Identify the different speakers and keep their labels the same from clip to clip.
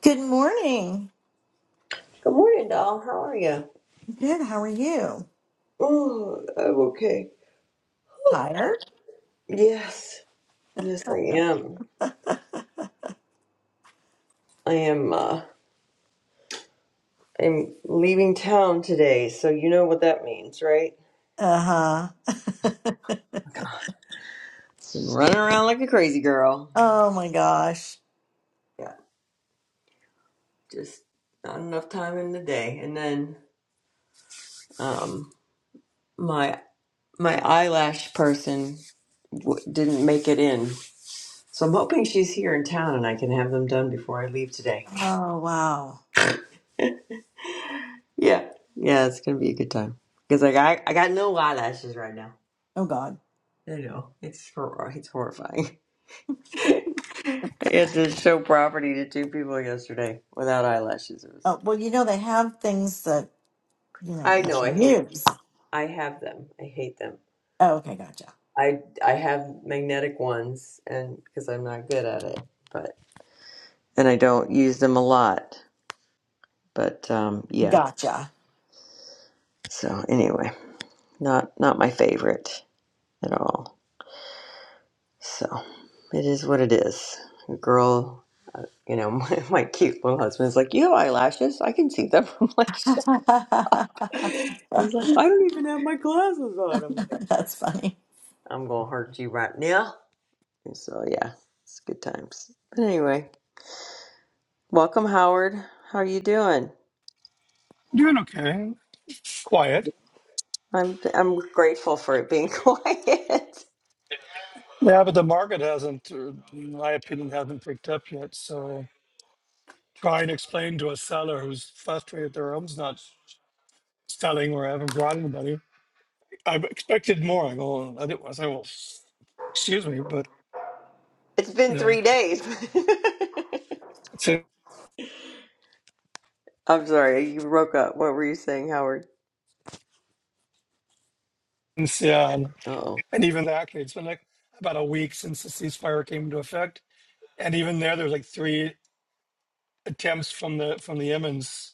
Speaker 1: Good morning.
Speaker 2: Good morning, doll. How are you?
Speaker 1: Good. How are you?
Speaker 2: Oh, I'm okay.
Speaker 1: Tired?
Speaker 2: Yes, yes, I am. I am. uh I'm leaving town today, so you know what that means, right?
Speaker 1: Uh huh.
Speaker 2: Running around like a crazy girl.
Speaker 1: oh my gosh.
Speaker 2: Yeah, just not enough time in the day. And then, um, my my eyelash person w- didn't make it in, so I'm hoping she's here in town and I can have them done before I leave today.
Speaker 1: Oh wow.
Speaker 2: Yeah, yeah, it's gonna be a good time because like I I got no eyelashes right now.
Speaker 1: Oh God.
Speaker 2: I know it's hor- it's horrifying. I had to show property to two people yesterday without eyelashes. It was.
Speaker 1: Oh well, you know they have things that you know
Speaker 2: I
Speaker 1: you
Speaker 2: know. I
Speaker 1: should
Speaker 2: hate.
Speaker 1: use.
Speaker 2: I have them. I hate them.
Speaker 1: Oh, okay, gotcha.
Speaker 2: I I have magnetic ones, and because I'm not good at it, but and I don't use them a lot. But um, yeah.
Speaker 1: Gotcha.
Speaker 2: So anyway, not not my favorite at all. So it is what it is. A girl, you know, my, my cute little husband's like, you have eyelashes. I can see them. I'm like. He's like, I don't even have my glasses on. I'm like,
Speaker 1: That's funny.
Speaker 2: I'm gonna hurt you right now. And so yeah, it's good times. But anyway, welcome Howard. How are you doing?
Speaker 3: Doing okay. Quiet.
Speaker 2: I'm I'm grateful for it being quiet.
Speaker 3: Yeah, but the market hasn't, uh, in my opinion, hasn't picked up yet. So try and explain to a seller who's frustrated their home's not selling or haven't brought anybody. I expected more. I go, I did- I say, well, excuse me, but
Speaker 2: It's been
Speaker 3: yeah,
Speaker 2: three days.
Speaker 3: since
Speaker 2: I'm sorry, you broke up. What were you saying, Howard?
Speaker 3: yeah, and,
Speaker 2: Oh,
Speaker 3: and even actually, it's been like about a week since the ceasefire came into effect, and even there, there's like three attempts from the from the Yemens,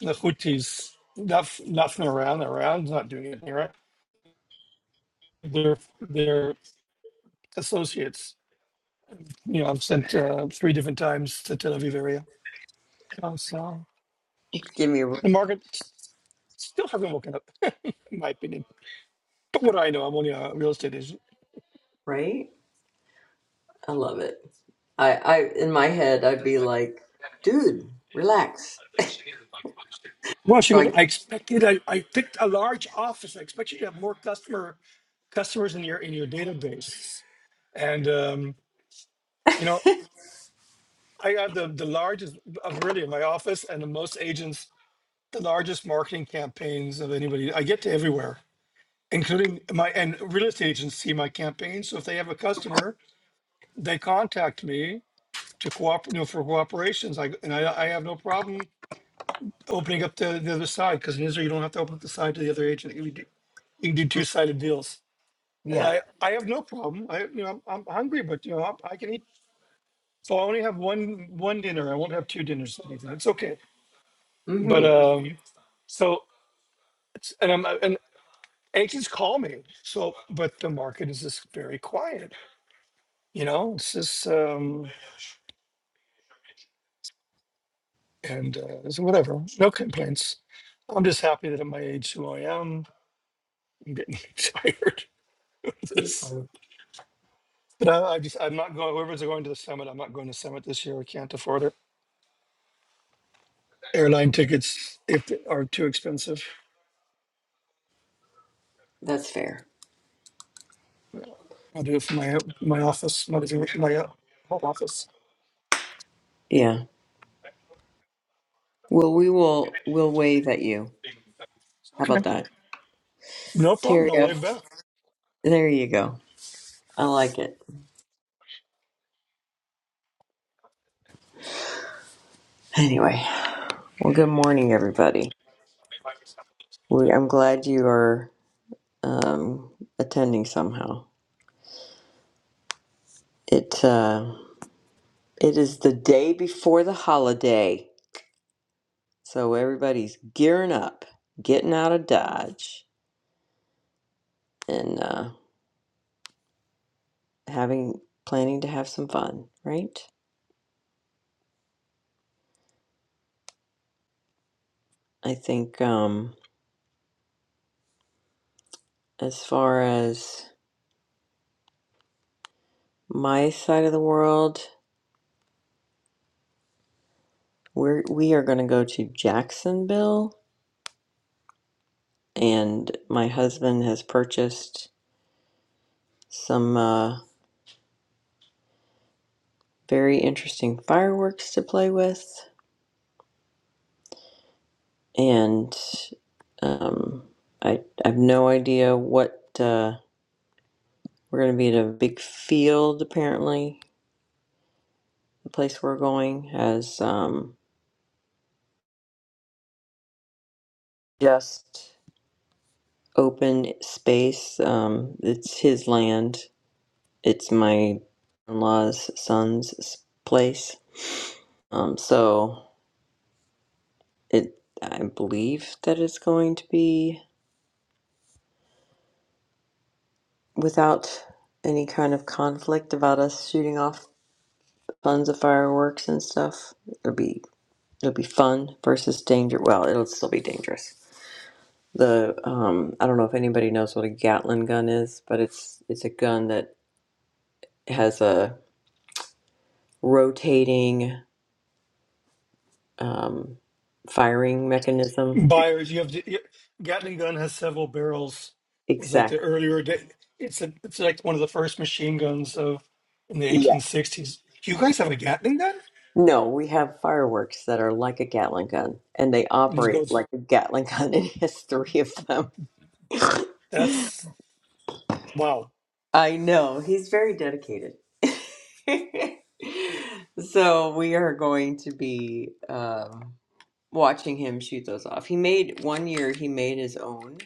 Speaker 3: the Houthis, nothing, nothing around, around, not doing anything, right? their their associates. You know, I've sent uh, three different times to Tel Aviv area. Uh, so
Speaker 2: give me a
Speaker 3: the market s- still hasn't woken up, in my opinion. But what do I know, I'm only a real estate agent.
Speaker 2: right. I love it. I I in my head I'd be like, dude, relax.
Speaker 3: Well, she
Speaker 2: So
Speaker 3: goes. I
Speaker 2: I
Speaker 3: expected. I, I picked a large office. I expected you to have more customer customers in your in your database. And um, you know, I have the the largest of really in my office and the most agents, the largest marketing campaigns of anybody. I get to everywhere. including my and real estate agents see my campaign. So if they have a customer, they contact me to cooperate, you know, for cooperations. I and I, I have no problem opening up the, the other side because in Israel you don't have to open up the side to the other agent. You can do, you can do two sided deals, and
Speaker 2: yeah.
Speaker 3: I I have no problem. I you know I'm, I'm hungry, but you know I, I can eat. So I only have one one dinner. I won't have two dinners. anything. It's okay. But
Speaker 2: Mm-hmm.
Speaker 3: um, so it's- and I'm and agents call me. So but the market is just very quiet You know, it's just um, and uh, so whatever. No complaints. I'm just happy that at my age, who I am, I'm getting tired of
Speaker 2: You're
Speaker 3: this.
Speaker 2: fine.
Speaker 3: But I, I just, I'm not going. Whoever's going to the summit, I'm not going to summit this year. I can't afford it. Airline tickets, if they are too expensive,
Speaker 2: That's fair.
Speaker 3: I'll do it for my my office, my my uh, home office.
Speaker 2: Yeah. Well, we will. We'll wave at you. How about
Speaker 3: Okay,
Speaker 2: that,
Speaker 3: no problem.
Speaker 2: Terry?
Speaker 3: No way
Speaker 2: F.
Speaker 3: back.
Speaker 2: There you go. I like it. Anyway. Well, good morning, everybody. We, I'm glad you are um, attending somehow. It uh, it is the day before the holiday, so everybody's gearing up, getting out of Dodge, and uh, having planning to have some fun. Right. I think um, as far as my side of the world. We're, we are going to go to Jacksonville, and my husband has purchased some uh, very interesting fireworks to play with, and um, I, I have no idea what uh, we're going to be at a big field. Apparently, the place we're going has um, just open space. Um, it's his land. It's my in-laws' son's place. Um, so It, I believe that it's going to be without any kind of conflict about us shooting off tons of fireworks and stuff. It'll be it'll be fun versus danger. Well, it'll still be dangerous. The um, I don't know if anybody knows what a Gatlin gun is, but it's it's a gun that has a rotating um, firing mechanism.
Speaker 3: buyers. You have to, you- Gatling gun has several barrels. It's like the
Speaker 2: Exactly.
Speaker 3: earlier day. It's a, it's like one of the first machine guns of in the 1860s. You guys have a Gatling gun?
Speaker 2: No, we have fireworks that are like a Gatling gun, and they
Speaker 3: And he
Speaker 2: operate
Speaker 3: goes,
Speaker 2: like a Gatling gun, and he has three of them.
Speaker 3: "That's wow."
Speaker 2: I know, he's very dedicated. So we are going to be um, watching him shoot those off. He made one year, he made his own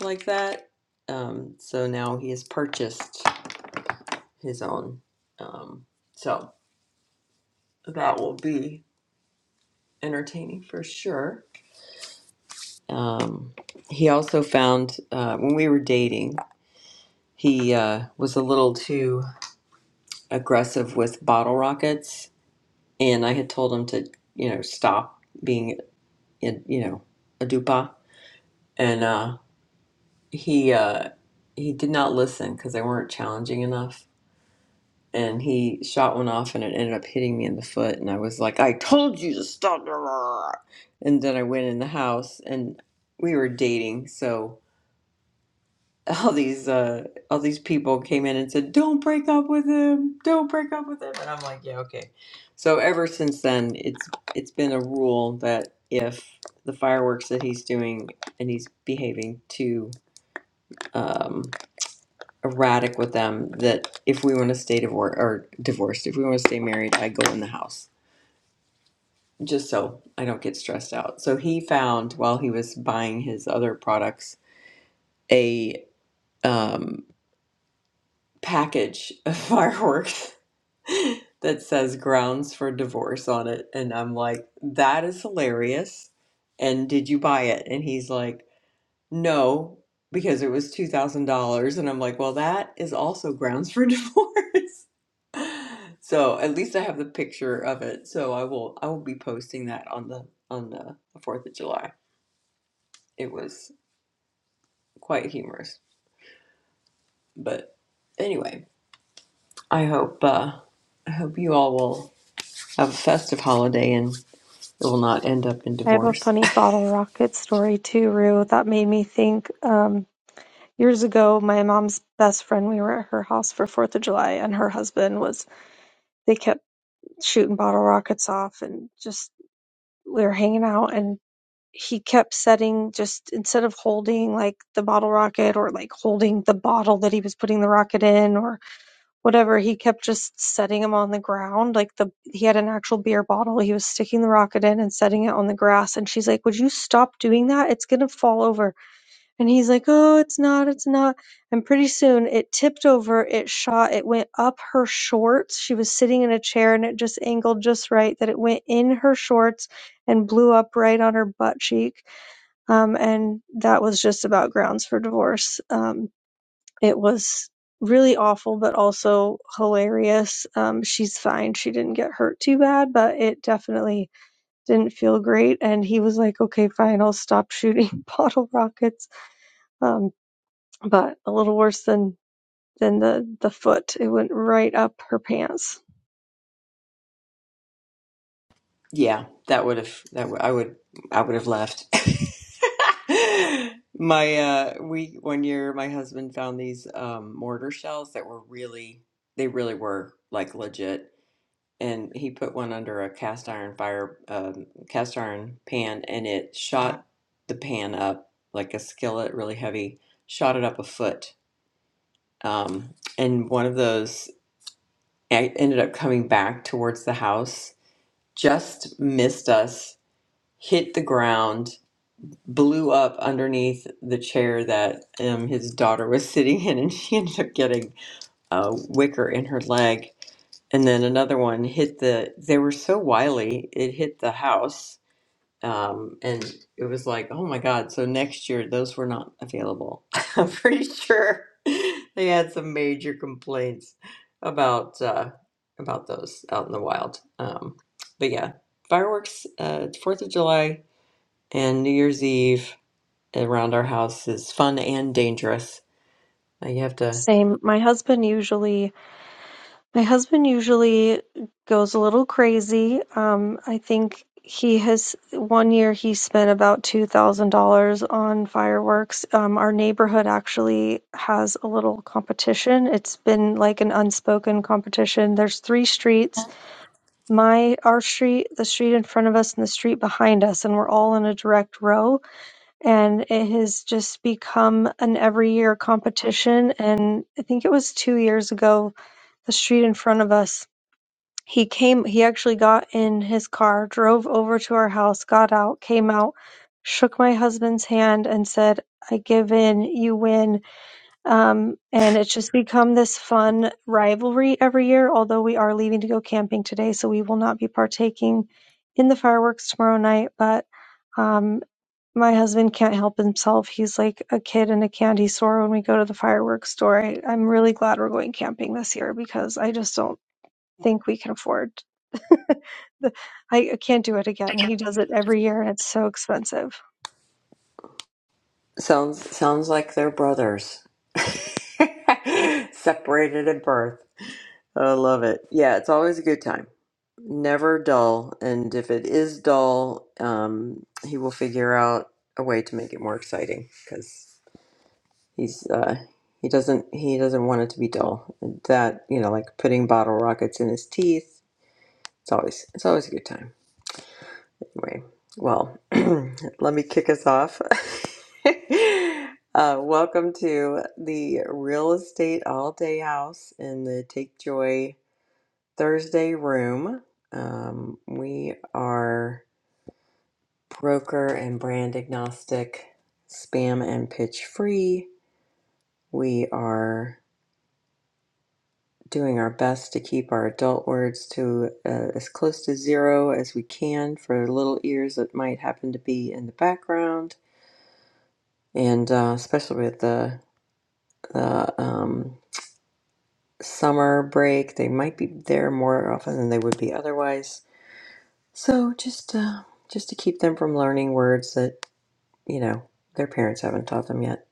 Speaker 2: like that. Um, so now he has purchased his own. Um, so that will be entertaining for sure. Um, he also found uh, when we were dating, he uh, was a little too aggressive with bottle rockets, and I had told him to, you know, stop being, in, you know, a dupa, and uh, he uh, he did not listen because they weren't challenging enough. And he shot one off, and it ended up hitting me in the foot. And I was like, "I told you to stop!" And then I went in the house, and we were dating, so all these uh all these people came in and said don't break up with him don't break up with him and i'm like yeah okay so ever since then it's it's been a rule that if the fireworks that he's doing and he's behaving too um erratic with them that if we want to stay divorced or divorced if we want to stay married i go in the house just so i don't get stressed out so he found while he was buying his other products a um package of fireworks that says grounds for divorce on it. And I'm like, that is hilarious. And did you buy it? And he's like, no, because it was $2,000. And I'm like, well, that is also grounds for divorce. So at least I have the picture of it. So I will I will be posting that on the on the 4th of July. It was quite humorous. But anyway, I hope uh I hope you all will have a festive holiday and it will not end up in
Speaker 4: I have a
Speaker 2: divorce.
Speaker 4: funny bottle rocket story too, Rue, that made me think. Um, years ago, my mom's best friend, we were at her house for Fourth of July, and her husband was, they kept shooting bottle rockets off, and just, we were hanging out, and he kept setting, just instead of holding like the bottle rocket or like holding the bottle that he was putting the rocket in, or whatever he kept just setting him on the ground like the he had an actual beer bottle he was sticking the rocket in and setting it on the grass and she's like would you stop doing that it's going to fall over and he's like oh it's not it's not and pretty soon it tipped over it shot it went up her shorts she was sitting in a chair and it just angled just right that it went in her shorts and blew up right on her butt cheek um, and that was just about grounds for divorce um, it was really awful, but also hilarious. Um, she's fine. She didn't get hurt too bad, but it definitely didn't feel great. And he was like, okay, fine, I'll stop shooting bottle rockets. Um, but a little worse than, than the, the foot. It went right up her pants.
Speaker 2: Yeah, that would have that w- I would I would have left. my uh we one year my husband found these um mortar shells that were really they really were like legit and he put one under a cast iron fire um cast iron pan and it shot the pan up like a skillet really heavy shot it up a foot um and one of those I ended up coming back towards the house, just missed us, hit the ground, blew up underneath the chair that um, his daughter was sitting in, and she ended up getting a wicker in her leg. And then another one hit the, they were so wily, it hit the house um, and it was like, oh my God. So next year, those were not available. I'm pretty sure they had some major complaints about uh, about those out in the wild. Um, but yeah, fireworks, uh, Fourth of July and New Year's Eve around our house is fun and dangerous. Uh, you have to
Speaker 4: Same. My husband usually My husband usually goes a little crazy. Um, I think he has one year he spent about $2,000 on fireworks. Um, our neighborhood actually has a little competition. It's been like an unspoken competition. There's three streets, my our street, the street in front of us and the street behind us, and we're all in a direct row and it has just become an every year competition and I think it was 2 years ago the street in front of us he came he actually got in his car, drove over to our house, got out, came out, shook my husband's hand and said, I give in, you win. Um, and it's just become this fun rivalry every year, although we are leaving to go camping today, so we will not be partaking in the fireworks tomorrow night, but um my husband can't help himself. He's like a kid in a candy store when we go to the fireworks store. I, I'm really glad we're going camping this year because I just don't think we can afford The- I can't do it again. He does it every year, and it's so expensive.
Speaker 2: sounds sounds like they're brothers, separated at birth. I love it. Yeah, it's always a good time never dull. And if it is dull, um, he will figure out a way to make it more exciting because he's uh, he doesn't he doesn't want it to be dull. That you know, like putting bottle rockets in his teeth. It's always it's always a good time. Anyway, well, let me kick us off. Uh, welcome to the Real Estate All Day House in the Take Joy Thursday room. Um, we are broker and brand agnostic, spam and pitch free. We are doing our best to keep our adult words to uh, as close to zero as we can for little ears that might happen to be in the background. And uh, especially with the, the um, summer break, they might be there more often than they would be otherwise. So just uh, just to keep them from learning words that you know their parents haven't taught them yet.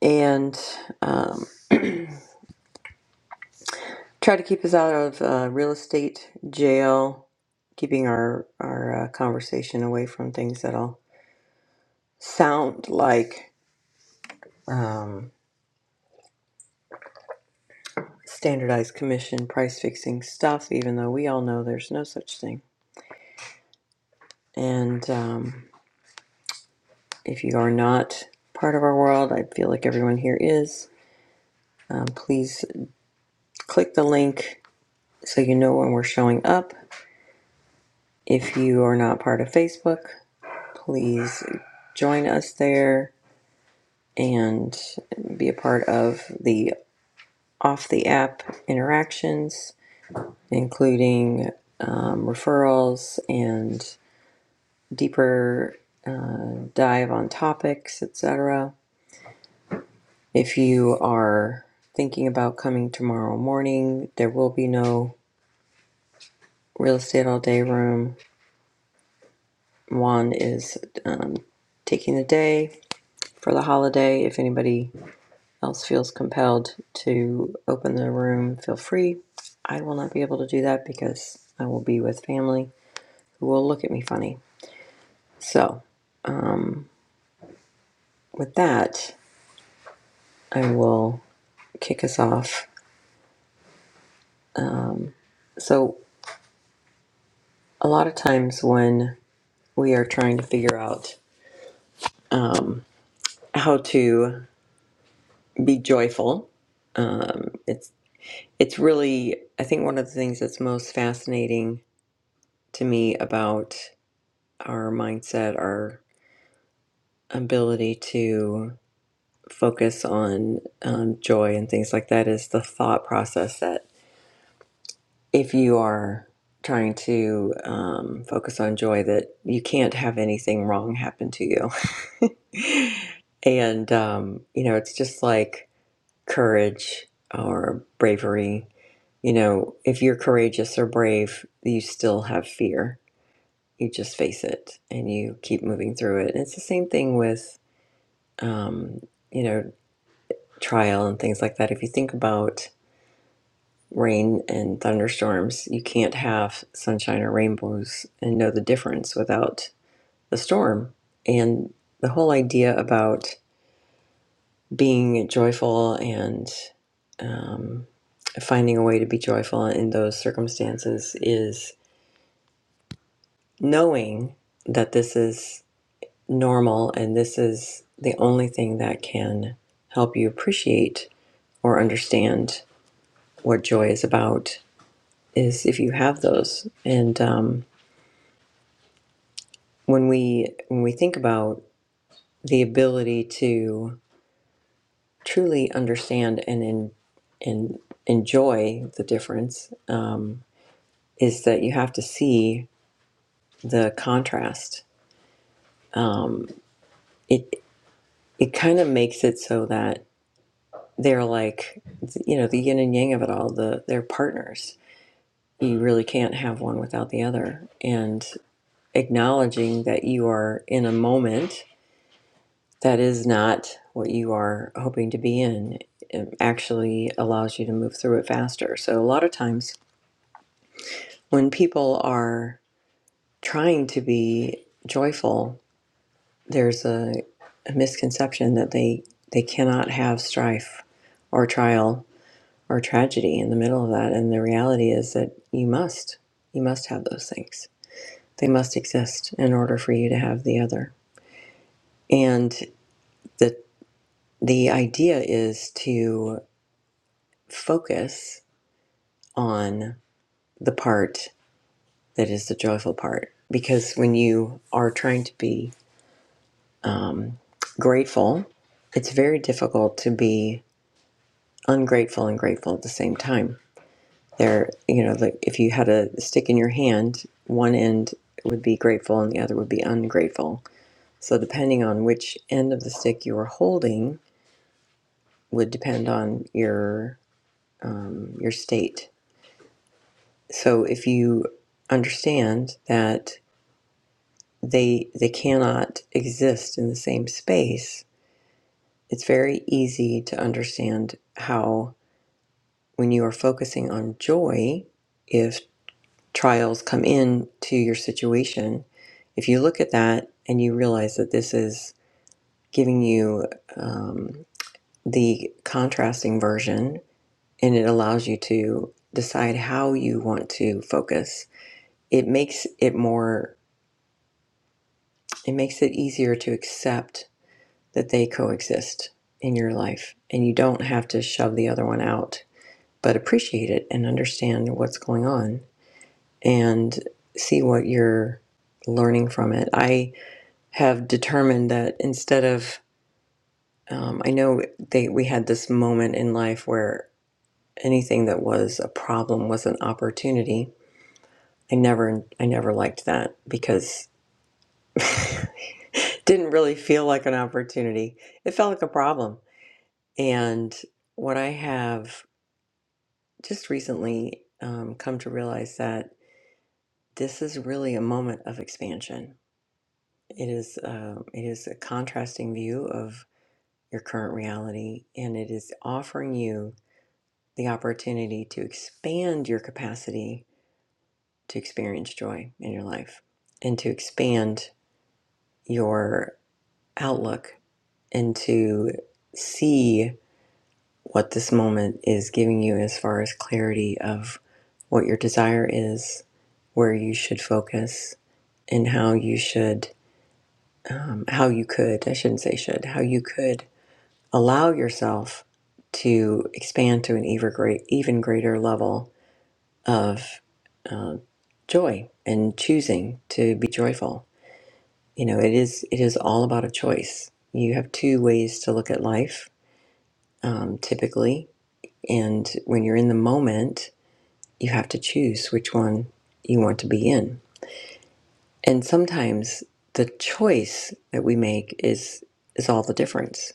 Speaker 2: and um, tried to keep us out of uh, real estate jail, keeping our our uh, conversation away from things that'll sound like um, standardized commission price fixing stuff, even though we all know there's no such thing. And um, if you are not part of our world, I feel like everyone here is. Um, please click the link so you know when we're showing up. If you are not part of Facebook, Please join us there and be a part of the off the app interactions, including um, referrals and deeper uh, dive on topics, etc. If you are thinking about coming tomorrow morning, there will be no real estate all day room. Juan is um, taking the day for the holiday. If anybody else feels compelled to open the room, feel free. I will not be able to do that because I will be with family who will look at me funny. So, with that, I will kick us off. So, a lot of times when we are trying to figure out um, how to be joyful, it's it's really I think one of the things that's most fascinating to me about our mindset, our ability to focus on um, joy and things like that is the thought process that if you are trying to um, focus on joy that you can't have anything wrong happen to you and um, you know it's just like courage or bravery you know if you're courageous or brave you still have fear you just face it and you keep moving through it and it's the same thing with um, you know trial and things like that if you think about rain and thunderstorms. You can't have sunshine or rainbows and know the difference without the storm. And the whole idea about being joyful and um, finding a way to be joyful in those circumstances is knowing that this is normal and this is the only thing that can help you appreciate or understand what joy is about is if you have those. And um, when we when we think about the ability to truly understand and in, and enjoy the difference um, is that you have to see the contrast. Um, it it kind of makes it so that they're like you know the yin and yang of it all. The they're partners. You really can't have one without the other. And acknowledging that you are in a moment that is not what you are hoping to be in it actually allows you to move through it faster so a lot of times when people are trying to be joyful there's a, a misconception that they they cannot have strife or trial or tragedy in the middle of that and the reality is that you must you must have those things they must exist in order for you to have the other and the the idea is to focus on the part that is the joyful part. Because when you are trying to be um, grateful, it's very difficult to be ungrateful and grateful at the same time. There, you know, like if you had a stick in your hand, one end would be grateful and the other would be ungrateful. So, depending on which end of the stick you are holding, would depend on your um, your state. So, if you understand that they they cannot exist in the same space it's very easy to understand how when you are focusing on joy if trials come in to your situation if you look at that and you realize that this is giving you um, the contrasting version and it allows you to decide how you want to focus it makes it more it makes it easier to accept that they coexist in your life and you don't have to shove the other one out, but appreciate it and understand what's going on and see what you're learning from it. I have determined that instead of um, I know they we had this moment in life where anything that was a problem was an opportunity. I never I never liked that because it didn't really feel like an opportunity. It felt like a problem. And what I have just recently um, come to realize that this is really a moment of expansion. It is uh, it is a contrasting view of your current reality, and it is offering you the opportunity to expand your capacity to experience joy in your life, and to expand your outlook, and to see what this moment is giving you as far as clarity of what your desire is, where you should focus, and how you should, um, how you could, I shouldn't say should, how you could allow yourself to expand to an even, great, even greater level of uh, joy and choosing to be joyful. You know, it is it is all about a choice. You have two ways to look at life, um, typically, and when you're in the moment, you have to choose which one you want to be in And sometimes the choice that we make is is all the difference.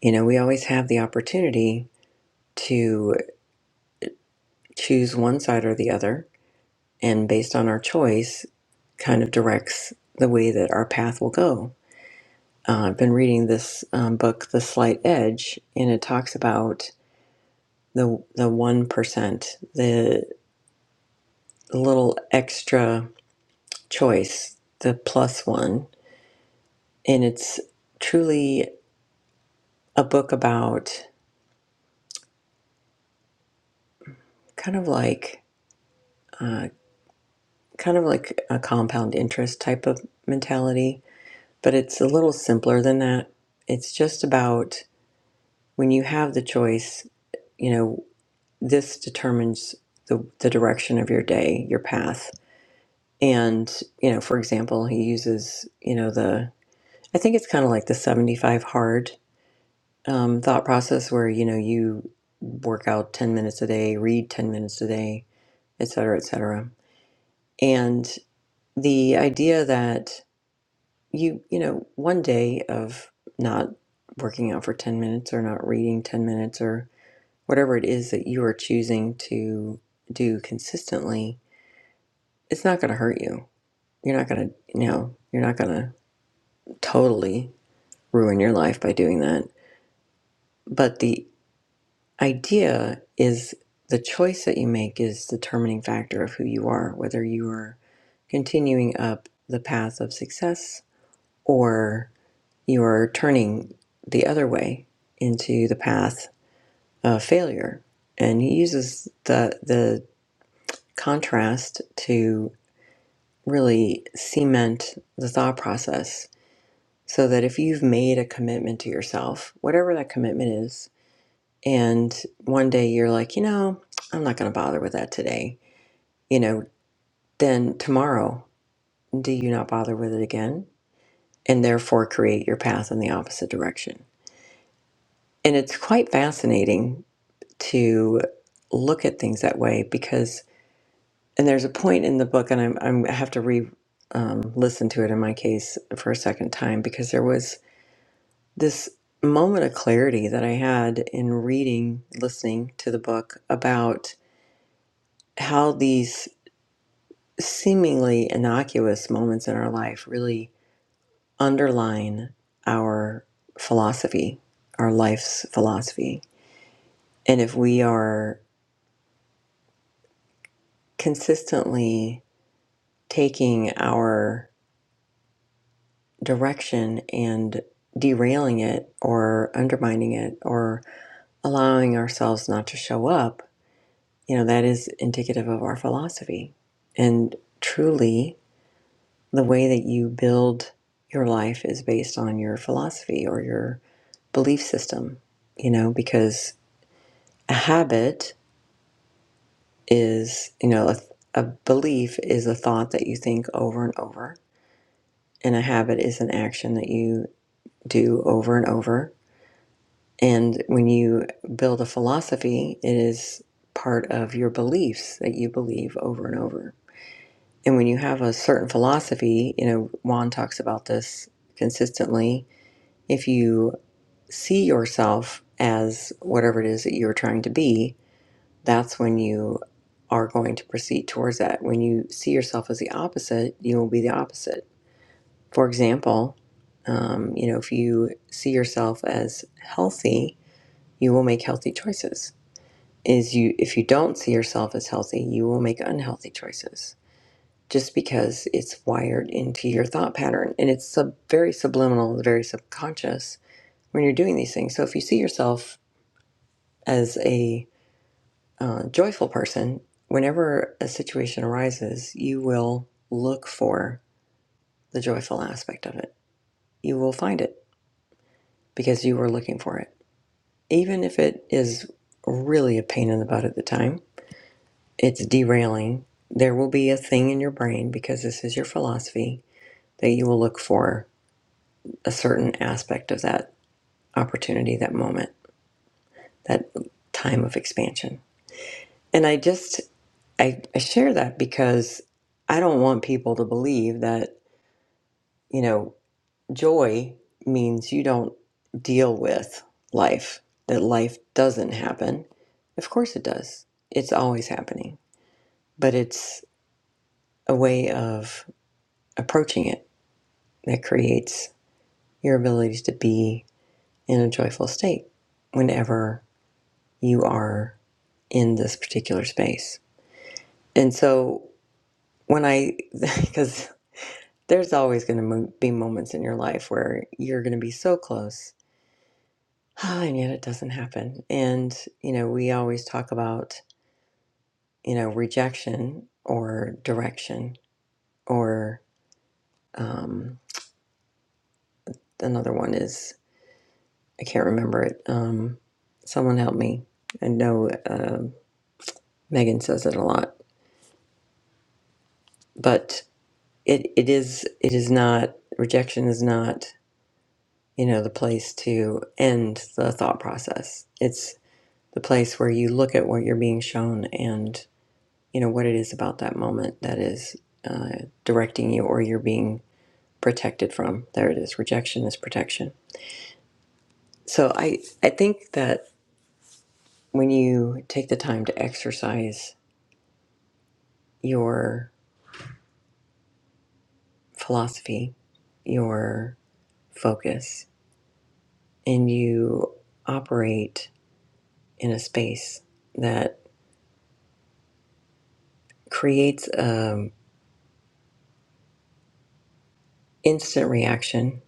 Speaker 2: You know, we always have the opportunity to choose one side or the other, and based on our choice, kind of directs the way that our path will go. Uh, I've been reading this um, book, The Slight Edge, and it talks about the the one percent, the little extra choice, the plus one, and it's truly a book about kind of like uh, kind of like a compound interest type of mentality, but it's a little simpler than that. It's just about when you have the choice, you know, this determines the, the direction of your day, your path. And, you know, for example, he uses, you know, the, I think it's kind of like the 75 hard um, thought process where, you know, you work out 10 minutes a day, read 10 minutes a day, et cetera, et cetera. And the idea that you you know one day of not working out for 10 minutes or not reading 10 minutes or whatever it is that you are choosing to do consistently it's not going to hurt you you're not going to you know you're not going to totally ruin your life by doing that but the idea is the choice that you make is the determining factor of who you are whether you are continuing up the path of success or. you're turning the other way into the path of failure. And he uses the the contrast to really cement the thought process so that if you've made a commitment to yourself, whatever that commitment is, and one day you're like, you know, I'm not going to bother with that today, you know, then tomorrow, do you not bother with it again? And therefore create your path in the opposite direction. And it's quite fascinating to look at things that way because and there's a point in the book and i'm, I'm i have to re um, listen to it in my case for a second time because there was this moment of clarity that i had in reading listening to the book about how these seemingly innocuous moments in our life really underline our philosophy our life's philosophy and if we are consistently taking our direction and derailing it or undermining it or allowing ourselves not to show up, you know, that is indicative of our philosophy. And truly, the way that you build your life is based on your philosophy or your belief system, you know, because a habit is, you know, a, a belief is a thought that you think over and over, and a habit is an action that you do over and over And when you build a philosophy, it is part of your beliefs that you believe over and over. And when you have a certain philosophy, you know, Juan talks about this consistently. If you see yourself as whatever it is that you're trying to be, that's when you are going to proceed towards that. When you see yourself as the opposite, you will be the opposite. For example, um, you know, if you see yourself as healthy, you will make healthy choices is you if you don't see yourself as healthy, you will make unhealthy choices just because it's wired into your thought pattern and it's sub, very subliminal, very subconscious when you're doing these things. So if you see yourself as a uh, joyful person, whenever a situation arises, you will look for the joyful aspect of it. You will find it because you were looking for it, even if it is really a pain in the butt at the time it's derailing. There will be a thing in your brain because this is your philosophy that you will look for a certain aspect of that opportunity, that moment, that time of expansion. And I just I, I share that because I don't want people to believe that, you know, joy means you don't deal with life, that life doesn't happen. Of course it does. It's always happening. But it's a way of approaching it that creates your ability to be in a joyful state whenever you are in this particular space. And so when I, because there's always going to be moments in your life where you're going to be so close, and yet it doesn't happen. And, you know, we always talk about, you know, rejection or direction or um, another one is, I can't remember it. Um, someone help me. I know uh, Megan says it a lot but it, it is it is not rejection is not you know the place to end the thought process it's the place where you look at what you're being shown and you know what it is about that moment that is uh, directing you or you're being protected from there it is rejection is protection so i i think that when you take the time to exercise your philosophy your focus and you operate in a space that creates um instant reaction,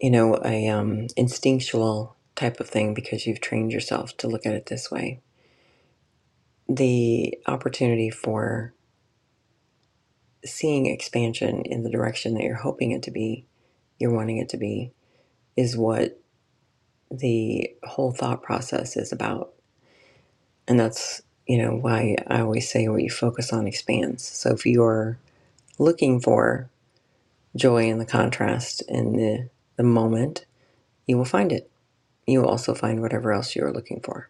Speaker 2: you know, a um, instinctual type of thing because you've trained yourself to look at it this way. The opportunity for seeing expansion in the direction that you're hoping it to be, you're wanting it to be, is what the whole thought process is about. And that's, you know, why I always say what you focus on expands. So if you're looking for joy in the contrast in the the moment you will find it you will also find whatever else you're looking for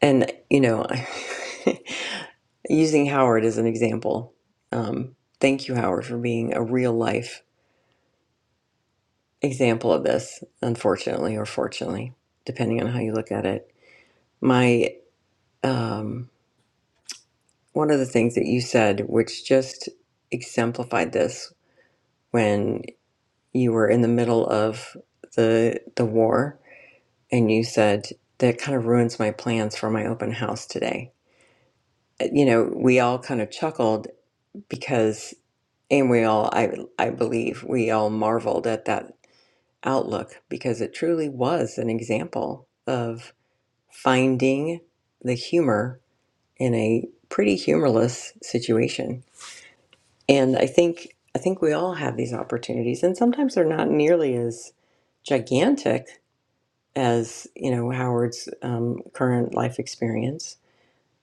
Speaker 2: and you know using howard as an example um, thank you howard for being a real life example of this unfortunately or fortunately depending on how you look at it my um, one of the things that you said which just exemplified this when you were in the middle of the the war and you said that kind of ruins my plans for my open house today Uh, you know we all kind of chuckled because and we all i i believe we all marveled at that outlook because it truly was an example of finding the humor in a pretty humorless situation and i think i think we all have these opportunities and sometimes they're not nearly as gigantic as you know howard's um, current life experience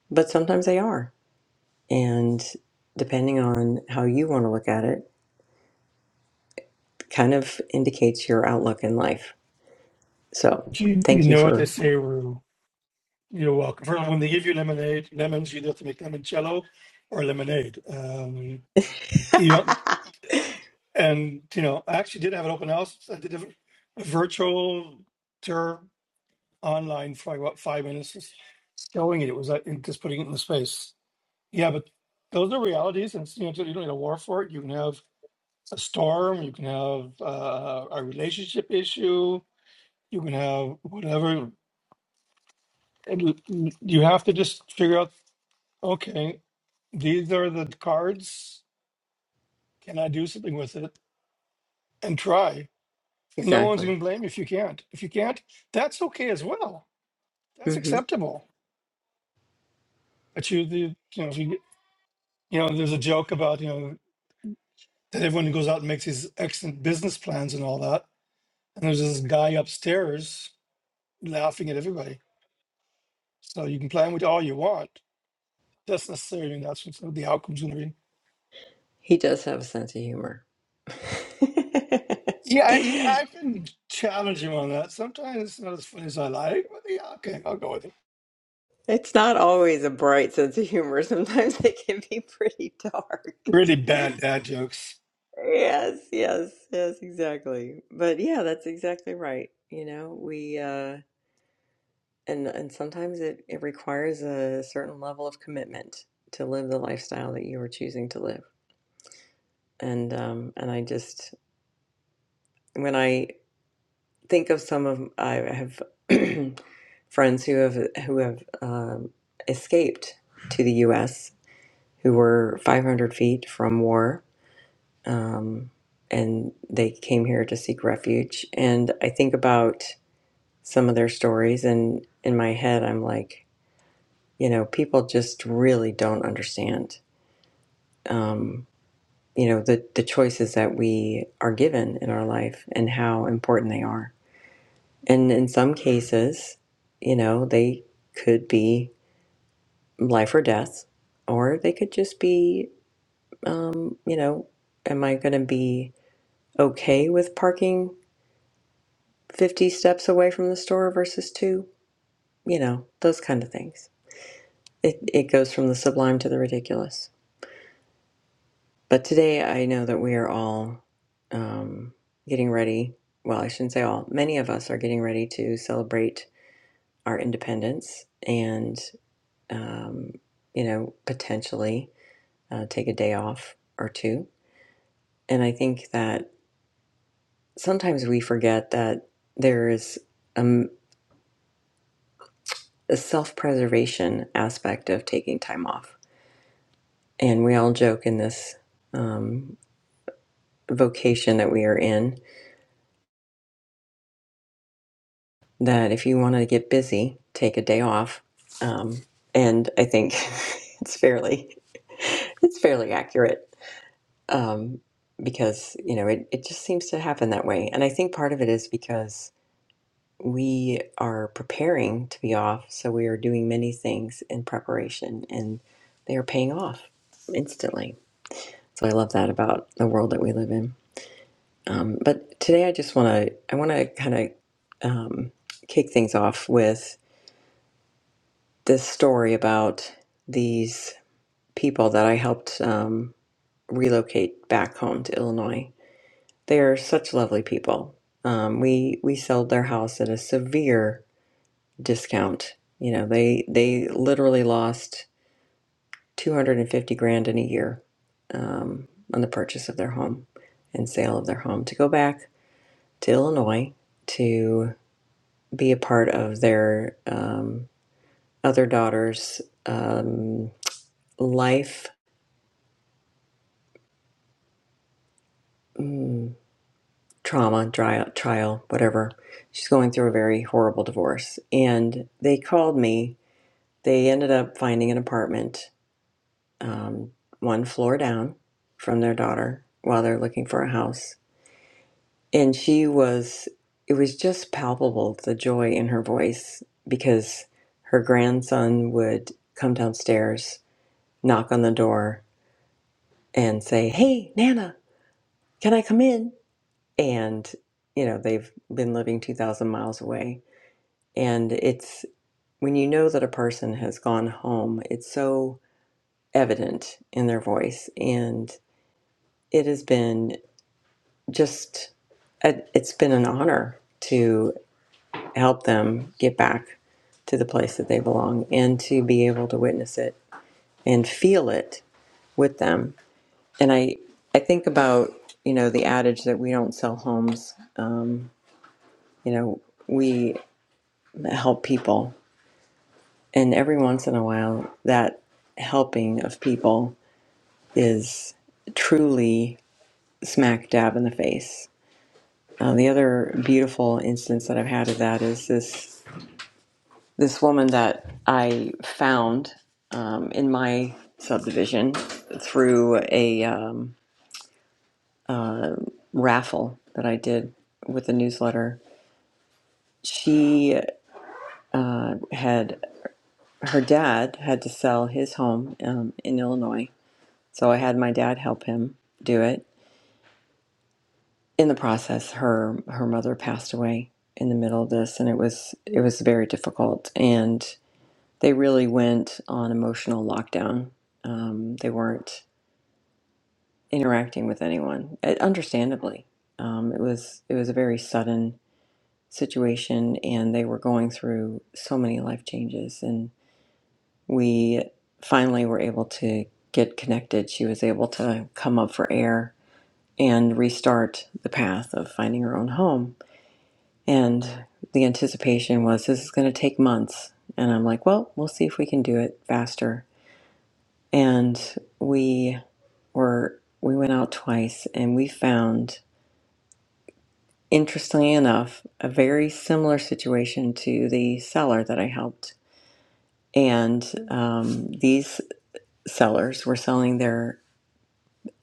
Speaker 2: but sometimes they are. And depending on how you want to look at it, kind of indicates your outlook in life. So
Speaker 3: You, you
Speaker 2: thank you
Speaker 3: know what they
Speaker 2: for.
Speaker 3: say, Rue. You're welcome. For when they give you lemonade, lemons, you have to make limoncello or lemonade. Um, you don't- and you know, I actually did have an open house. I did a, a virtual tour online for like what five minutes, just showing it. It was like and just putting it in the space. Yeah, but those are realities, and you know, you don't need a war for it. You can have a storm, you can have uh, a relationship issue, you can have whatever. And you you have to just figure out, okay, these are the cards. Can I do something with it? And try. And no one's
Speaker 2: exactly.
Speaker 3: going to blame you if you can't. If you can't, that's okay as well. That's
Speaker 2: hmm
Speaker 3: acceptable. But you, the, you know, if you you know, there's a joke about you know that everyone goes out and makes these excellent business plans and all that. And there's this guy upstairs laughing at everybody. So you can plan with all you want. That's necessarily mean that's what the outcome's going to be.
Speaker 2: He does have a sense of humor.
Speaker 3: Yeah, I, I
Speaker 2: it's
Speaker 3: can challenge him on that. Sometimes it's not as funny as I like, but yeah, okay, I'll go with it.
Speaker 2: not always a bright sense of humor, sometimes it can be pretty dark.
Speaker 3: Really bad dad jokes.
Speaker 2: Yes, yes, yes, exactly. But yeah, that's exactly right. You know, we, uh, and and sometimes it it requires a certain level of commitment to live the lifestyle that you are choosing to live and um and i just when i think of some of i have friends who have who have um, escaped to the us who were 500 feet from war um and they came here to seek refuge and i think about some of their stories and in my head i'm like you know people just really don't understand um, you know the the choices that we are given in our life and how important they are. And in some cases, you know, they could be life or death, or they could just be, um, you know, am I going to be okay with parking fifty steps away from the store versus two? You know, those kind of things. It it goes from the sublime to the ridiculous. But today I know that we are all um, getting ready. Well, I shouldn't say all. Many of us are getting ready to celebrate our independence and, um, you know, potentially uh, take a day off or two. And I think that sometimes we forget that there is um, a self preservation aspect of taking time off. And we all joke in this um, vocation that we are in that if you want to get busy, take a day off. Um, and I think it's fairly it's fairly accurate um, because you know it, it just seems to happen that way. And I think part of it is because we are preparing to be off, so we are doing many things in preparation, and they are paying off instantly. So I love that about the world that we live in. Um, but today I just want to I want to kind of um, kick things off with. this story about these people that I helped um, relocate back home to Illinois. They are such lovely people. Um, we we sold their house at a severe discount. You know, they they literally lost two hundred and fifty grand in a year um, on the purchase of their home and sale of their home to go back to Illinois to be a part of their um, other daughter's um, life Mm. trauma, dry trial, whatever. She's going through a very horrible divorce. And they called me. They ended up finding an apartment um, one floor down from their daughter while they're looking for a house. And she was, it was just palpable the joy in her voice because her grandson would come downstairs, knock on the door, and say, Hey, Nana, can I come in? And, you know, they've been living 2,000 miles away And it's when you know that a person has gone home, it's so evident in their voice. And it has been just, it- it's been an honor to help them get back to the place that they belong and to be able to witness it and feel it with them. And I, I think about, you know, the adage that we don't sell homes. Um, you know, we help people And every once in a while, that helping of people is truly smack dab in the face. Uh, the other beautiful instance that I've had of that is this this woman that I found um, in my subdivision through a um, raffle that I did with the newsletter. She uh, had her dad had to sell his home um, in Illinois, so I had my dad help him do it in the process her her mother passed away in the middle of this and it was it was very difficult and they really went on emotional lockdown um, they weren't interacting with anyone uh, understandably um, it was it was a very sudden situation and they were going through so many life changes and we finally were able to get connected she was able to come up for air and restart the path of finding her own home And the anticipation was this is going to take months. And I'm like, well, we'll see if we can do it faster. And we were we went out twice and we found interestingly enough a very similar situation to the seller that I helped. And um, these sellers were selling their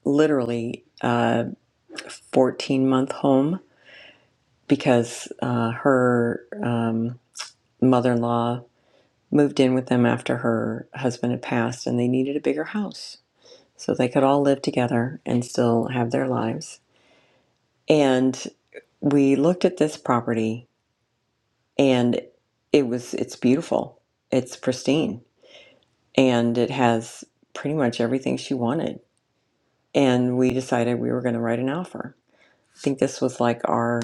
Speaker 2: literally uh, 14 month home because uh, her um, mother-in-law moved in with them after her husband had passed and they needed a bigger house so they could all live together and still have their lives and we looked at this property and it was it's beautiful it's pristine and it has pretty much everything she wanted and we decided we were going to write an offer i think this was like our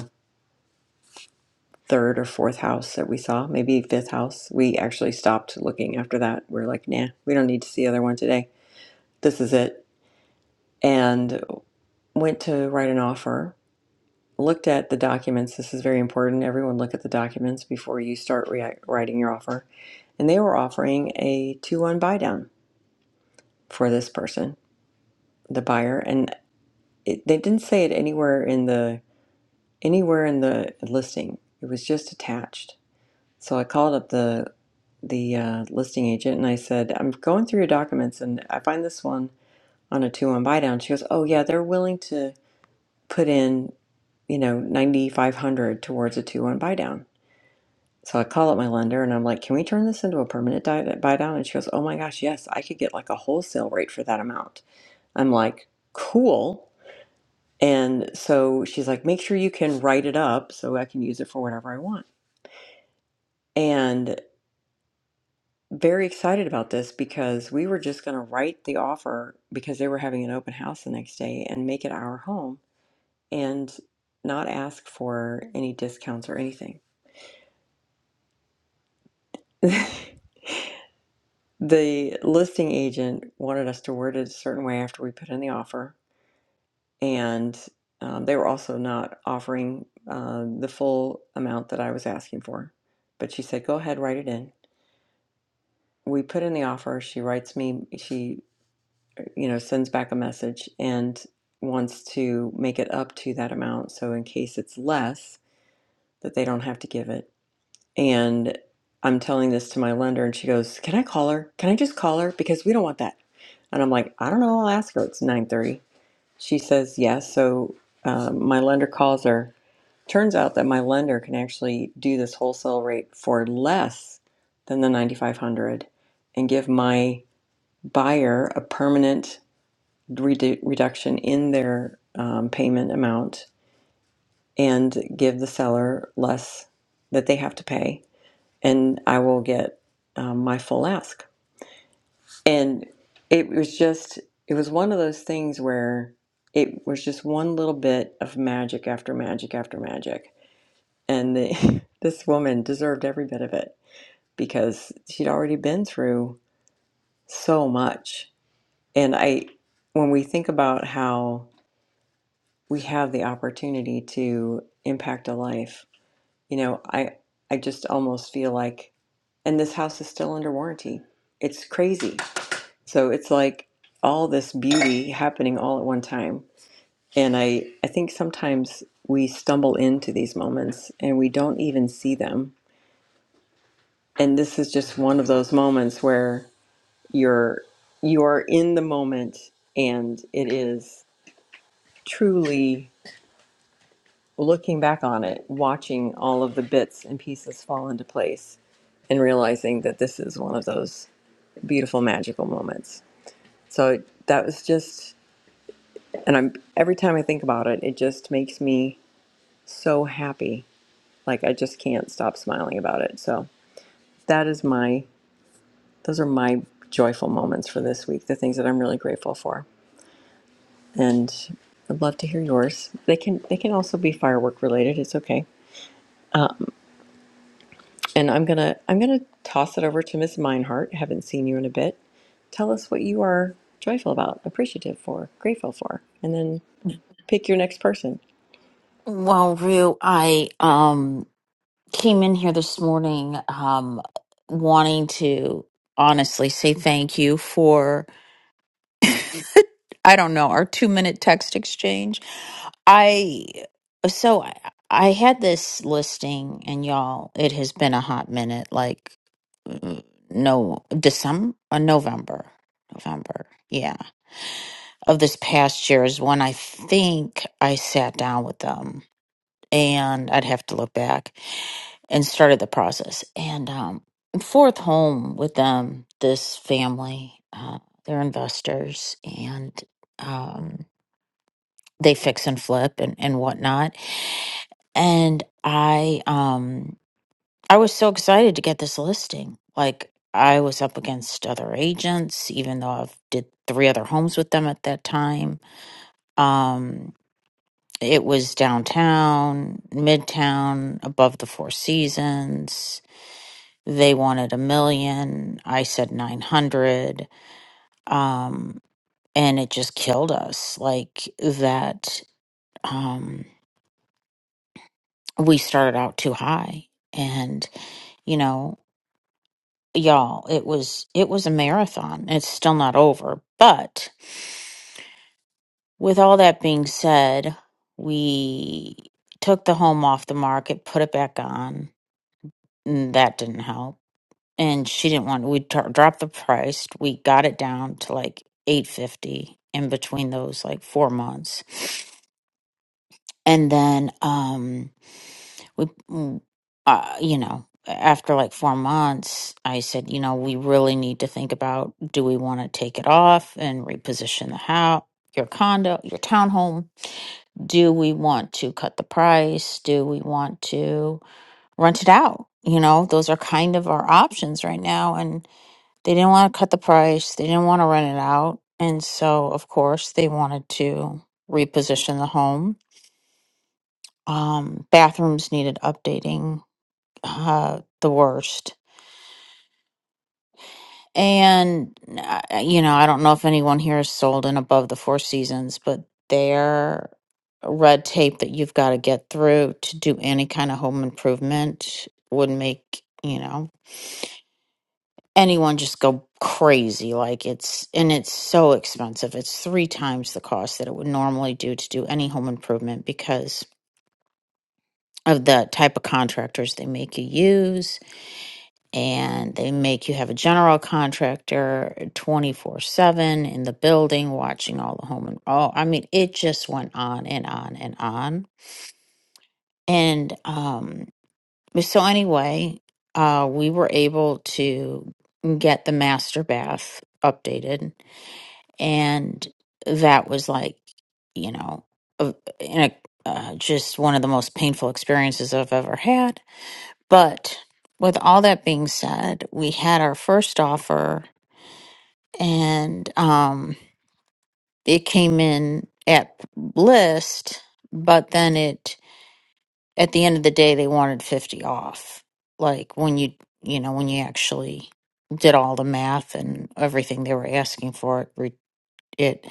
Speaker 2: third or fourth house that we saw maybe fifth house we actually stopped looking after that we are like nah we don't need to see the other one today this is it and went to write an offer, looked at the documents. This is very important. Everyone look at the documents before you start rea- writing your offer. And they were offering a 2 1 buy down for this person, the buyer. And it, they didn't say it anywhere in the anywhere in the listing. It was just attached. So I called up the the uh, listing agent and I said, I'm going through your documents and I find this one on a 2 1 buy down. She goes, Oh, yeah, they're willing to put in you know, 9,500 towards a two one buy down. So I call up my lender and I'm like, can we turn this into a permanent buy down? And she goes, oh my gosh, yes, I could get like a wholesale rate for that amount. I'm like, cool. And so she's like, make sure you can write it up so I can use it for whatever I want. And very excited about this because we were just going to write the offer because they were having an open house the next day and make it our home and not ask for any discounts or anything. The listing agent wanted us to word it a certain way after we put in the offer, and um, they were also not offering uh, the full amount that I was asking for. But she said, "Go ahead, write it in." We put in the offer. She writes me. She, you know, sends back a message and wants to make it up to that amount. So in case it's less, that they don't have to give it. And I'm telling this to my lender, and she goes, "Can I call her? Can I just call her because we don't want that." And I'm like, "I don't know. I'll ask her." It's 9:30. She says yes. So um, my lender calls her. Turns out that my lender can actually do this wholesale rate for less than the 9,500, and give my buyer a permanent redu- reduction in their um, payment amount, and give the seller less that they have to pay and I will get um, my full ask. And it was just, it was one of those things where it was just one little bit of magic after magic after magic. And the, this woman deserved every bit of it because she'd already been through so much. And I, when we think about how we have the opportunity to impact a life, you know, I, I just almost feel like, and this house is still under warranty. It's crazy So it's like all this beauty happening all at one time. And I, I think sometimes we stumble into these moments and we don't even see them. And this is just one of those moments where you're you are in the moment and it is truly looking back on it, watching all of the bits and pieces fall into place and realizing that this is one of those beautiful magical moments. So that was just And I'm every time I think about it, it just makes me so happy. Like I just can't stop smiling about it. So that is my those are my joyful moments for this week, the things that I'm really grateful for. And I'd love to hear yours. They can they can also be firework related. It's okay. And I'm gonna I'm gonna toss it over to Miss Meinhardt. Haven't seen you in a bit. Tell us what you are joyful about, appreciative for, grateful for, and then pick your next person.
Speaker 5: Well, Rue, I um came in here this morning um wanting to honestly say thank you for I don't know, our 2-minute text exchange. I so I, I had this listing and y'all, it has been a hot minute like mm, no December, uh, November, November. Yeah, of this past year is when I think I sat down with them and I'd have to look back and started the process. And um, fourth home with them, this family, uh, they're investors and um, they fix and flip and, and whatnot. And I, um, I was so excited to get this listing. Like I was up against other agents, even though I've did three other homes with them at that time. Um, It was downtown, midtown, above the Four Seasons. They wanted a million. I said 900. Um, and it just killed us. Like that, um, we started out too high. And, you know, y'all, it was, it was a marathon. It's still not over. But with all that being said, we took the home off the market, put it back on. That didn't help and she didn't want we dro- dropped the price we got it down to like 850 in between those like four months and then um we mm, uh, you know after like four months i said you know we really need to think about do we want to take it off and reposition the house your condo your townhome do we want to cut the price do we want to rent it out you know those are kind of our options right now and they didn't want to cut the price, they didn't want to rent it out. And so, of course, they wanted to reposition the home. Um, bathrooms needed updating uh, the worst. And, uh, you know, I don't know if anyone here is sold in above the Four Seasons, but their red tape that you've got to get through to do any kind of home improvement would make you know anyone just go crazy like it's and it's so expensive it's three times the cost that it would normally do to do any home improvement because of the type of contractors they make you use and they make you have a general contractor 24/7 in the building watching all the home and all I mean it just went on and on and on and um so anyway uh we were able to get the master bath updated and that was like you know a, in a, uh, just one of the most painful experiences i've ever had but with all that being said we had our first offer and um it came in at list but then it at the end of the day they wanted 50 off like when you you know when you actually did all the math and everything they were asking for it re- it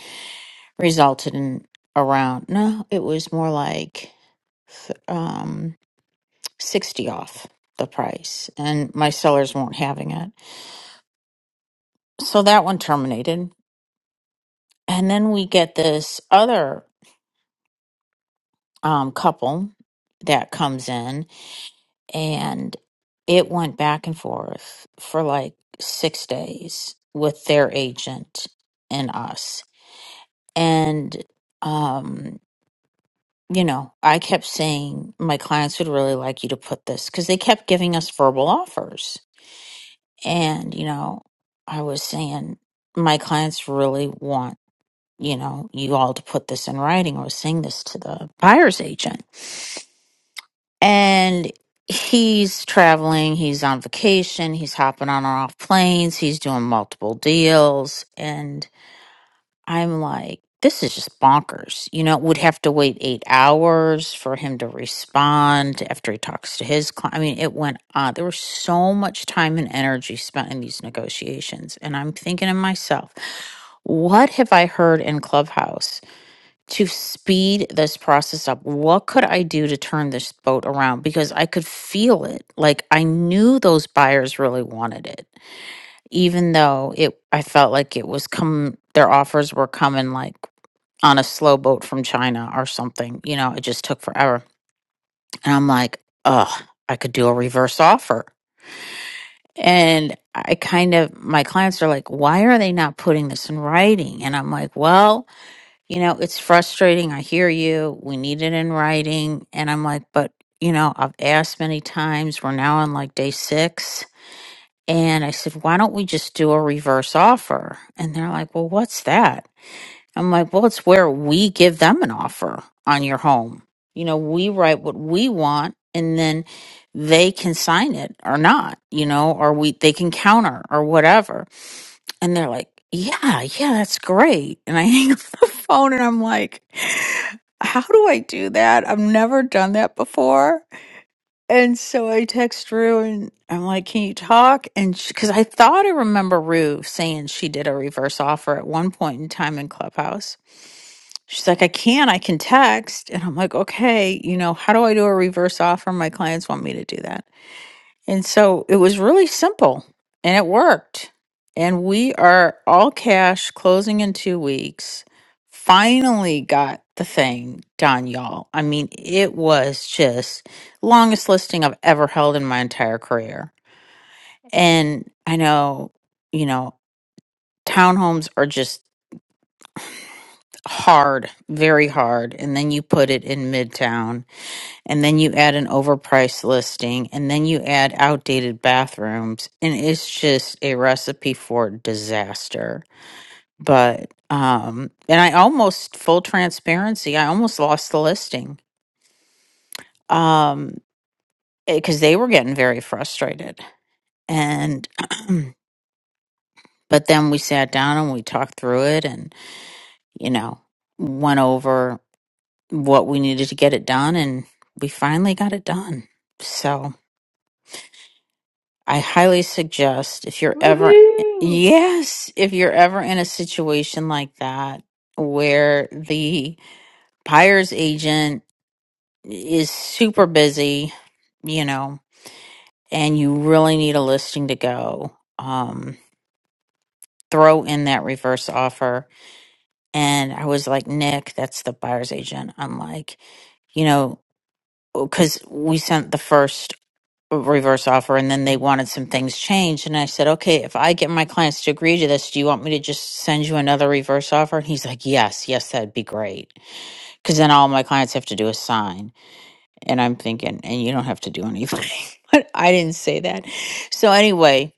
Speaker 5: resulted in around no it was more like th- um 60 off the price and my sellers weren't having it so that one terminated and then we get this other um, couple that comes in and it went back and forth for like six days with their agent and us and um you know, I kept saying my clients would really like you to put this because they kept giving us verbal offers. And, you know, I was saying my clients really want, you know, you all to put this in writing. I was saying this to the buyer's agent. And he's traveling, he's on vacation, he's hopping on and off planes, he's doing multiple deals. I'm like, this is just bonkers. You know, would have to wait eight hours for him to respond after he talks to his client. I mean, it went on. There was so much time and energy spent in these negotiations. And I'm thinking to myself, what have I heard in Clubhouse to speed this process up? What could I do to turn this boat around? Because I could feel it. Like I knew those buyers really wanted it even though it I felt like it was come their offers were coming like on a slow boat from China or something. You know, it just took forever. And I'm like, oh, I could do a reverse offer. And I kind of, my clients are like, why are they not putting this in writing? And I'm like, well, you know, it's frustrating. I hear you. We need it in writing. And I'm like, but, you know, I've asked many times. We're now on like day six. And I said, why don't we just do a reverse offer? And they're like, well, what's that? I'm like, well, it's where we give them an offer on your home. You know, we write what we want and then they can sign it or not, you know, or we they can counter or whatever. And they're like, Yeah, yeah, that's great. And I hang up the phone and I'm like, How do I do that? I've never done that before. And so I text Rue and I'm like, Can you talk? And because I thought I remember Rue saying she did a reverse offer at one point in time in Clubhouse She's like, I can, I can text. And I'm like, okay, you know, how do I do a reverse offer? My clients want me to do that. And so it was really simple and it worked. And we are all cash closing in two weeks. Finally got the thing done, y'all. I mean, it was just longest listing I've ever held in my entire career. And I know, you know, townhomes are just hard, very hard. And then you put it in midtown and then you add an overpriced listing, and then you add outdated bathrooms, and it's just a recipe for disaster. But um, and I almost full transparency, I almost lost the listing um, because they were getting very frustrated, and but then we sat down and we talked through it, and you know went over what we needed to get it done, and we finally got it done. So I highly suggest if you're ever,
Speaker 6: Woohoo!
Speaker 5: yes, if you're ever in a situation like that where the buyer's agent is super busy, you know, and you really need a listing to go, um, throw in that reverse offer. And I was like, Nick, that's the buyer's agent. I'm like, you know, because we sent the first. reverse offer and then they wanted some things changed and i said okay if i get my clients to agree to this do you want me to just send you another reverse offer and he's like yes yes that'd be great because then all my clients have to do is sign and i'm thinking and you don't have to do anything but i didn't say that so anyway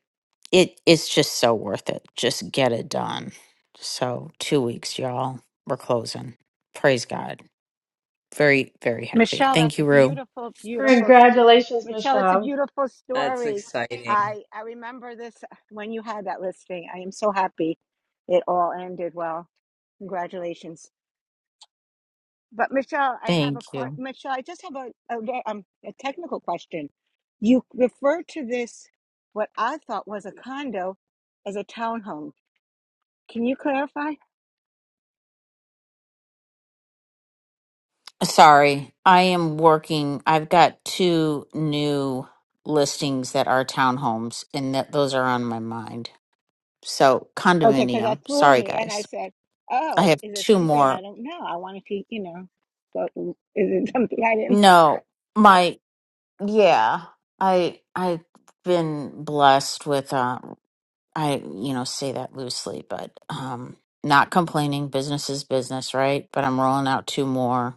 Speaker 5: it it's just so worth it just get it done so two weeks y'all we're closing praise god very very happy
Speaker 7: Michelle, that's
Speaker 5: thank
Speaker 7: a
Speaker 5: you rue
Speaker 7: beautiful, beautiful, st-
Speaker 6: Congratulations,
Speaker 7: Michelle, that's a
Speaker 6: Michelle.
Speaker 7: beautiful
Speaker 2: That's
Speaker 7: story.
Speaker 2: exciting.
Speaker 7: I, I remember this uh, when you had that listing. I am so happy it all ended well. Congratulations. But Michelle, I have a
Speaker 5: thank
Speaker 7: que-
Speaker 5: you
Speaker 7: Michelle, I just have a, a, ve- um, a technical question. You refer to this, what I thought was a condo, as a townhome. Can you clarify?
Speaker 5: Sorry, I am working. I've got two new listings that are townhomes, and that those are on my mind. So
Speaker 7: Okay, because
Speaker 5: condominium.
Speaker 7: that threw
Speaker 5: Sorry,
Speaker 7: me, and I
Speaker 5: guys.
Speaker 7: said,
Speaker 5: I
Speaker 7: "Oh,
Speaker 5: have
Speaker 7: is it
Speaker 5: two
Speaker 7: something I
Speaker 5: more.
Speaker 7: don't know? I want to keep, you know, but is it something I didn't?
Speaker 5: No, my yeah. I I've been blessed with. Uh, I you know say that loosely, but um, not complaining. Business is business, right? But I'm rolling out two more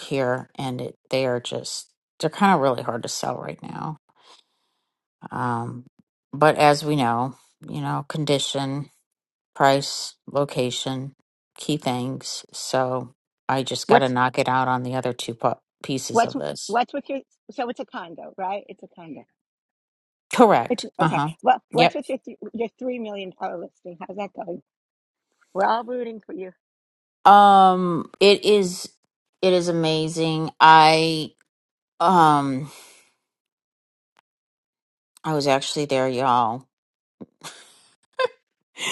Speaker 5: here, and it, they are just they're kind of really hard to sell right now Um, but as we know, you know, condition, price, location, key things. So I just got to
Speaker 7: What's
Speaker 5: knock it out on the other two pu- pieces
Speaker 7: what's
Speaker 5: of this.
Speaker 7: what's with your? So it's a condo, right? It's a condo. It's
Speaker 5: Correct. Uh
Speaker 7: okay.
Speaker 5: huh.
Speaker 7: Well,
Speaker 5: Yep.
Speaker 7: what's with your th- your three million dollar listing? How's that going? We're all rooting for you.
Speaker 5: Um, it is. It is amazing. I um, I was actually there, y'all.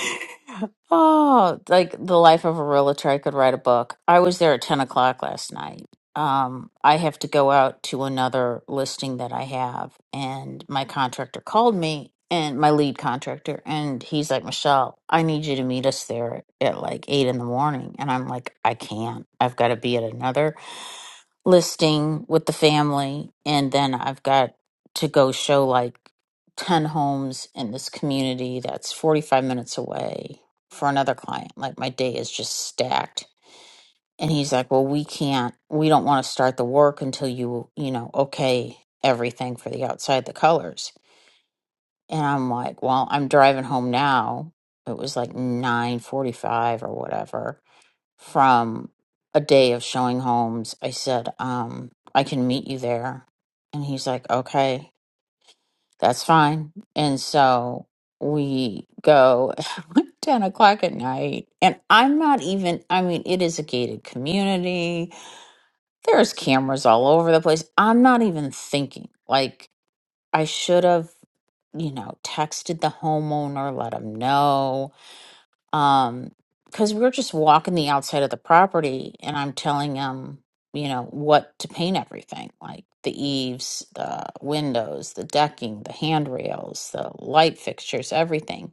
Speaker 5: Oh, like the life of a realtor, I could write a book. I was there at 10 o'clock last night. Um, I have to go out to another listing that I have, and my contractor called me and my lead contractor, and he's like, Michelle, I need you to meet us there at like eight in the morning. And I'm like, I can't. I've got to be at another listing with the family and then I've got to go show like 10 homes in this community that's 45 minutes away for another client. Like my day is just stacked. And he's like, "Well, we can't. We don't want to start the work until you, you know, okay everything for the outside the colors." And I'm like, "Well, I'm driving home now. It was like 9:45 or whatever." from a day of showing homes. I said, um, I can meet you there. And he's like, okay, that's fine. And so we go 10 o'clock at night. And I'm not even, I mean, it is a gated community. There's cameras all over the place. I'm not even thinking. Like, I should have, you know, texted the homeowner, let him know um because we were just walking the outside of the property and i'm telling him you know what to paint everything like the eaves the windows the decking the handrails the light fixtures everything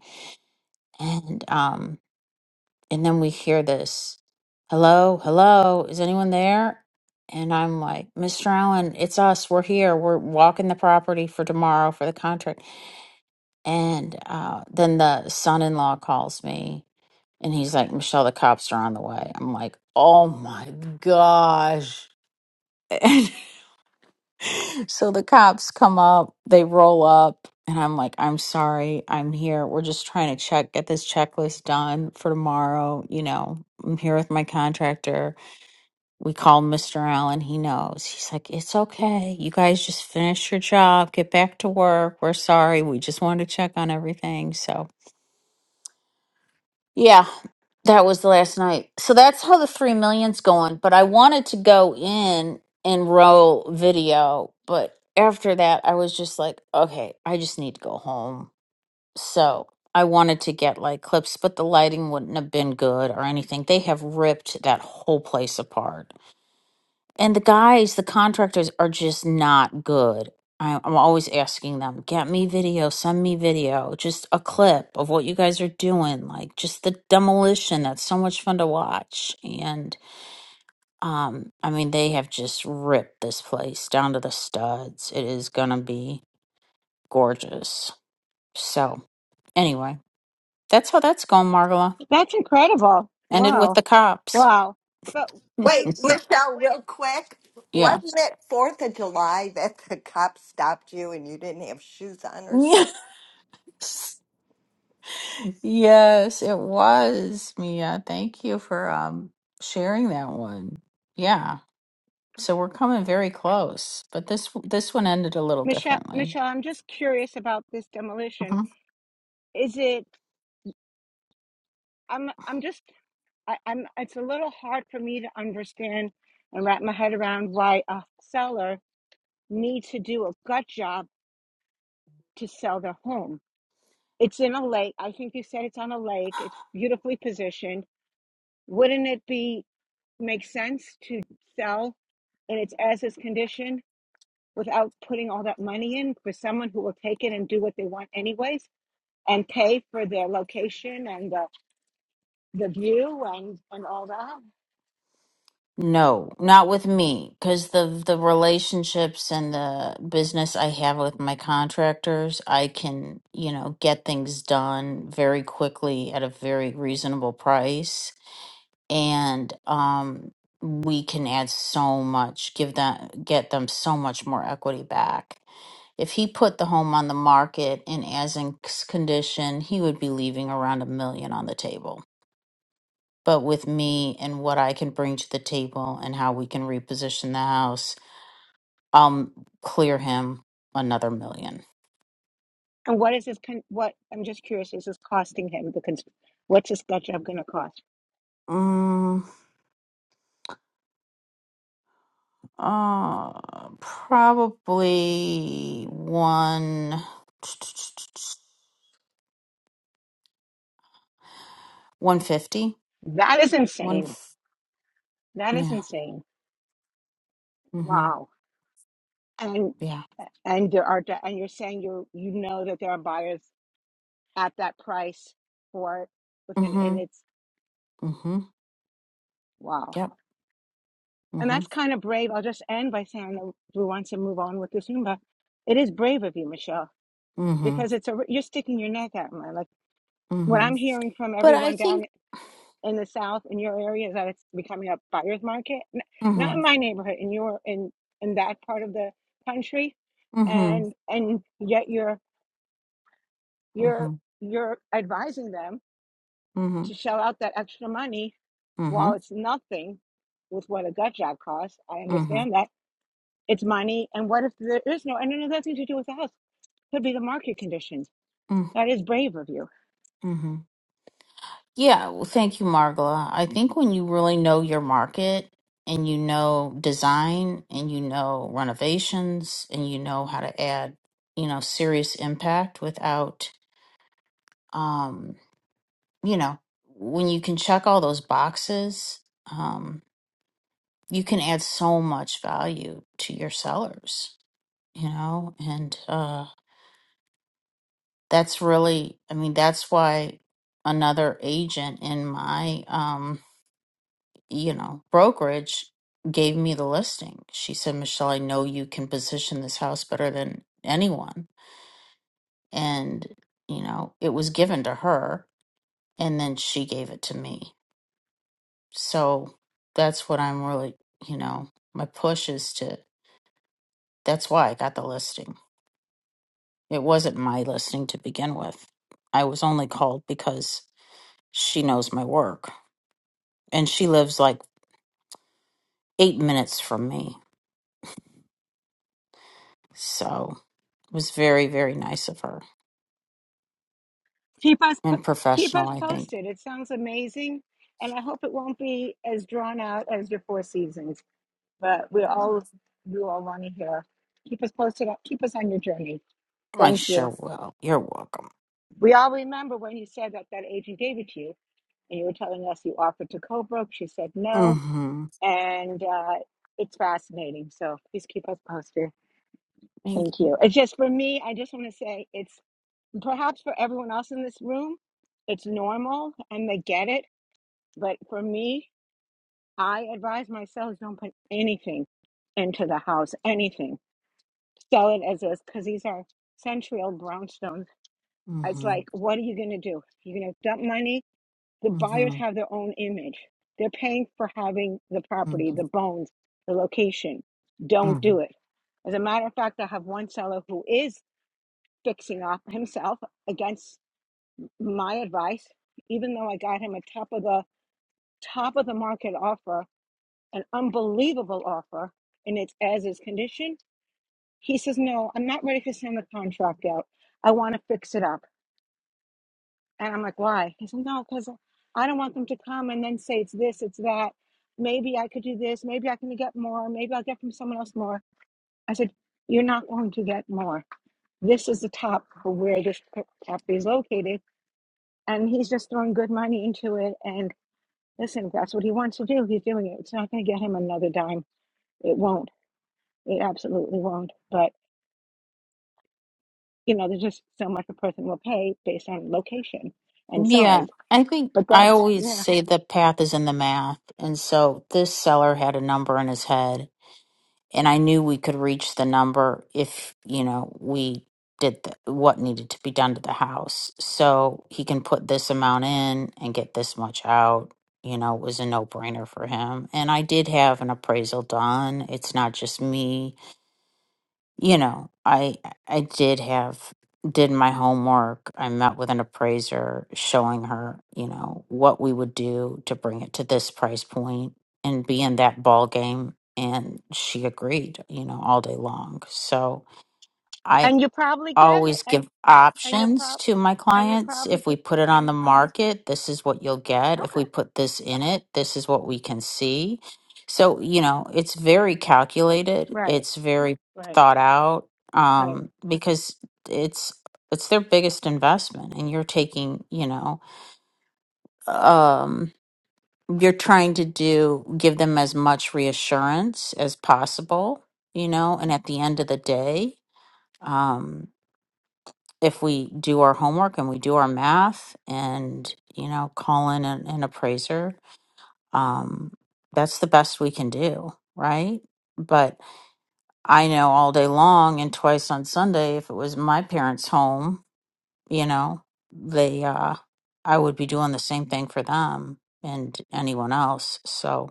Speaker 5: and um and then we hear this hello hello is anyone there and i'm like mr allen it's us we're here we're walking the property for tomorrow for the contract and uh, then the son-in-law calls me and he's like, Michelle, the cops are on the way. I'm like, oh my gosh. And so the cops come up, they roll up, and I'm like, I'm sorry, I'm here. We're just trying to check, get this checklist done for tomorrow. You know, I'm here with my contractor. We called Mr. Allen. He knows. He's like, it's okay. You guys just finish your job, get back to work. We're sorry. We just wanted to check on everything. So Yeah, that was the last night. So that's how the three million's going. But I wanted to go in and roll video, but after that, I was just like, okay, I just need to go home. So I wanted to get like clips, but the lighting wouldn't have been good or anything. They have ripped that whole place apart. And the guys, the contractors are just not good. I, I'm always asking them, get me video, send me video, just a clip of what you guys are doing, like just the demolition. That's so much fun to watch. And um, I mean, they have just ripped this place down to the studs. It is gonna be gorgeous. So anyway, that's how that's going, Margola.
Speaker 7: That's incredible.
Speaker 5: Ended with
Speaker 7: Wow,
Speaker 5: the cops.
Speaker 7: wow. But
Speaker 8: Wait,
Speaker 7: when
Speaker 8: Michelle, real quick.
Speaker 5: yeah.
Speaker 8: Wasn't it Fourth of July that the cop stopped you and you didn't have shoes on or
Speaker 5: Yeah.
Speaker 8: something?
Speaker 5: Yes, it was, Mia. Thank you for um sharing that one. Yeah. So we're coming very close, but this this one ended a little
Speaker 7: Michelle,
Speaker 5: differently.
Speaker 7: Michelle, I'm just curious about this demolition.
Speaker 5: Mhm.
Speaker 7: Is it? I'm I'm just I, I'm it's a little hard for me to understand and wrap my head around why a seller needs to do a gut job to sell their home. It's in a lake. I think you said it's on a lake. It's beautifully positioned. Wouldn't it be make sense to sell in its as is condition without putting all that money in for someone who will take it and do what they want anyways and pay for their location and the, the view and, and all that?
Speaker 5: No, not with me, because the the relationships and the business I have with my contractors, I can, you know, get things done very quickly at a very reasonable price and um, we can add so much, give them, get them so much more equity back. If he put the home on the market in as in c- condition, he would be leaving around a million on the table. But with me and what I can bring to the table and how we can reposition the house, I'll clear him another million.
Speaker 7: And what is this? Con- what I'm just curious. Is this costing him? Because what's this gut job going to cost?
Speaker 5: Mm, uh, probably one, 150.
Speaker 7: That is insane. That is
Speaker 5: Yeah.
Speaker 7: insane.
Speaker 5: Mm-hmm.
Speaker 7: Wow. And
Speaker 5: Yeah.
Speaker 7: and there are and you're saying you you know that there are buyers at that price for it within
Speaker 5: Mm-hmm.
Speaker 7: and it's
Speaker 5: Mm-hmm.
Speaker 7: wow.
Speaker 5: Yep.
Speaker 7: And
Speaker 5: Mm-hmm.
Speaker 7: that's kind of brave. I'll just end by saying I know Drew wants to move on with the Zumba. It is brave of you, Michelle,
Speaker 5: Mm-hmm.
Speaker 7: because it's a you're sticking your neck out, man. Like what
Speaker 5: Mm-hmm.
Speaker 7: I'm hearing from
Speaker 5: But I
Speaker 7: everyone
Speaker 5: think
Speaker 7: down. in the South in your area is that it's becoming a buyer's market. N- Not
Speaker 5: mm-hmm.
Speaker 7: in my neighborhood, in your in in that part of the country,
Speaker 5: Mm-hmm.
Speaker 7: and and yet you're you're
Speaker 5: Mm-hmm.
Speaker 7: you're advising them
Speaker 5: Mm-hmm.
Speaker 7: to shell out that extra money
Speaker 5: Mm-hmm.
Speaker 7: while it's nothing with what a gut job costs. I
Speaker 5: Mm-hmm.
Speaker 7: understand that it's money, and what if there is no and it has nothing to do with the house? Could be the market conditions.
Speaker 5: Mm-hmm.
Speaker 7: That is brave of you.
Speaker 5: Mm-hmm. Yeah. Well, thank you, Margola. I think when you really know your market and you know design and you know renovations and you know how to add, you know, serious impact without um, you know, when you can check all those boxes, um. you can add so much value to your sellers, you know, and uh, that's really, I mean, that's why another agent in my, um, you know, brokerage gave me the listing. She said, Michelle, I know you can position this house better than anyone. And, you know, it was given to her and then she gave it to me. So that's what I'm really, you know, my push is to, that's why I got the listing It wasn't my listening to begin with. I was only called because she knows my work and she lives like eight minutes from me. So it was very, very nice of her
Speaker 7: keep us po-
Speaker 5: and
Speaker 7: keep
Speaker 5: professional,
Speaker 7: us
Speaker 5: I think.
Speaker 7: posted. It sounds amazing, and I hope it won't be as drawn out as your Four Seasons. But we all we all want to hear. Keep us posted. Keep us on your journey.
Speaker 5: I
Speaker 7: Thank
Speaker 5: sure
Speaker 7: you.
Speaker 5: will. You're welcome.
Speaker 7: We all remember when you said that that agent gave it to you, and you were telling us you offered to Colebrook. She said no,
Speaker 5: Mm-hmm.
Speaker 7: and uh, it's fascinating. So please keep us posted.
Speaker 5: Thank
Speaker 7: Thank
Speaker 5: you.
Speaker 7: you. It's just for me. I just want to say it's perhaps for everyone else in this room. It's normal, and they get it But for me, I advise myself don't put anything into the house, anything. Sell it as is because these are centennial brownstones. It's
Speaker 5: Mm-hmm.
Speaker 7: like, what are you going to do? You're going to dump money. The buyers
Speaker 5: Mm-hmm.
Speaker 7: have their own image. They're paying for having the property,
Speaker 5: Mm-hmm.
Speaker 7: the bones, the location. Don't
Speaker 5: Mm-hmm.
Speaker 7: do it. As a matter of fact, I have one seller who is fixing up himself against my advice, even though I got him a top of the top of the market offer an unbelievable offer and it's as is condition. He says, No, I'm not ready to send the contract out. I want to fix it up. And I'm like, Why? He said, No, because I don't want them to come and then say it's this, it's that. Maybe I could do this. Maybe I can get more. Maybe I'll get from someone else more. I said, You're not going to get more. This is the top for where this property is located. And he's just throwing good money into it. And listen, if that's what he wants to do, he's doing it. It's not going to get him another dime. It won't. It absolutely won't. But you know, there's just so much a person will pay based on location and
Speaker 5: Yeah,
Speaker 7: size.
Speaker 5: I think
Speaker 7: But
Speaker 5: I
Speaker 7: that's
Speaker 5: always
Speaker 7: yeah.
Speaker 5: say the path is in the math. And so this seller had a number in his head and I knew we could reach the number if you know we did the, what needed to be done to the house. So he can put this amount in and get this much out. You know, it was a no brainer for him. And I did have an appraisal done. It's not just me you know, I I did have did my homework. I met with an appraiser showing her, you know, what we would do to bring it to this price point and be in that ball game and she agreed, you know, all day long. So
Speaker 7: And you probably get it,
Speaker 5: always
Speaker 7: and
Speaker 5: give
Speaker 7: and you'll
Speaker 5: options
Speaker 7: prob
Speaker 5: to my
Speaker 7: and you'll
Speaker 5: clients.
Speaker 7: probably
Speaker 5: If we
Speaker 7: get
Speaker 5: put it on the market, this is what you'll get. If
Speaker 7: okay.
Speaker 5: we put this in it, this is what we can see. So, you know, it's very calculated.
Speaker 7: Right,
Speaker 5: It's very
Speaker 7: right,
Speaker 5: thought out
Speaker 7: right.
Speaker 5: um, because it's it's their biggest investment and you're taking, you know, um, you're trying to do give them as much reassurance as possible, you know, and at the end of the day, um, if we do our homework and we do our math and you know call in an, an appraiser um that's the best we can do right but i know all day long and twice on sunday if it was my parents home you know they uh i would be doing the same thing for them and anyone else so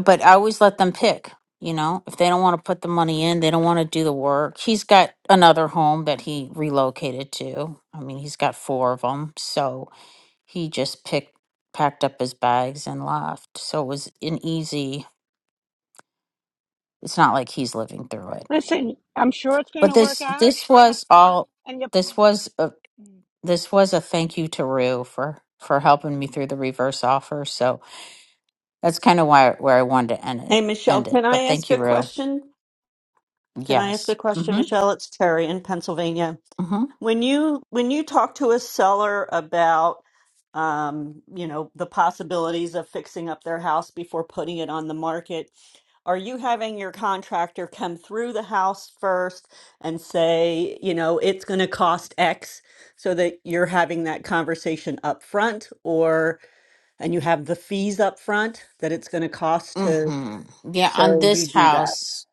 Speaker 5: but I always let them pick. You know, if they don't want to put the money in, they don't want to do the work. He's got another home that he relocated to. I mean, he's got four of them, so he just picked, packed up his bags and left. So it was an easy. It's not like he's living through it.
Speaker 7: Listen, I'm sure it's going
Speaker 5: But
Speaker 7: to work
Speaker 5: this,
Speaker 7: out,
Speaker 5: this
Speaker 7: a-
Speaker 5: was all.
Speaker 7: and you.
Speaker 5: This was a,
Speaker 7: will
Speaker 5: this was a thank you to Rue for for helping me through the reverse offer. So that's kind of why where I wanted to end it.
Speaker 9: Hey, Michelle,
Speaker 5: End it.
Speaker 9: can I
Speaker 5: But
Speaker 9: ask
Speaker 5: thank
Speaker 9: a
Speaker 5: you, Rue.
Speaker 9: question? Can I ask
Speaker 5: Yes.
Speaker 9: a question,
Speaker 5: Mm-hmm.
Speaker 9: Michelle? It's Terry in Pennsylvania.
Speaker 5: Mm-hmm.
Speaker 9: When you when you talk to a seller about um, you know, the possibilities of fixing up their house before putting it on the market, are you having your contractor come through the house first and say, you know, it's going to cost X so that you're having that conversation up front or and you have the fees up front that it's going to cost to
Speaker 5: hmm Yeah, on
Speaker 9: so you
Speaker 5: this
Speaker 9: do that?
Speaker 5: house,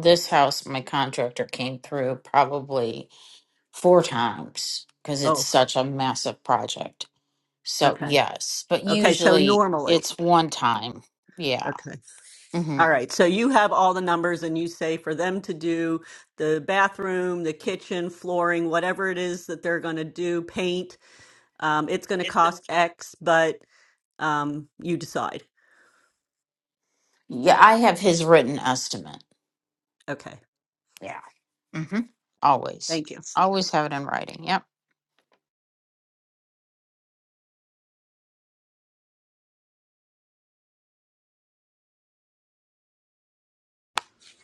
Speaker 5: this house, my contractor came through probably four times because it's
Speaker 9: Oh,
Speaker 5: such a massive project. So
Speaker 9: okay.
Speaker 5: yes, but
Speaker 9: Okay, so
Speaker 5: usually
Speaker 9: normally,
Speaker 5: it's one time. Yeah.
Speaker 9: okay.
Speaker 5: hmm
Speaker 9: All right. So you have all the numbers and you say for them to do the bathroom, the kitchen, flooring, whatever it is that they're going to do, paint, um, it's going to cost X, but um, you decide.
Speaker 5: Yeah, I have his written estimate.
Speaker 9: Okay.
Speaker 5: Yeah. hmm Always,
Speaker 9: Thank you.
Speaker 5: always have it in writing. Yep.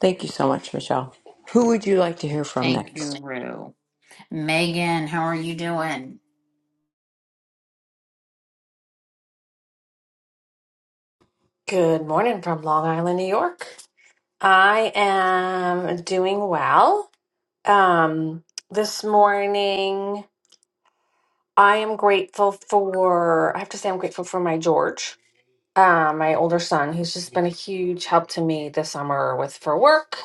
Speaker 2: Thank you so much, Michelle. Who would you like to hear from
Speaker 5: Thank you,
Speaker 2: next?
Speaker 5: Rue. Megan, how are you doing?
Speaker 10: Good morning from Long Island, New York. I am doing well. Um, this morning, I am grateful for, I have to say, I'm grateful for my George, uh, my older son, who's just been a huge help to me this summer with for work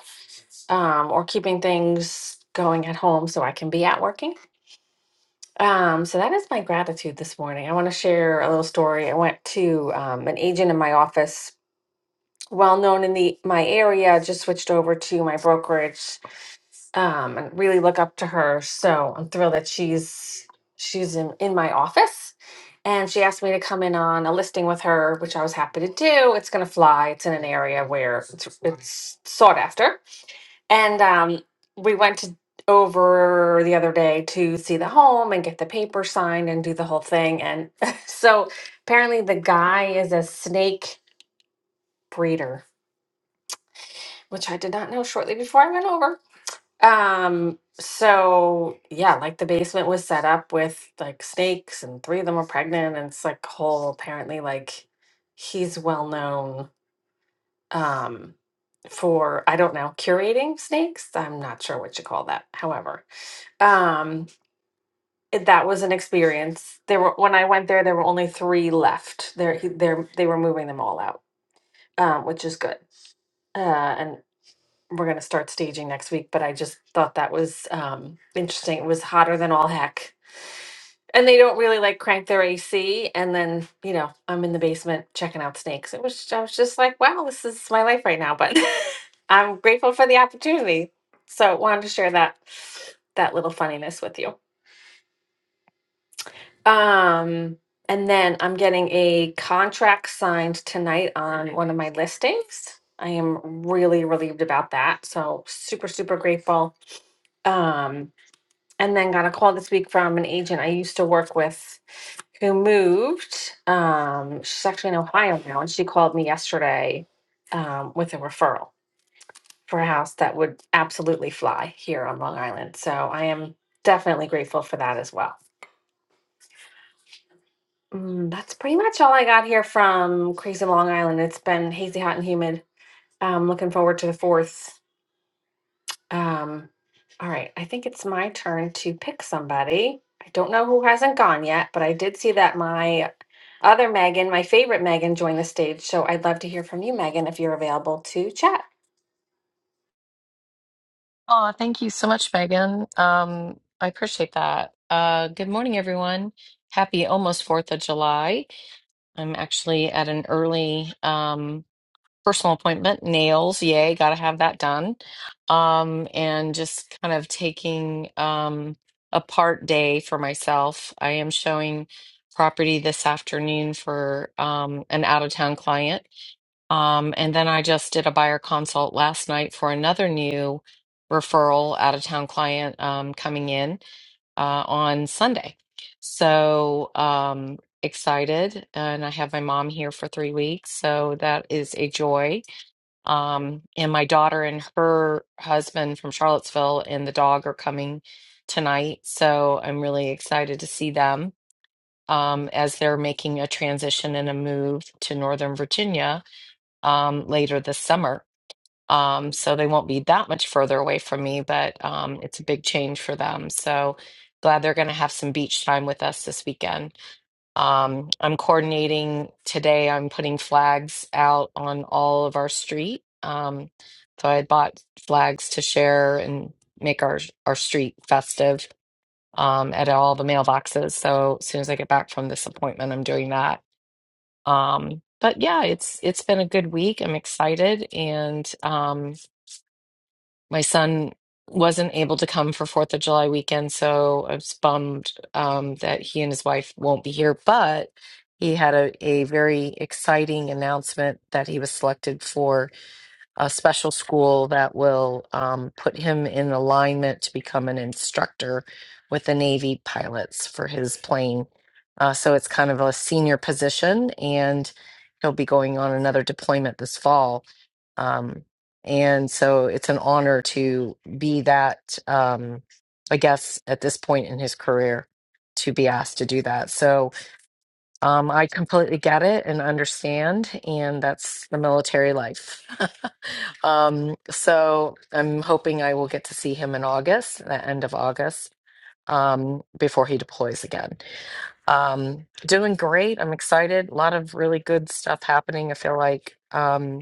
Speaker 10: um, or keeping things going at home so I can be out working. Um, so that is my gratitude this morning. I want to share a little story. I went to um, an agent in my office well known in the my area just switched over to my brokerage um and really look up to her so i'm thrilled that she's she's in, in my office and she asked me to come in on a listing with her which i was happy to do it's going to fly it's in an area where it's, it's sought after and um we went to over the other day to see the home and get the paper signed and do the whole thing and so apparently the guy is a snake breeder which I did not know shortly before I went over. Um, so yeah, like the basement was set up with like snakes and three of them were pregnant and it's like whole apparently like he's well known um for I don't know, curating snakes. I'm not sure what you call that. However, um it- that was an experience. There were when I went there there were only 3 left. There he, there they were moving them all out. Um which is good. Uh we're going to start staging next week, but I just thought that was um, interesting. It was hotter than all heck. And they don't really like crank their AC. And then, you know, I'm in the basement checking out snakes. It was, I was just like, wow, this is my life right now. But I'm grateful for the opportunity. So wanted to share that, that little funniness with you. Um, and then I'm getting a contract signed tonight on one of my listings. I am really relieved about that. So super, super grateful Um, and then got a call this week from an agent I used to work with who moved. Um, she's actually in Ohio now, and she called me yesterday um, with a referral for a house that would absolutely fly here on Long Island. So I am definitely grateful for that as well. Mm, that's pretty much all I got here from Crazy Long Island. It's been hazy, hot, and humid. I'm looking forward to the fourth. Um, all right, I think it's my turn to pick somebody. I don't know who hasn't gone yet, but I did see that my other Megan, my favorite Megan, joined the stage. So I'd love to hear from you, Megan, if you're available to chat.
Speaker 11: Oh, thank you so much, Megan. Um, I appreciate that. Uh, good morning, everyone. Happy almost Fourth of July. I'm actually at an early um, personal appointment. Nails, yay, gotta have that done. Um, and just kind of taking um, a part day for myself. I am showing property this afternoon for um, an out-of-town client. Um, and then I just did a buyer consult last night for another new referral out of town client um, coming in uh, on Sunday. So um, excited. And I have my mom here for three weeks. So that is a joy. Um, and my daughter and her husband from Charlottesville and the dog are coming tonight. So I'm really excited to see them um, as they're making a transition and a move to Northern Virginia um, later this summer. Um, so they won't be that much further away from me, but um, it's a big change for them. So glad they're going to have some beach time with us this weekend. Um, I'm coordinating today. I'm putting flags out on all of our street. Um, so I had bought flags to share and make our our street festive um, at all the mailboxes. So as soon as I get back from this appointment, I'm doing that um, but yeah, it's it's been a good week. I'm excited, and um, my son wasn't able to come for Fourth of July weekend, so I was bummed um, that he and his wife won't be here. But he had a, a very exciting announcement that he was selected for a special school that will um, put him in alignment to become an instructor with the Navy pilots for his plane. Uh, so it's kind of a senior position, and he'll be going on another deployment this fall. Um, and so it's an honor to be that, um, I guess, at this point in his career, to be asked to do that. So, um, I completely get it and understand, and that's the military life. um, so I'm hoping I will get to see him in August, the end of August, um, before he deploys again. Um, doing great. I'm excited. A lot of really good stuff happening. I feel like um,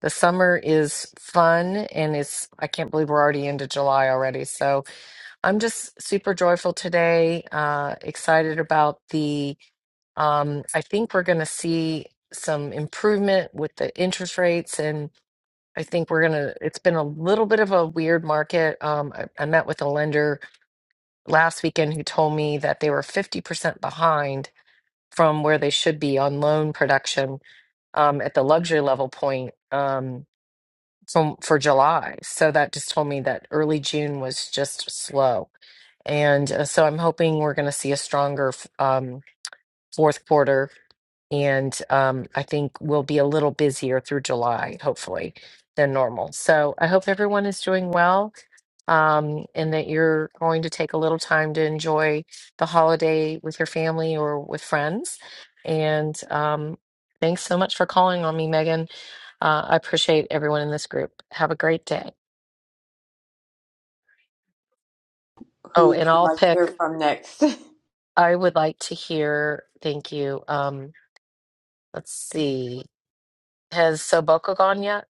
Speaker 11: the summer is fun, and it's, I can't believe we're already into July already. So I'm just super joyful today, uh, excited about the um, I think we're going to see some improvement with the interest rates, and I think we're going to, it's been a little bit of a weird market. Um, I, I met with a lender last weekend who told me that they were 50% behind from where they should be on loan production um, at the luxury level point um, from for July. So that just told me that early June was just slow. And uh, so I'm hoping we're going to see a stronger f- um, fourth quarter And um, I think we'll be a little busier through July, hopefully, than normal. So I hope everyone is doing well um, and that you're going to take a little time to enjoy the holiday with your family or with friends. And um, thanks so much for calling on me, Megan. Uh, I appreciate everyone in this group. Have a great day.
Speaker 2: Who
Speaker 11: Oh,
Speaker 2: would
Speaker 11: and
Speaker 2: you
Speaker 11: I'll
Speaker 2: like to
Speaker 11: pick,
Speaker 2: hear from next?
Speaker 11: I would like to hear, thank you. Um, let's see. Has Soboko gone yet,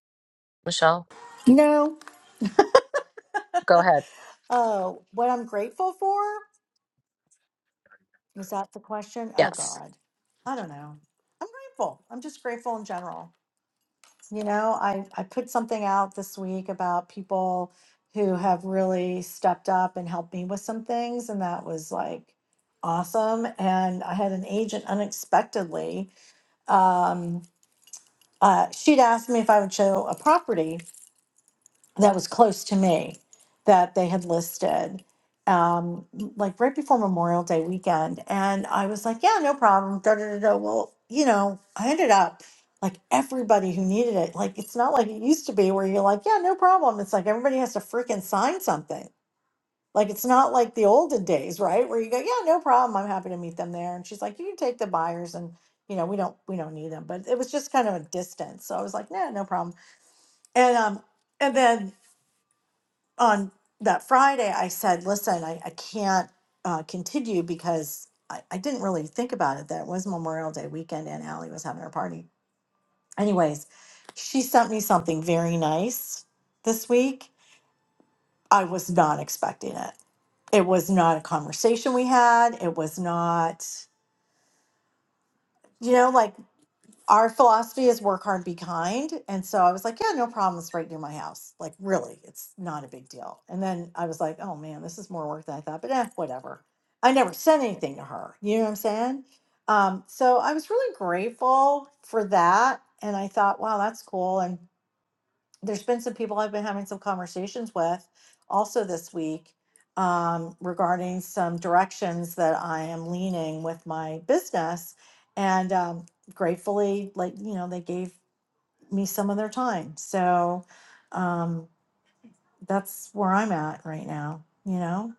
Speaker 11: Michelle?
Speaker 1: No.
Speaker 11: Go ahead.
Speaker 1: Oh, what I'm grateful for is that the question? Oh
Speaker 11: Yes.
Speaker 1: God. I don't know. I'm grateful. I'm just grateful in general. You know, I, I put something out this week about people who have really stepped up and helped me with some things, and that was like awesome. And I had an agent unexpectedly. Um, uh, she'd asked me if I would show a property that was close to me that they had listed um like right before memorial day weekend and i was like yeah no problem da, da, da, da. well you know i ended up like everybody who needed it like it's not like it used to be where you're like yeah no problem it's like everybody has to freaking sign something like it's not like the olden days right where you go yeah no problem i'm happy to meet them there and she's like you can take the buyers and you know we don't we don't need them but it was just kind of a distance so i was like no no problem and um and then on that Friday, I said, listen, I, I can't uh, continue because I, I didn't really think about it that it was Memorial Day weekend and Allie was having her party. Anyways, she sent me something very nice this week. I was not expecting it. It was not a conversation we had. It was not, you know, like our philosophy is work hard, be kind. And so I was like, yeah, no problem. It's right near my house. Like, really, it's not a big deal. And then I was like, oh man, this is more work than I thought, but eh, whatever. I never sent anything to her. You know what I'm saying? Um, so I was really grateful for that. And I thought, wow, that's cool. And there's been some people I've been having some conversations with also this week um, regarding some directions that I am leaning with my business. And um, gratefully, like, you know, they gave me some of their time. So um, that's where I'm at right now, you know?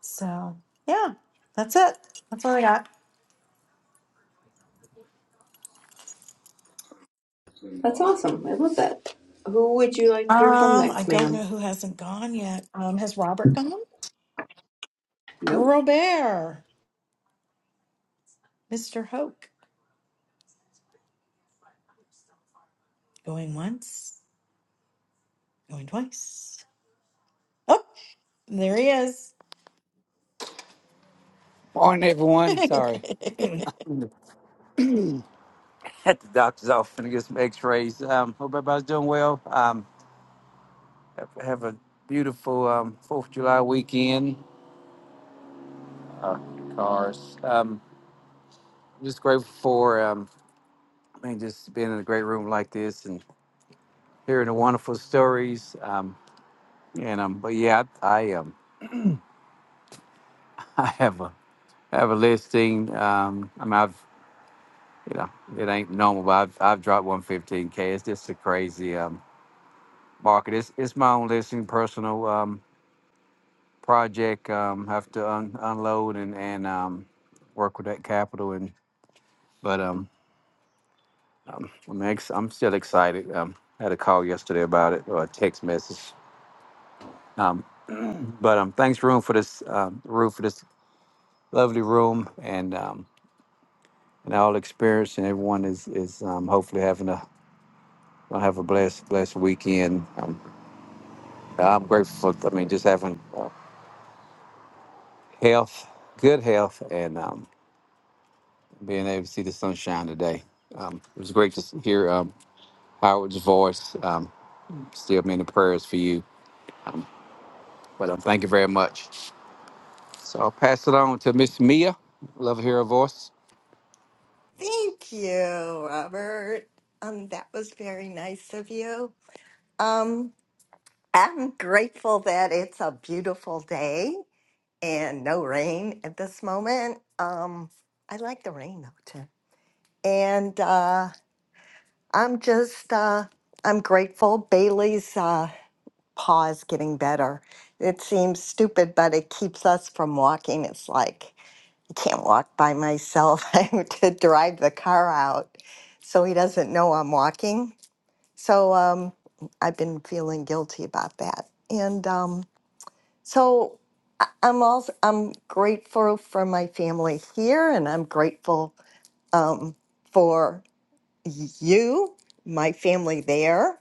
Speaker 1: So yeah, that's it. That's all I got.
Speaker 2: That's awesome. I love that. Who would you like to hear from
Speaker 1: Um, I
Speaker 2: next,
Speaker 1: don't know
Speaker 2: ma'am?
Speaker 1: who hasn't gone yet. Um, has Robert gone?
Speaker 2: Nope.
Speaker 1: Robert, Mr. Hoke, going once. Going twice. Oh, there he is.
Speaker 12: Morning, everyone. Sorry, at the doctor's office to get some X-rays. Um, hope everybody's doing well. Um, have, have a beautiful um, Fourth of July weekend. Uh, cars. Um, just grateful for um, I mean, just being in a great room like this and hearing the wonderful stories. Um, and um, but yeah, I, I um, I have a I have a listing. Um, I mean, I've you know, it ain't normal, but I've, I've dropped 115k. It's just a crazy um market. It's it's my own listing, personal. Um, project, um, have to un- unload and, and, um, work with that capital and, but, um, I'm, ex- I'm still excited. Um, I had a call yesterday about it or a text message. Um, but, um, thanks room for this, um, room for this lovely room and, um, and all experience and everyone is, is, um, hopefully having a, gonna have a blessed, blessed weekend. Um, I'm grateful for, I mean, just having uh, health, good health and, um, being able to see the sunshine today. Um, it was great to hear. Um, Howard's voice. Um, still many prayers for you. But um, thank you very much. So I'll pass it on to Miss Mia. Love to hear her voice.
Speaker 8: Thank you, Robert. Um, that was very nice of you. Um, I'm grateful that it's a beautiful day and no rain at this moment. Um, I like the rain though too. And uh, I'm just uh, I'm grateful Bailey's. Uh, paws getting better. It seems stupid, but it keeps us from walking. It's like I can't walk by myself. I have to drive the car out, so he doesn't know I'm walking. So um, I've been feeling guilty about that, and um, so I- I'm also I'm grateful for my family here, and I'm grateful um, for you, my family there.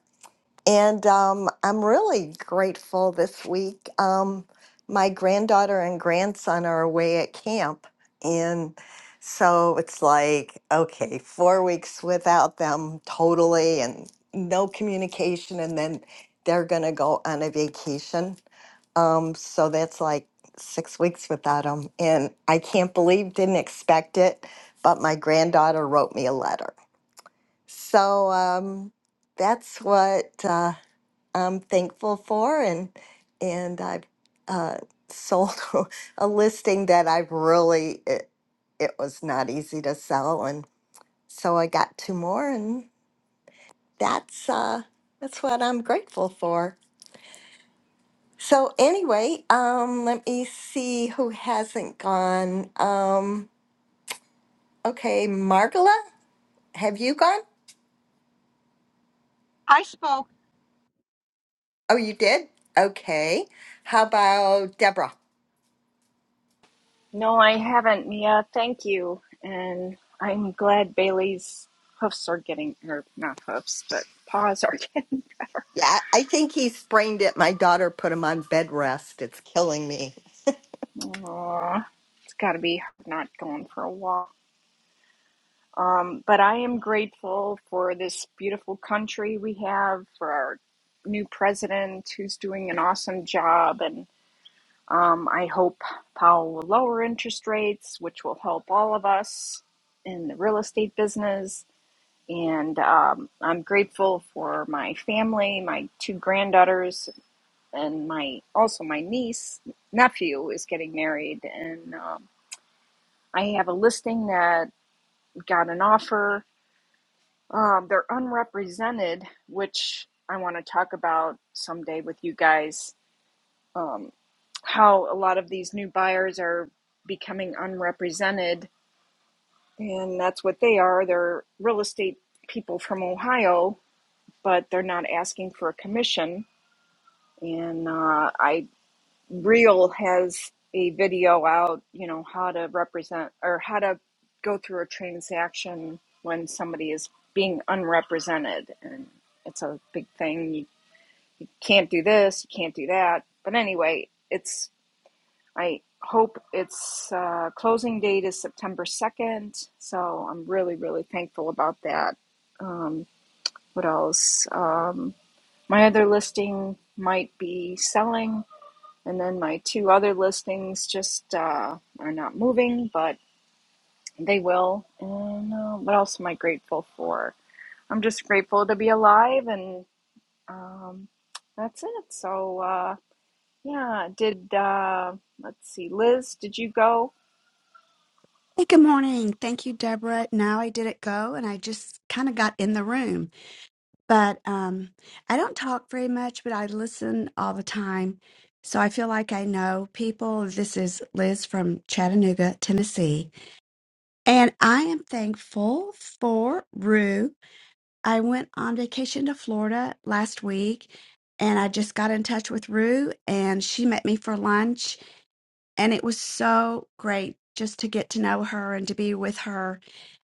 Speaker 8: And um, I'm really grateful this week. Um, my granddaughter and grandson are away at camp. And so it's like, okay, four weeks without them totally and no communication. And then they're going to go on a vacation. Um, so that's like six weeks without them. And I can't believe, didn't expect it. But my granddaughter wrote me a letter. So um, that's what. Uh, I'm thankful for, and and I've uh, sold a listing that I have really it, it was not easy to sell, and so I got two more, and that's uh, that's what I'm grateful for. So anyway, um, let me see who hasn't gone. Um, okay, Margola, have you gone?
Speaker 7: I spoke.
Speaker 8: Oh, you did. Okay. How about Deborah?
Speaker 13: No, I haven't, Mia. Thank you. And I'm glad Bailey's hoofs are getting, or not hoofs, but paws are getting.
Speaker 8: Yeah, I I think he sprained it. My daughter put him on bed rest. It's killing me.
Speaker 13: Aw, it's got to be hard not going for a walk. Um, but I am grateful for this beautiful country we have, for our new president who's doing an awesome job. And um, I hope Powell will lower interest rates, which will help all of us in the real estate business. And um, I'm grateful for my family, my two granddaughters, and my also my niece nephew is getting married, and um, I have a listing that got an offer. Um, they're unrepresented, which I want to talk about someday with you guys. Um, how a lot of these new buyers are becoming unrepresented, and that's what they are. They're real estate people from Ohio but they're not asking for a commission. And uh, I Real has a video out, you know, how to represent or how to go through a transaction when somebody is being unrepresented, and it's a big thing. You can't do this, you can't do that. But anyway, it's I hope its uh, closing date is September second, so I'm really really thankful about that. Um, what else? Um, My other listing might be selling, and then my two other listings just uh, are not moving, but they will. And uh, what else am I grateful for? I'm just grateful to be alive, and um, that's it. So, uh, yeah, did uh, let's see, Liz, did you go?
Speaker 14: Hey, good morning. Thank you, Deborah. Now I did it go, and I just kind of got in the room. But um, I don't talk very much, but I listen all the time. So I feel like I know people. This is Liz from Chattanooga, Tennessee. And I am thankful for Rue. I went on vacation to Florida last week, and I just got in touch with Rue, and she met me for lunch. And it was so great just to get to know her and to be with her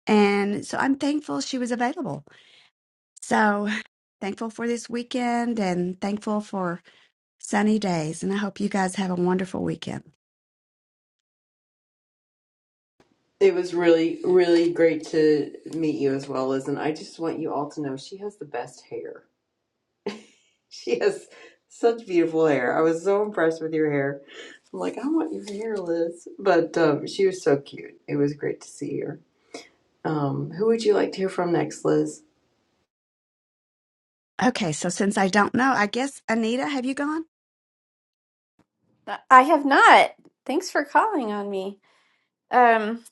Speaker 14: and so I'm thankful she was available. So thankful for this weekend and thankful for sunny days. And I hope you guys have a wonderful weekend.
Speaker 2: It was really, really great to meet you as well, Liz. And I just want you all to know she has the best hair. She has such beautiful hair. I was so impressed with your hair. I'm like, I want your hair, Liz. But um, she was so cute. It was great to see her. Um, who would you like to hear from next, Liz?
Speaker 14: Okay, so since I don't know, I guess Anita, have you gone?
Speaker 15: I have not. Thanks for calling on me. Um,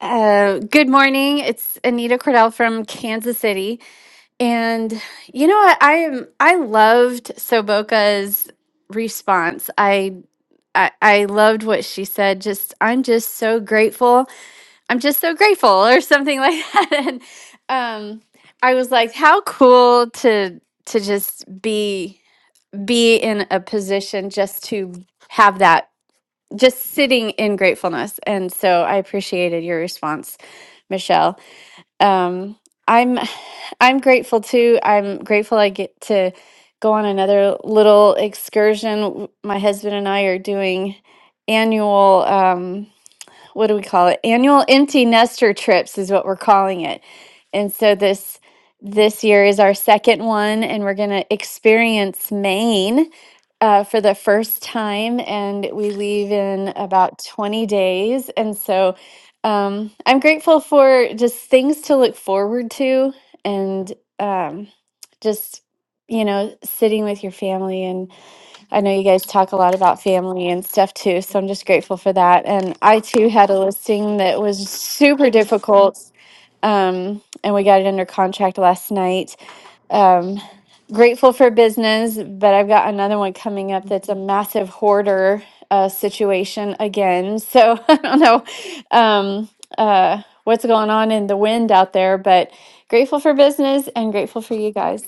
Speaker 15: uh, good morning. It's Anita Cordell from Kansas City, and you know what? I am. I loved Soboka's response. I. I, I loved what she said. Just, I'm just so grateful. I'm just so grateful, or something like that. And um, I was like, how cool to to just be be in a position just to have that just sitting in gratefulness. And so I appreciated your response, Michelle. Um, I'm I'm grateful too. I'm grateful I get to go on another little excursion. My husband and I are doing annual. Um, what do we call it? Annual empty nester trips is what we're calling it. And so this this year is our second one, and we're going to experience Maine uh, for the first time, and we leave in about 20 days. And so um, I'm grateful for just things to look forward to and um, just, you know, sitting with your family and. I know you guys talk a lot about family and stuff too, so I'm just grateful for that. And I too had a listing that was super difficult, um, and we got it under contract last night. Um, grateful for business, but I've got another one coming up that's a massive hoarder uh, situation again. So I don't know um, uh, what's going on in the wind out there, but grateful for business and grateful for you guys.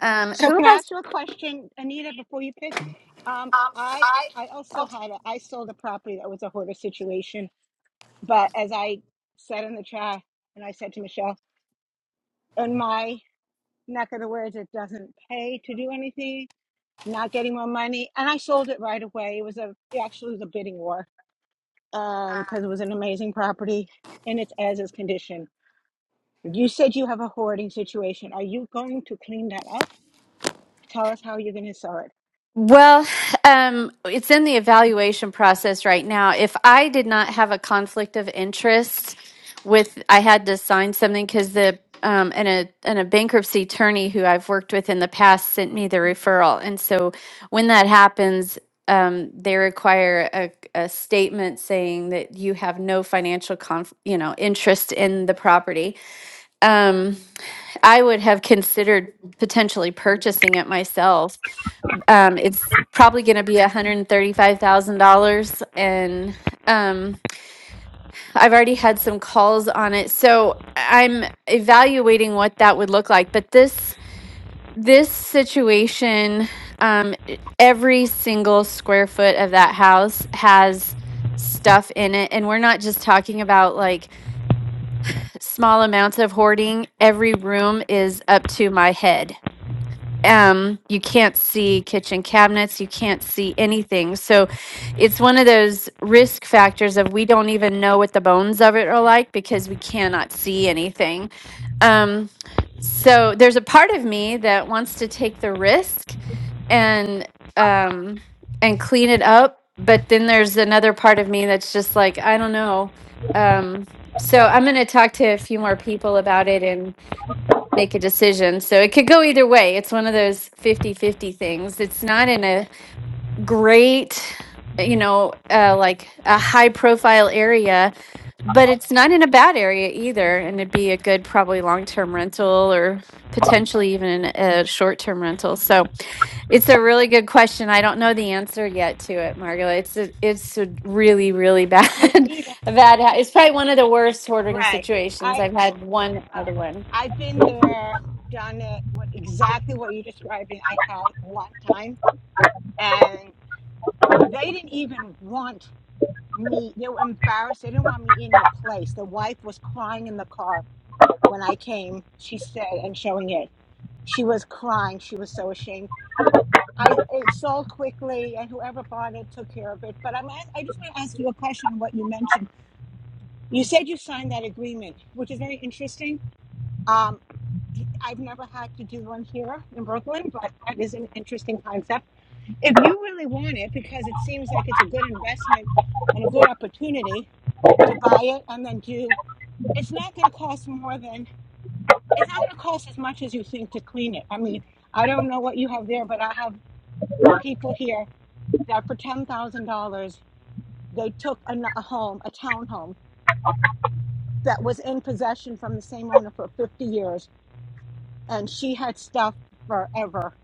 Speaker 15: Um,
Speaker 7: So
Speaker 15: who have
Speaker 7: can I
Speaker 15: I
Speaker 7: ask you a question, Anita, before you pick? Um, I I also had a, I sold a property that was a hoarder situation, but as I said in the chat, and I said to Michelle, in my not going to wear it. It doesn't pay to do anything. Not getting more money, and I sold it right away. It was a it actually was a bidding war, and because it was an amazing property in its as is condition. You said you have a hoarding situation. Are you going to clean that up? Tell us how you're going to sell it.
Speaker 15: Well, um, it's in the evaluation process right now. If I did not have a conflict of interest with, I had to sign something because the um, and a and a bankruptcy attorney who I've worked with in the past sent me the referral, and so when that happens, um, they require a, a statement saying that you have no financial conf, you know, interest in the property. Um, I would have considered potentially purchasing it myself. Um, it's probably going to be $135,000 and um, I've already had some calls on it. So I'm evaluating what that would look like, but this this situation um, e- every single square foot of that house has stuff in it and we're not just talking about like small amounts of hoarding every room is up to my head um you can't see kitchen cabinets you can't see anything so it's one of those risk factors of we don't even know what the bones of it are like because we cannot see anything um so there's a part of me that wants to take the risk and um and clean it up but then there's another part of me that's just like i don't know um so i'm going to talk to a few more people about it and make a decision. So it could go either way. It's one of those fifty-fifty things. It's not in a great, you know, uh, like a high profile area, but it's not in a bad area either. And it'd be a good, probably long term rental or potentially even a short term rental. So it's a really good question. I don't know the answer yet to it, Margo. It's a, it's a really, really bad,
Speaker 7: And Anita,
Speaker 15: a bad, it's probably one of the worst hoarding
Speaker 7: right?
Speaker 15: situations.
Speaker 7: I
Speaker 15: I've had one
Speaker 7: uh,
Speaker 15: other one.
Speaker 7: I've been there, done it. What exactly what you're describing? I had one time, and they didn't even want. me they were embarrassed they didn't want me in the place the wife was crying in the car when i came she said and showing it she was crying she was so ashamed i it sold quickly and whoever bought it took care of it but i'm a- i just want to ask you a question on what you mentioned you said you signed that agreement which is very interesting um i've never had to do one here in brooklyn but that is an interesting concept if you really want it because it seems like it's a good investment and a good opportunity to buy it and then do it's not going to cost more than it's not going to cost as much as you think to clean it i mean i don't know what you have there but i have people here that for $10000 they took a, n- a home a townhome that was in possession from the same owner for 50 years and she had stuff forever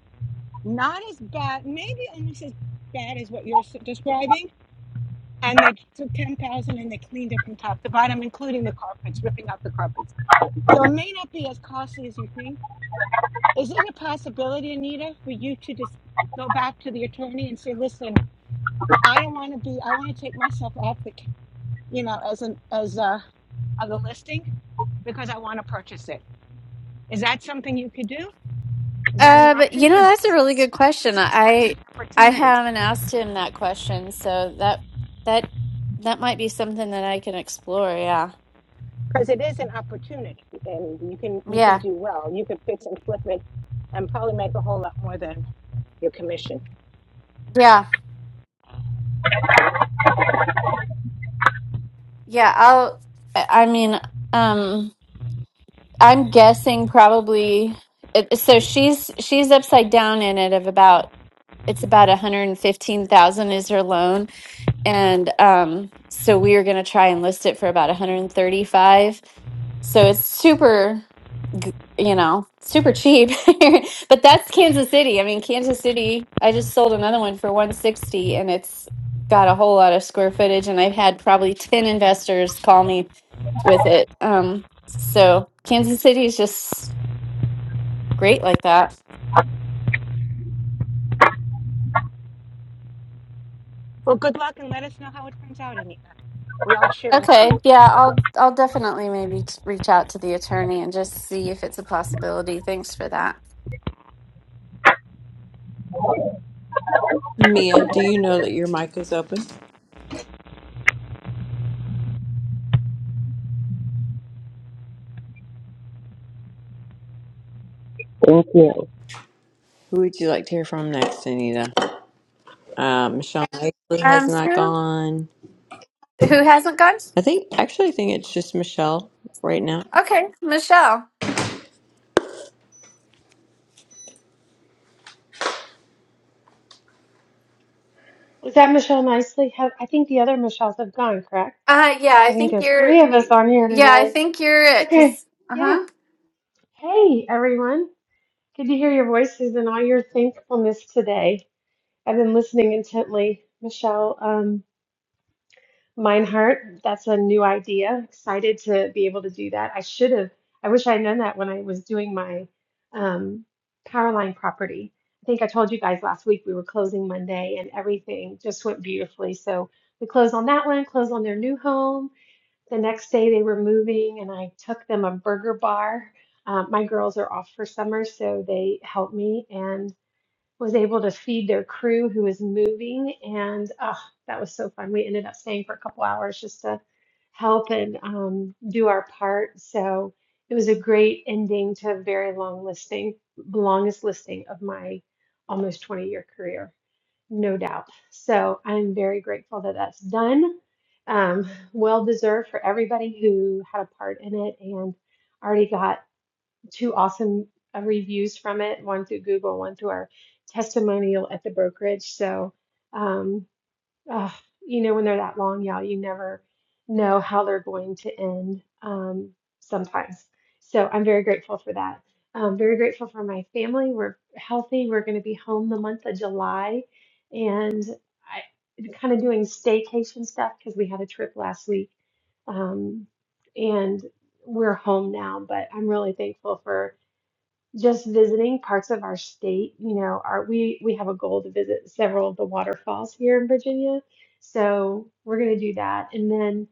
Speaker 7: not as bad maybe almost as bad as what you're s- describing and they took 10,000 and they cleaned it from top to bottom, including the carpets, ripping out the carpets. So it may not be as costly as you think. Is it a possibility, Anita, for you to just go back to the attorney and say, listen, I don't want to be, I want to take myself off the, c- you know, as an, as uh of the listing because I want to purchase it." Is that something you could do? Is that an
Speaker 15: Um,
Speaker 7: option?
Speaker 15: you know,
Speaker 7: Because it
Speaker 15: that's a really good question.
Speaker 7: seems like a
Speaker 15: I
Speaker 7: great
Speaker 15: I
Speaker 7: opportunity.
Speaker 15: haven't asked him that question, so that that that might be something that I can explore. Yeah,
Speaker 7: Because it is an opportunity and you can, you can
Speaker 15: yeah,
Speaker 7: do well. You could fix and flip it and probably make a whole lot more than your commission.
Speaker 15: yeah, yeah. I'll. I I mean, um, I'm guessing probably. It, so she's she's upside down in it of about it's about 115,000 is her loan And um, so we are going to try and list it for about 135. So it's super, g- you know, super cheap. but that's Kansas City. I mean, Kansas City, I just sold another one for 160 and it's got a whole lot of square footage. And I've had probably 10 investors call me with it. Um, so Kansas City is just great like that.
Speaker 7: Well, good luck and let us know how it turns out, Anita. We're all cheering for
Speaker 15: Okay,
Speaker 7: you.
Speaker 15: yeah, I'll I'll definitely maybe t- reach out to the attorney and just see if it's a possibility. Thanks for that.
Speaker 2: Mia, do you know that your mic is open? Who would you like to hear from next, Anita? Uh, Michelle Nicely has
Speaker 15: Um,
Speaker 2: not
Speaker 15: who
Speaker 2: gone.
Speaker 15: who hasn't gone?
Speaker 2: I think, actually, I think it's just Michelle right now.
Speaker 15: Okay, Michelle.
Speaker 6: Is that Michelle Nicely? Have, I think the other Michelles have gone, correct?
Speaker 15: Uh, yeah, I
Speaker 6: I think
Speaker 15: think
Speaker 6: there's
Speaker 15: you're.
Speaker 6: three of us on here
Speaker 15: Yeah, I
Speaker 6: today.
Speaker 15: think you're it.
Speaker 6: Okay,
Speaker 15: Cause, uh-huh.
Speaker 6: yeah. Hey, everyone. Good to hear your voices and all your thankfulness today. I've been listening intently, Michelle. Um, Mine Heart, that's a new idea. Excited to be able to do that. I should have, I wish I had known that when I was doing my um, power line property. I think I told you guys last week we were closing Monday and everything just went beautifully. So we closed on that one, closed on their new home. The next day they were moving and I took them a burger bar. Um, my girls are off for summer, so they helped me. and was able to feed their crew who was moving and oh, that was so fun we ended up staying for a couple hours just to help and um, do our part so it was a great ending to a very long listing longest listing of my almost 20 year career no doubt so i'm very grateful that that's done um, well deserved for everybody who had a part in it and already got two awesome uh, reviews from it, one through Google, one through our testimonial at the brokerage. So, um, uh, you know, when they're that long, y'all, you never know how they're going to end um, sometimes. So I'm very grateful for that. Um, very grateful for my family. We're healthy. We're going to be home the month of July and I kind of doing staycation stuff because we had a trip last week. Um, and we're home now, but I'm really thankful for just visiting parts of our state. You know, our, we we have a goal to visit several of the waterfalls here in Virginia, so we're going to do that. And then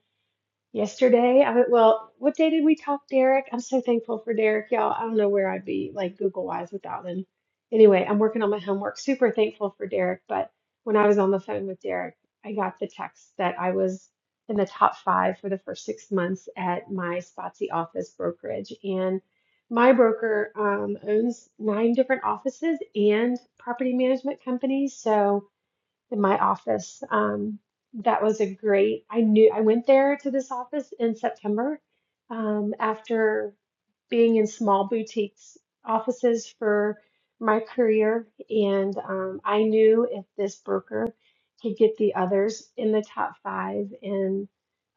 Speaker 6: Yesterday, I well, what day did we talk, Derek? I'm so thankful for Derek, y'all. I don't know where I'd be like Google wise without him. Anyway, I'm working on my homework. Super thankful for Derek, but when I was on the phone with Derek, I got the text that I was in the top five for the first six months at my Spotsy office brokerage, and my broker um, owns nine different offices and property management companies, so in my office. Um, that was a great. I knew I went there to this office in September um, after being in small boutiques offices for my career, and um, I knew if this broker could get the others in the top five and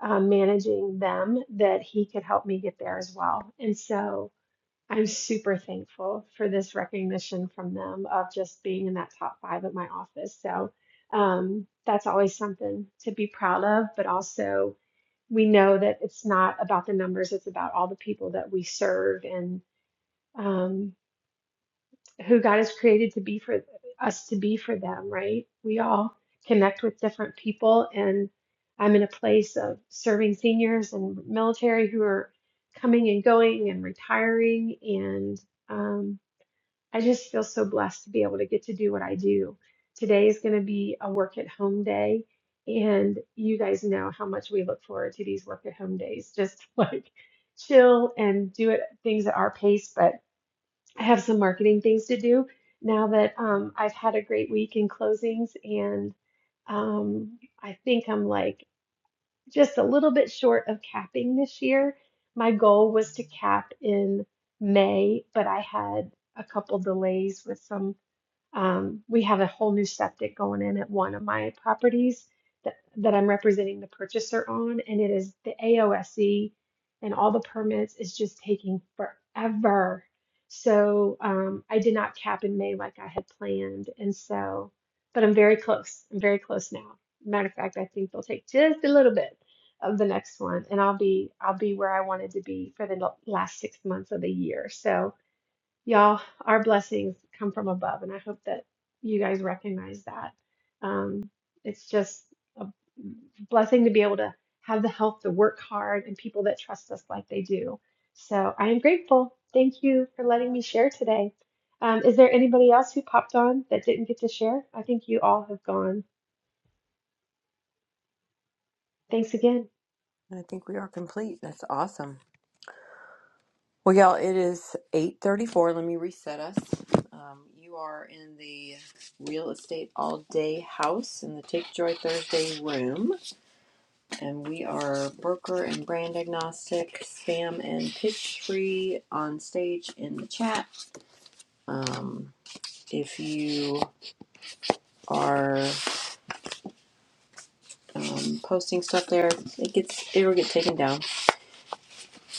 Speaker 6: um, managing them, that he could help me get there as well. And so I'm super thankful for this recognition from them of just being in that top five at my office. So um, that's always something to be proud of, but also we know that it's not about the numbers, it's about all the people that we serve and um, who God has created to be for us to be for them, right? We all connect with different people, and I'm in a place of serving seniors and military who are coming and going and retiring and. Um, I just feel so blessed to be able to get to do what I do. Today is going to be a work at home day. And you guys know how much we look forward to these work at home days, just like chill and do it things at our pace. But I have some marketing things to do now that um, I've had a great week in closings. And um, I think I'm like, just a little bit short of capping this year. My goal was to cap in May, but I had a couple delays with some. Um, we have a whole new septic going in at one of my properties that, that I'm representing the purchaser on, and it is the AOSE, and all the permits is just taking forever. So um, I did not cap in May like I had planned, and so, but I'm very close. I'm very close now. Matter of fact, I think they'll take just a little bit of the next one, and I'll be I'll be where I wanted to be for the last six months of the year. So Y'all, our blessings come from above, and I hope that you guys recognize that. Um, it's just a blessing to be able to have the health to work hard and people that trust us like they do. So I am grateful. Thank you for letting me share today. Um, is there anybody else who popped on that didn't get to share? I think you all have gone. Thanks again.
Speaker 2: I think we are complete. That's awesome. Well, y'all, it is 8.34. Let me reset us. Um, you are in the Real Estate All Day House in the Take Joy Thursday room. And we are broker and brand agnostic, spam and pitch free on stage in the chat. Um, if you are um, posting stuff there. It gets it will get taken down.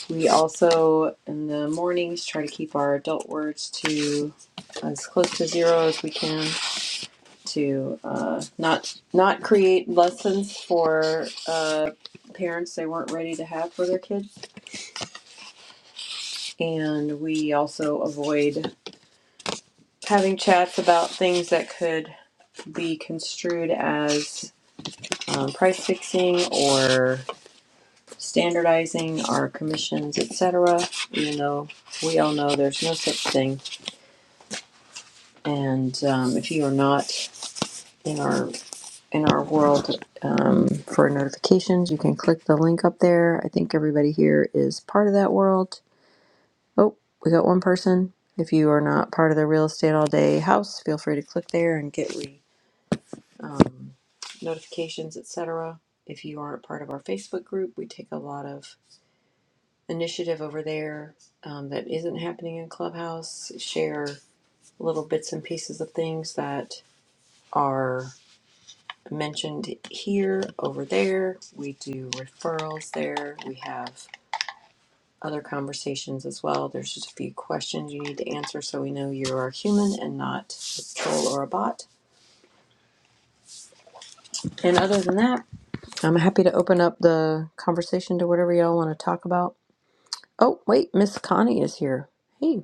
Speaker 2: We also in the mornings try to keep our adult words to as close to zero as we can to uh, not not create lessons for uh, parents they weren't ready to have for their kids. And we also avoid having chats about things that could be construed as um, price fixing or standardizing our commissions, et cetera. Even though we all know there's no such thing, and um, if you are not in our in our world um, for notifications, you can click the link up there. I think everybody here is part of that world. Oh, we got one person. If you are not part of the real estate all day house, feel free to click there and get re um, notifications, etc. If you aren't part of our Facebook group, we take a lot of initiative over there um, that isn't happening in Clubhouse, share little bits and pieces of things that are mentioned here, over there. We do referrals there. We have other conversations as well. There's just a few questions you need to answer so we know you are human and not a troll or a bot. And other than that, I'm happy to open up the conversation to whatever y'all want to talk about. Oh, wait, Miss Connie is here. Hey.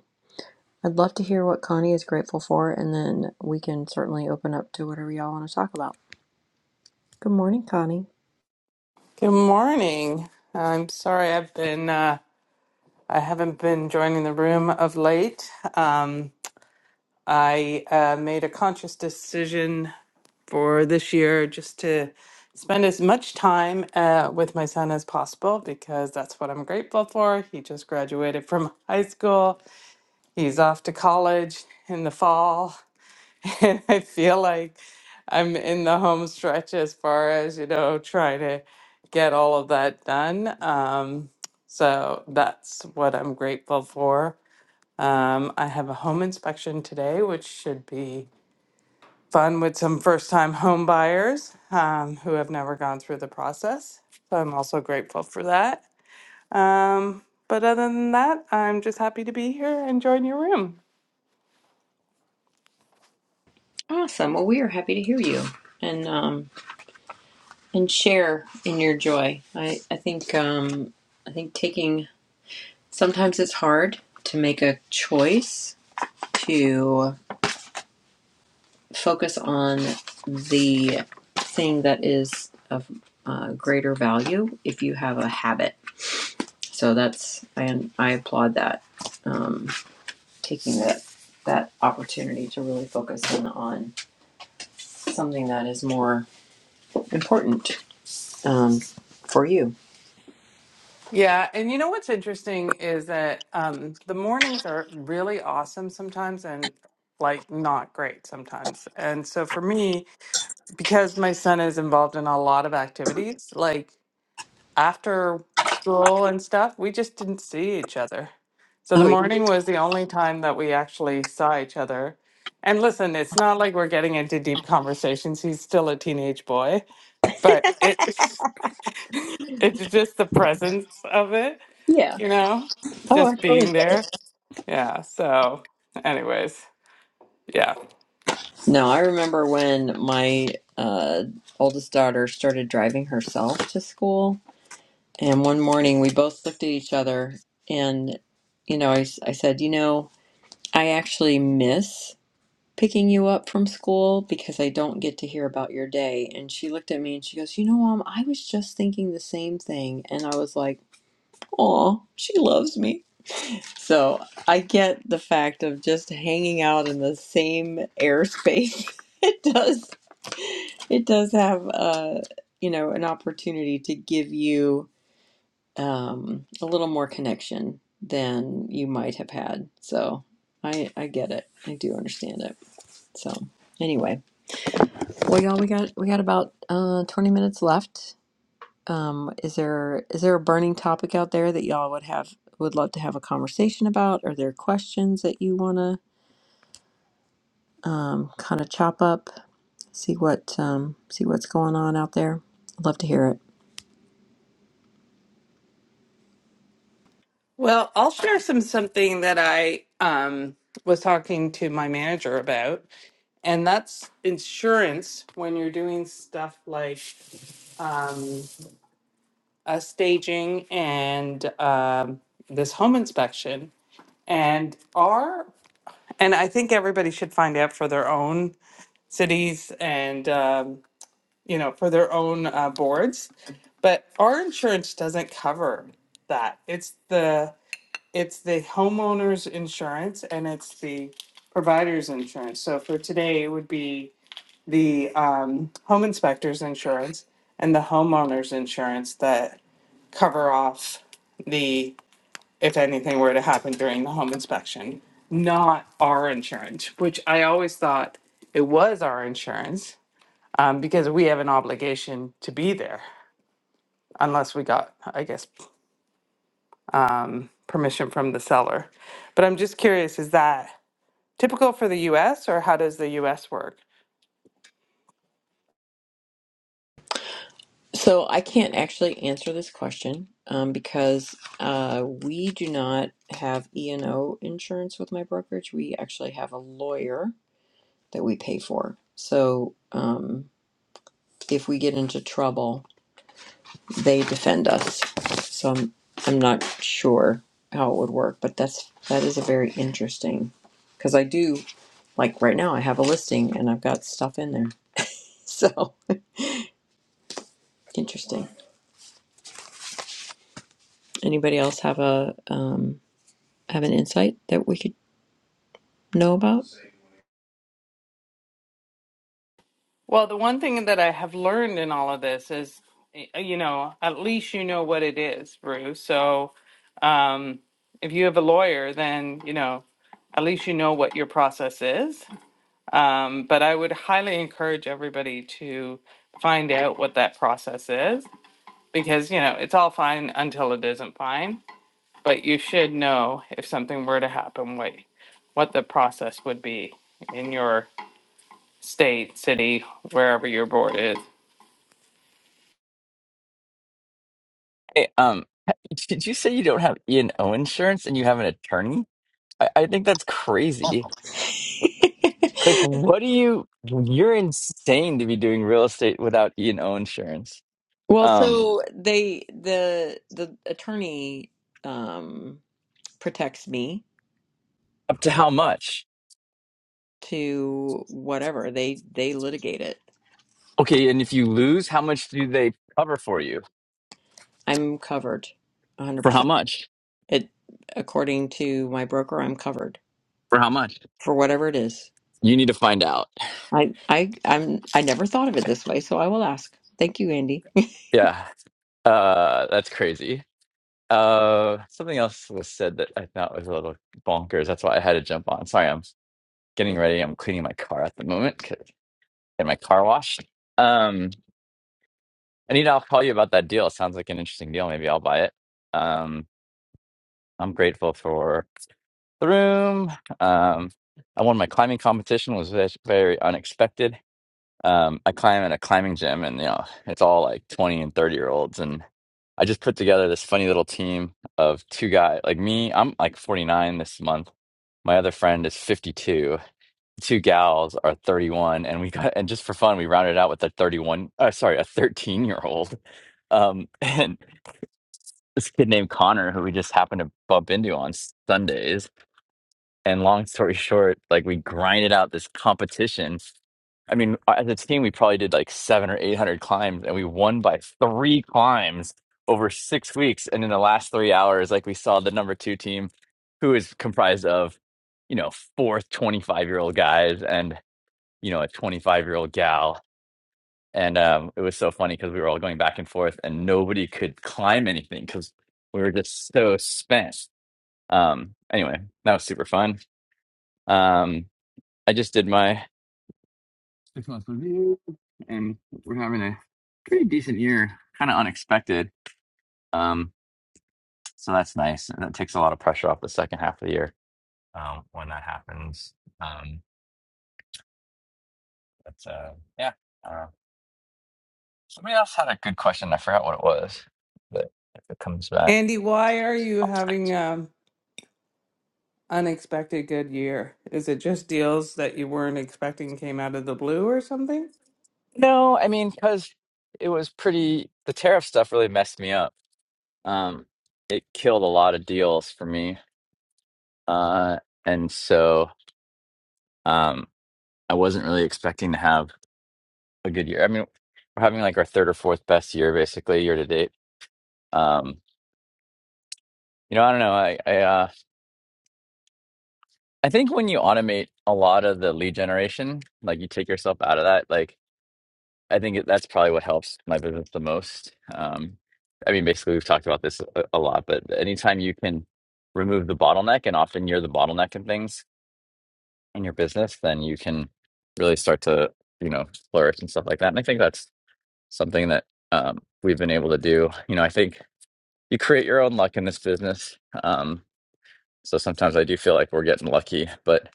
Speaker 2: I'd love to hear what Connie is grateful for, and then we can certainly open up to whatever y'all want to talk about. Good morning, Connie.
Speaker 16: Good morning. I'm sorry I've been uh, I haven't been joining the room of late. Um, I uh, made a conscious decision for this year just to spend as much time uh, with my son as possible because that's what I'm grateful for. He just graduated from high school. He's off to college in the fall, And I feel like I'm in the home stretch as far as, you know, trying to get all of that done. Um, so that's what I'm grateful for. Um, I have a home inspection today, which should be fun with some first time home buyers um, who have never gone through the process. So I'm also grateful for that. Um, but other than that, I'm just happy to be here and join your room.
Speaker 2: Awesome. Well, we are happy to hear you and um, and share in your joy. I I think um, I think taking sometimes it's hard to make a choice to focus on the thing that is of uh, greater value if you have a habit. So that's I I applaud that. Um, taking that that opportunity to really focus in on something that is more important um, for you.
Speaker 16: Yeah, and you know what's interesting is that um, the mornings are really awesome sometimes and like not great sometimes. And so for me, because my son is involved in a lot of activities, like after school and stuff, we just didn't see each other. So the
Speaker 2: Oh
Speaker 16: morning was the only time that we actually saw each other. And listen, it's not like we're getting into deep conversations. He's still a teenage boy, but it It's just the presence of it,
Speaker 2: yeah.
Speaker 16: you know,
Speaker 2: Oh, I
Speaker 16: just
Speaker 2: totally
Speaker 16: being
Speaker 2: get
Speaker 16: there.
Speaker 2: it.
Speaker 16: Yeah. So, anyways, yeah.
Speaker 2: No, I remember when my uh, oldest daughter started driving herself to school, and one morning we both looked at each other, and you know, I, s- I said, you know, I actually miss. picking you up from school because I don't get to hear about your day. And she looked at me and she goes, You know, Mom, I was just thinking the same thing. And I was like, Aw, she loves me. So I get the fact of just hanging out in the same airspace. it does, it does have, uh, you know, an opportunity to give you um, a little more connection than you might have had. So I, I get it. I do understand it. So anyway. Well, y'all, we got we got about uh, twenty minutes left. Um, is there is there a burning topic out there that y'all would have would love to have a conversation about? Are there questions that you want to um, kind of chop up? See what um, see what's going on out there. I'd love to hear it.
Speaker 16: Well, I'll share some something that I um, was talking to my manager about, and that's insurance when you're doing stuff like um, uh, staging and um, this home inspection. And our and I think everybody should find out for their own cities and um, you know, for their own uh, boards. But our insurance doesn't cover that. It's the it's the homeowner's insurance and it's the provider's insurance. So for today, it would be the um, home inspector's insurance and the homeowner's insurance that cover off the if anything were to happen during the home inspection, not our insurance, which I always thought it was our insurance um, because we have an obligation to be there unless we got, I guess, um, permission from the seller. But I'm just curious, is that typical for the US or how does the US work?
Speaker 2: So I can't actually answer this question um, because uh, we do not have E and O insurance with my brokerage. We actually have a lawyer that we pay for. So. Um, if we get into trouble, they defend us. So I'm, I'm not sure how it would work, but that's that is a very interesting because I do like right now I have a listing and I've got stuff in there. So interesting. Anybody else have a um, have an insight that we could know about?
Speaker 16: Well, the one thing that I have learned in all of this is, y- you know, at least you know what it is, Rue. So um, if you have a lawyer, then, you know, at least you know what your process is. Um, but I would highly encourage everybody to find out what that process is because, you know, it's all fine until it isn't fine. but you should know if something were to happen, what what the process would be in your state, city, wherever your board is.
Speaker 17: Hey, um, did you say you don't have E and O insurance and you have an attorney? I, I think that's crazy. Like, what do you? You're insane to be doing real estate without E and O insurance.
Speaker 2: Well,
Speaker 17: Um,
Speaker 2: so they the the attorney um protects me
Speaker 17: up to how much?
Speaker 2: to whatever. They they litigate it.
Speaker 17: Okay, and if you lose, how much do they cover for you?
Speaker 2: I'm covered
Speaker 17: For how
Speaker 2: 100%.
Speaker 17: much?
Speaker 2: It according to my broker, I'm covered
Speaker 17: For how much?
Speaker 2: for whatever it is.
Speaker 17: You need to find out.
Speaker 2: I I I'm I never thought of it this way, so I will ask. Thank you, Andy.
Speaker 17: Yeah, uh, that's crazy. Uh, something else was said that I thought was a little bonkers. That's why I had to jump on. Sorry, I'm getting ready. I'm cleaning my car at the moment. get my car washed. Um, Anita, I'll call you about that deal. It sounds like an interesting deal. Maybe I'll buy it. Um, I'm grateful for the room. Um, I won my climbing competition. It was ve- very unexpected. Um, I climb at a climbing gym, and you know it's all like 20 and 30 year olds, and I just put together this funny little team of two guys. Like me, I'm like 49 this month. My other friend is 52, two gals are 31 and we got and just for fun we rounded out with a 31 uh, sorry a 13 year old um and this kid named connor who we just happened to bump into on sundays and long story short like we grinded out this competition i mean as a team we probably did like seven or eight hundred climbs and we won by three climbs over six weeks and in the last three hours like we saw the number two team who is comprised of you know fourth 25 year old guys and you know, a 25 year old gal. And um, it was so funny because we were all going back and forth and nobody could climb anything because we were just so spent. Um, anyway, that was super fun. Um, I just did my six month review and we're having a pretty decent year, kind of unexpected. Um, so that's nice. And that takes a lot of pressure off the second half of the year um, when that happens. Um, but uh, yeah, I don't know. Somebody else had a good question. I forgot what it was, but if it comes back.
Speaker 16: Andy, why are you having
Speaker 17: Right.
Speaker 16: a? unexpected good year? Is it just deals that you weren't expecting came out of the blue or something?
Speaker 17: No, I mean, because it was pretty, the tariff stuff really messed me up. Um, it killed a lot of deals for me. Uh, and so um, I wasn't really expecting to have a good year. I mean, we're having like our third or fourth best year, basically, year to date. Um, you know, I don't know. I, I, uh, I think when you automate a lot of the lead generation, like you take yourself out of that, like I think it- that's probably what helps my business the most. Um, I mean, basically, we've talked about this a, a lot, but anytime you can remove the bottleneck, and often you're the bottleneck in things in your business, then you can really start to, you know, flourish and stuff like that. And I think that's something that um, we've been able to do. You know, I think you create your own luck in this business. Um, so sometimes I do feel like we're getting lucky, but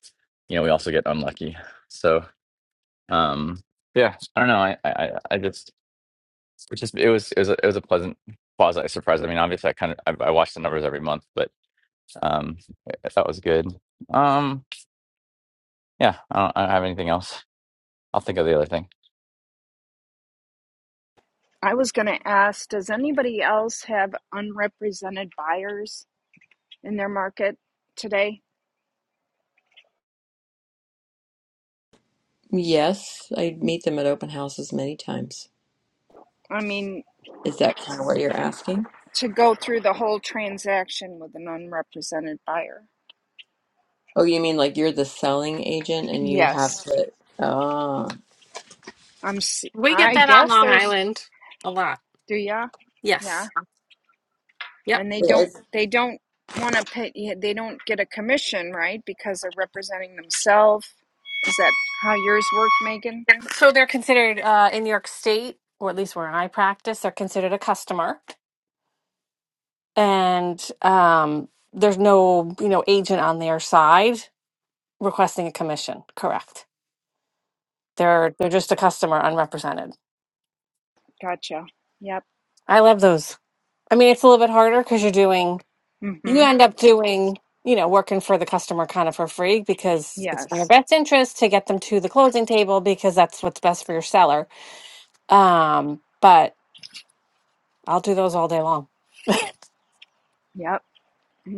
Speaker 17: you know, we also get unlucky. So um, yeah, I don't know. I I, I I just which is it was it was a, it was a pleasant quasi surprise. I mean, obviously, I kind of I, I watch the numbers every month, but um, I thought it was good. Um, yeah, I don't, I don't have anything else. I'll think of the other thing.
Speaker 13: I was going to ask, does anybody else have unrepresented buyers in their market today?
Speaker 2: Yes, I meet them at open houses many times.
Speaker 13: I mean,
Speaker 2: Is that kind of what you're asking?
Speaker 13: to go through the whole transaction with an unrepresented buyer.
Speaker 2: Oh, you mean like you're the selling agent and you have
Speaker 13: Yes,
Speaker 2: to ah.
Speaker 13: I'm. s-
Speaker 10: We
Speaker 13: i am
Speaker 10: get
Speaker 13: I
Speaker 10: that on
Speaker 13: guess
Speaker 10: Long
Speaker 13: there's.
Speaker 10: Island a lot.
Speaker 13: Do ya? Yeah,
Speaker 10: Yes. Yep.
Speaker 13: and they don't.
Speaker 2: Yes.
Speaker 13: They don't want to pay. yeah, They don't get a commission, right? Because they're representing themselves. Is that how yours work, Megan?
Speaker 10: So they're considered uh, in New York State, or at least where I practice, they're considered a customer, and um, there's no you know agent on their side requesting a commission. Correct. They're they're just a customer, unrepresented.
Speaker 13: Gotcha. Yep.
Speaker 10: I love those. I mean, it's a little bit harder because you're doing you
Speaker 13: Mm-hmm.
Speaker 10: end up doing you know working for the customer kind of for free because it's in your
Speaker 13: Yes.
Speaker 10: best interest to get them to the closing table because that's what's best for your seller Um, but I'll do those all day long.
Speaker 13: Yep.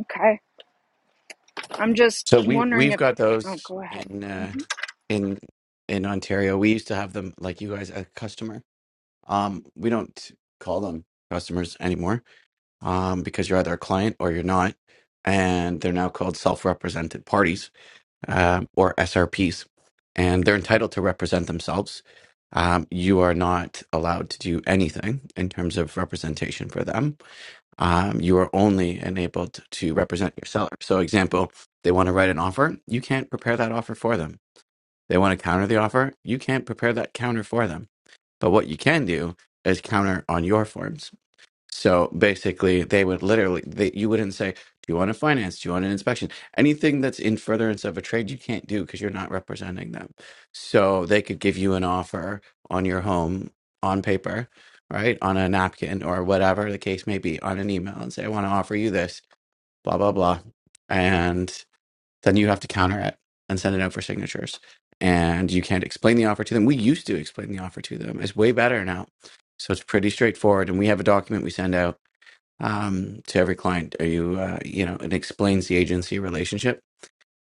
Speaker 13: Okay. I'm just
Speaker 18: So we
Speaker 13: wondering
Speaker 18: we've
Speaker 13: if.
Speaker 18: got
Speaker 13: Oh,
Speaker 18: those
Speaker 13: go ahead.
Speaker 18: in uh,
Speaker 13: hmm
Speaker 18: in in Ontario. We used to have them like you guys a customer. Um, we don't call them customers anymore um, because you're either a client or you're not, and they're now called self-represented parties um, or SRPs, and they're entitled to represent themselves. Um, you are not allowed to do anything in terms of representation for them um, you are only enabled to represent your seller. So, example, they want to write an offer, you can't prepare that offer for them. They want to counter the offer, you can't prepare that counter for them. But what you can do is counter on your forms. So basically, they would literally, they, you wouldn't say, Do you want a finance? Do you want an inspection? Anything that's in furtherance of a trade, you can't do because you're not representing them. So they could give you an offer on your home on paper, right? On a napkin or whatever the case may be, on an email and say, I want to offer you this, blah, blah, blah. And then you have to counter it and send it out for signatures. And you can't explain the offer to them. We used to explain the offer to them, it's way better now. So it's pretty straightforward. And we have a document we send out um, to every client. Are you, uh, you know, it explains the agency relationship,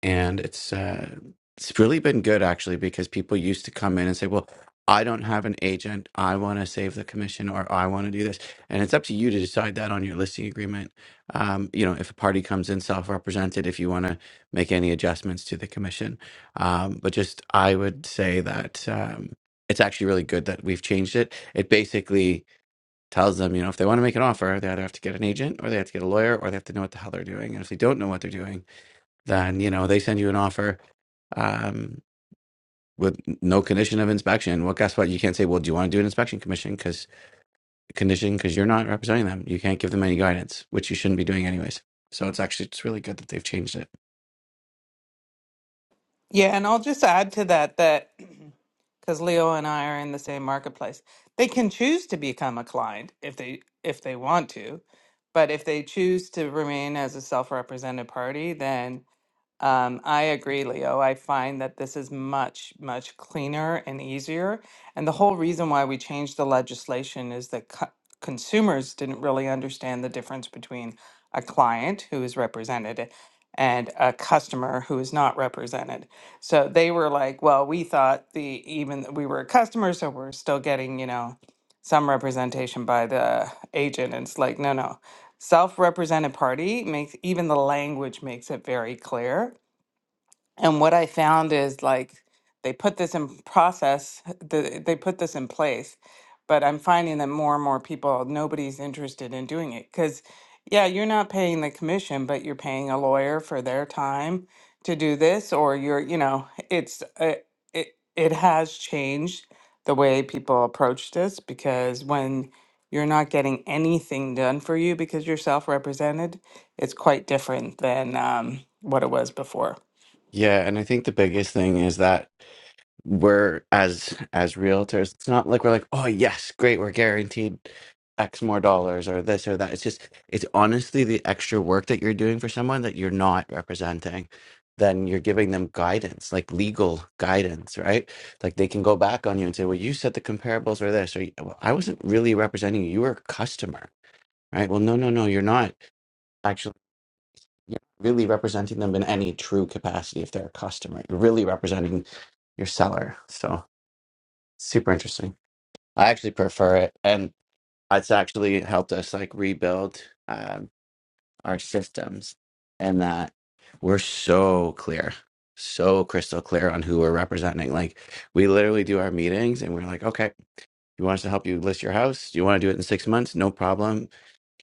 Speaker 18: and it's uh, it's really been good actually because people used to come in and say, "Well, I don't have an agent. I want to save the commission, or I want to do this," and it's up to you to decide that on your listing agreement. Um, you know, if a party comes in self-represented, if you want to make any adjustments to the commission, um, but just I would say that. Um, it's actually really good that we've changed it. It basically tells them, you know, if they want to make an offer, they either have to get an agent or they have to get a lawyer or they have to know what the hell they're doing. And if they don't know what they're doing, then, you know, they send you an offer um, with no condition of inspection. Well, guess what? You can't say, well, do you want to do an inspection commission? Because condition, because you're not representing them. You can't give them any guidance, which you shouldn't be doing anyways. So it's actually, it's really good that they've changed it.
Speaker 16: Yeah, and I'll just add to that that because Leo and I are in the same marketplace, they can choose to become a client if they if they want to, but if they choose to remain as a self-represented party, then um, I agree, Leo. I find that this is much, much cleaner and easier. And the whole reason why we changed the legislation is that co- consumers didn't really understand the difference between a client who is represented and a customer who is not represented. So they were like, well, we thought the even that we were a customer, so we're still getting, you know, some representation by the agent. And it's like, no, no. Self-represented party makes even the language makes it very clear and what I found is like they put this in process, the, they put this in place, but I'm finding that more and more people, nobody's interested in doing it. Because, yeah, you're not paying the commission, but you're paying a lawyer for their time to do this, or you're, you know, it's, uh, it, it has changed the way people approach this because when you're not getting anything done for you because you're self represented, it's quite different than um, what it was before.
Speaker 18: Yeah. And I think the biggest thing is that we're as as realtors it's not like we're like oh yes great we're guaranteed x more dollars or this or that it's just it's honestly the extra work that you're doing for someone that you're not representing then you're giving them guidance like legal guidance right like they can go back on you and say well you said the comparables were this or well, i wasn't really representing you you were a customer right well no no no you're not actually you're not really representing them in any true capacity if they're a customer you're really representing your seller so Super interesting. I actually prefer it, and it's actually helped us like rebuild um, our systems, and that we're so clear, so crystal clear on who we're representing. Like we literally do our meetings, and we're like, okay, you want us to help you list your house? You want to do it in six months? No problem.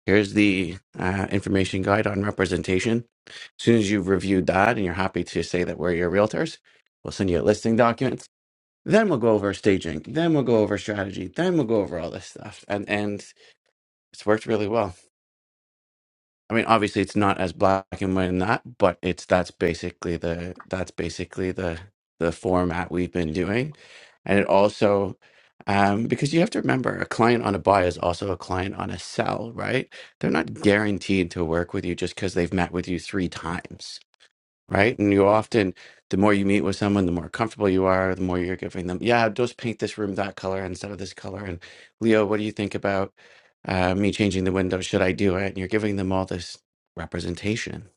Speaker 18: Here's the uh, information guide on representation. As soon as you've reviewed that and you're happy to say that we're your realtors, we'll send you a listing document then we'll go over staging. Then we'll go over strategy. Then we'll go over all this stuff. And and it's worked really well. I mean, obviously it's not as black and white in that, but it's that's basically the that's basically the the format we've been doing. And it also um, because you have to remember a client on a buy is also a client on a sell, right? They're not guaranteed to work with you just because they've met with you three times right? And you often, the more you meet with someone, the more comfortable you are, the more you're giving them, yeah, just paint this room that color instead of this color. And Leo, what do you think about uh, me changing the window? Should I do it? And you're giving them all this representation,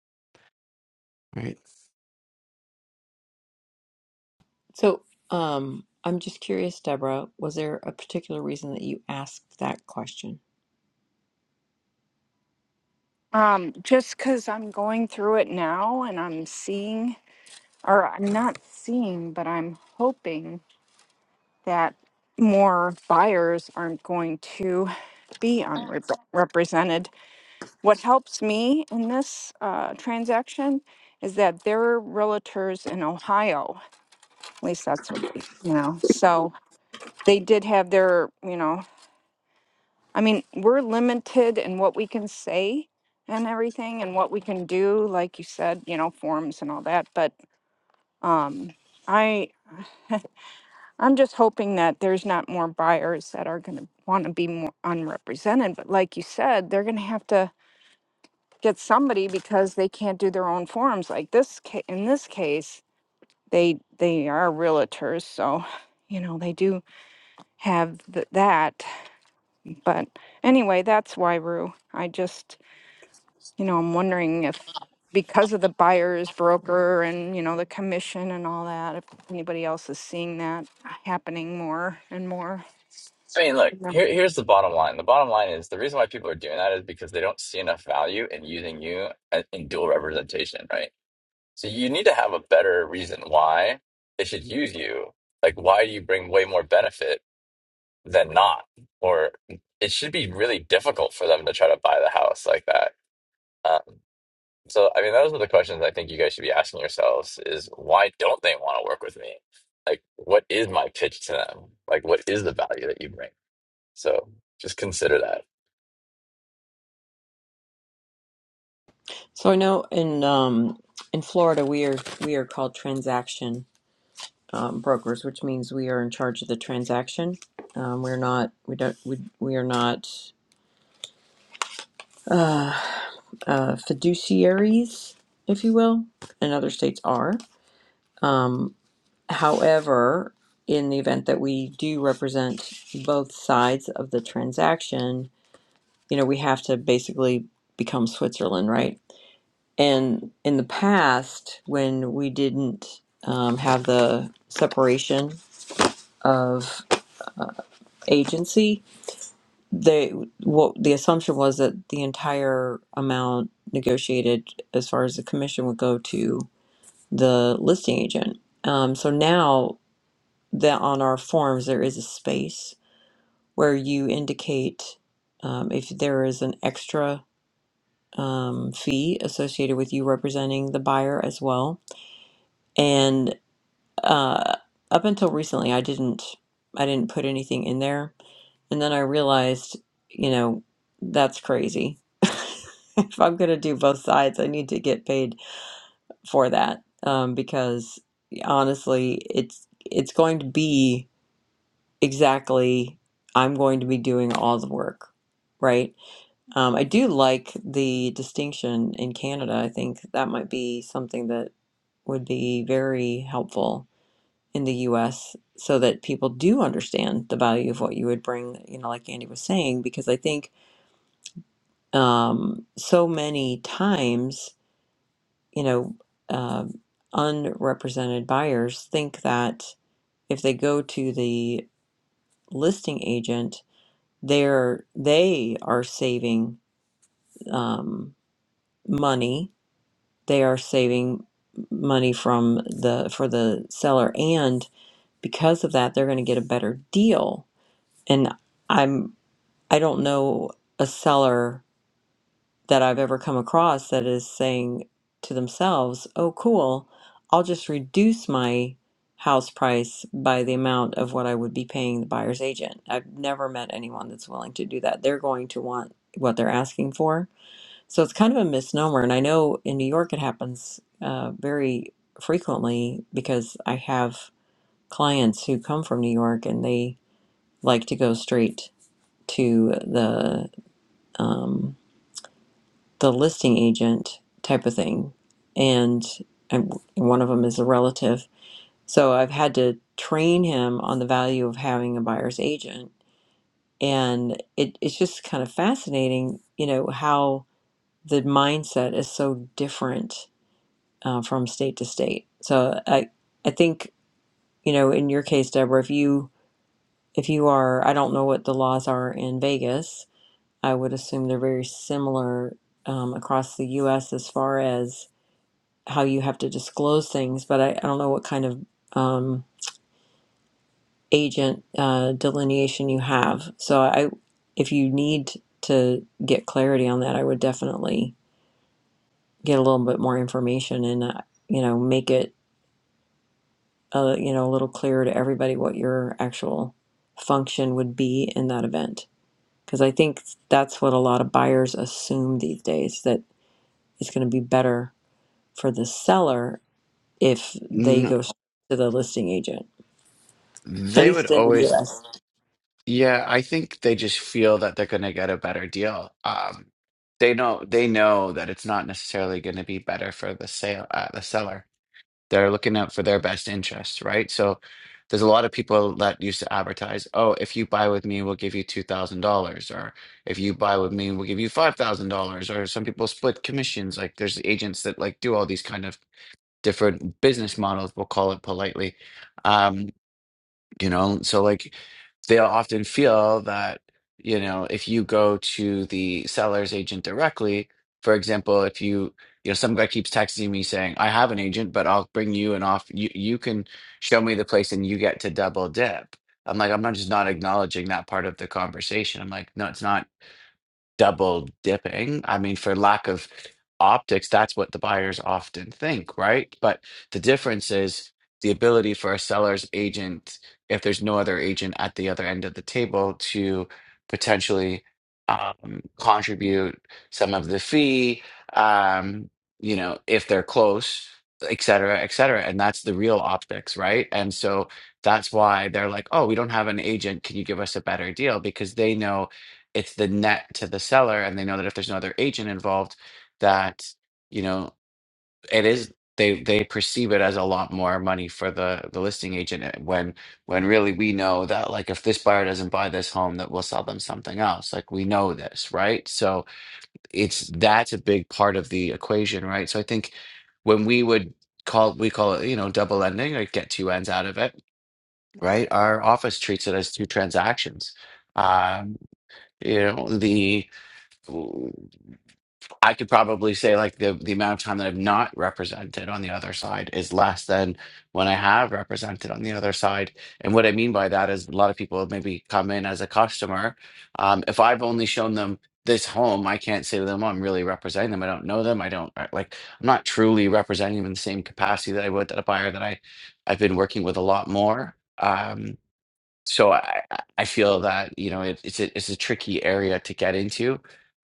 Speaker 18: right?
Speaker 2: So, um I'm just curious, Deborah, was there a particular reason that you asked that question?
Speaker 13: Um, just because I'm going through it now and I'm seeing or I'm not seeing, but I'm hoping that more buyers aren't going to be unrepresented. What helps me in this uh, transaction is that there are realtors in Ohio. At least that's what they, you know. So they did have their, you know, I mean, we're limited in what we can say and everything and what we can do, like you said, you know, forms and all that. But um, I I'm just hoping that there's not more buyers that are going to want to be more unrepresented. But like you said, they're going to have to get somebody because they can't do their own forms. Like this, ca- in this case, they they are realtors, so you know they do have th- that. But anyway, that's why Rue. I just you know I'm wondering if because of the buyer's broker and you know the commission and all that, if anybody else is seeing that happening more and more.
Speaker 17: I mean, look, here, here's the bottom line. The bottom line is the reason why people are doing that is because they don't see enough value in using you a- in dual representation, right? So you need to have a better reason why they should use you. Like, why do you bring way more benefit than not? Or it should be really difficult for them to try to buy the house like that Um, so, I mean, those are the questions I think you guys should be asking yourselves is why don't they want to work with me? Like, what is my pitch to them? Like, what is the value that you bring? So just consider that.
Speaker 2: So I know in um, in Florida we are we are called transaction um, brokers, which means we are in charge of the transaction. Um, we're not we don't we, we are not uh, fiduciaries, if you will, and other states are. Um, however, in the event that we do represent both sides of the transaction, you know we have to basically become Switzerland, right? And in the past, when we didn't um, have the separation of agency, they what the assumption was that the entire amount negotiated as far as the commission would go to the listing agent. Um, so now that on our forms there is a space where you indicate um, if there is an extra um, fee associated with you representing the buyer as well uh, up until recently I didn't I didn't put anything in there and then I realized you know that's crazy if I'm gonna do both sides I need to get paid for that um, because honestly it's it's going to be exactly I'm going to be doing all the work right um, I do like the distinction in Canada I think that might be something that would be very helpful in the US so that people do understand the value of what you would bring, you know, like Andy was saying, because I think um, so many times, you know, um unrepresented buyers think that if they go to the listing agent, they're they are saving um, money. They are saving money from the for the seller, and because of that, they're going to get a better deal. And I'm I don't know a seller that I've ever come across that is saying to themselves, oh, cool, I'll just reduce my house price by the amount of what I would be paying the buyer's agent. I've never met anyone that's willing to do that. They're going to want what they're asking for. So it's kind of a misnomer. And I know in New York it happens uh, very frequently because I have clients who come from New York and they like to go straight to the. Um, the listing agent type of thing. And, and one of them is a relative. So I've had to train him on the value of having a buyer's agent. And it, it's just kind of fascinating, you know, how the mindset is so different uh, from state to state. So I, I think, you know, in your case, Deborah, if you, if you are, I don't know what the laws are in Vegas. I would assume they're very similar um, across the U.S. as far as how you have to disclose things, but I, I don't know what kind of um, agent uh, delineation you have. So I, if you need to get clarity on that, I would definitely get a little bit more information and uh, you know make it uh, you know a little clearer to everybody what your actual function would be in that event. Because I think that's what a lot of buyers assume these days that it's going to be better for the seller if they
Speaker 18: No,
Speaker 2: go to the listing agent. at
Speaker 18: they would
Speaker 2: least in the
Speaker 18: always,
Speaker 2: U.S.
Speaker 18: yeah, I think they just feel that they're going to get a better deal. Um, they know they know that it's not necessarily going to be better for the sale uh, the seller. that are looking out for their best interests, right? So there's a lot of people that used to advertise, oh, if you buy with me, we'll give you $2,000, or if you buy with me, we'll give you $5,000, or some people split commissions. Like there's agents that like do all these kind of different business models, we'll call it politely. Um, you know so like they'll often feel that you know if you go to the seller's agent directly for example if you you know some guy keeps texting me saying i have an agent but i'll bring you an off you, you can show me the place and you get to double dip i'm like i'm not just not acknowledging that part of the conversation i'm like no it's not double dipping. I mean, for lack of optics, that's what the buyers often think, right? But the difference is the ability for a seller's agent, if there's no other agent at the other end of the table, to potentially um, contribute some of the fee, um, you know, if they're close, et cetera, et cetera. And that's the real optics, right? And so that's why they're like, oh, we don't have an agent. Can you give us a better deal? Because they know it's the net to the seller and they know that if there's no other agent involved that you know it is they they perceive it as a lot more money for the the listing agent uh, when when really we know that like if this buyer doesn't buy this home that we'll sell them something else like we know this right so it's that's a big part of the equation right so i think when we would call we call it you know double ending like get two ends out of it right our office treats it as two transactions um you know the I could probably say like the the amount of time that I've not represented on the other side is less than when I have represented on the other side. And what I mean by that is a lot of people have maybe come in as a customer. Um, if I've only shown them this home, I can't say to them, "Oh, I'm really representing them. I don't know them. I don't I- like. I'm not truly representing them in the same capacity that I would that a buyer that I I've been working with a lot more. Um, so I I feel that you know it, it's a, it's a tricky area to get into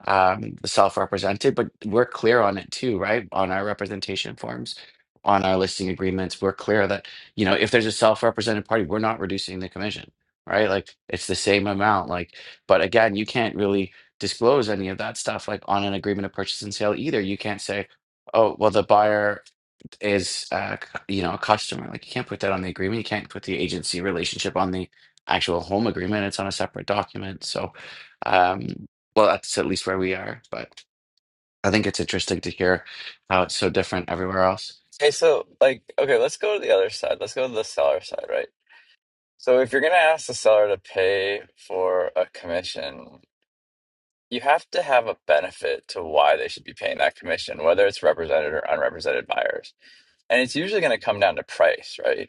Speaker 18: um the self-represented but we're clear on it too right on our representation forms on our listing agreements we're clear that you know if there's a self-represented party we're not reducing the commission right like it's the same amount like but again you can't really disclose any of that stuff like on an agreement of purchase and sale either you can't say oh well the buyer is uh, c- you know a customer like you can't put that on the agreement you can't put the agency relationship on the actual home agreement it's on a separate document so um well that's at least where we are but i think it's interesting to hear how it's so different everywhere else
Speaker 17: Okay, so like, okay, let's go to the other side. Let's go to the seller side, right? So if you're going to ask the seller to pay for a commission, you have to have a benefit to why they should be paying that commission, whether it's represented or unrepresented buyers. And it's usually going to come down to price, right?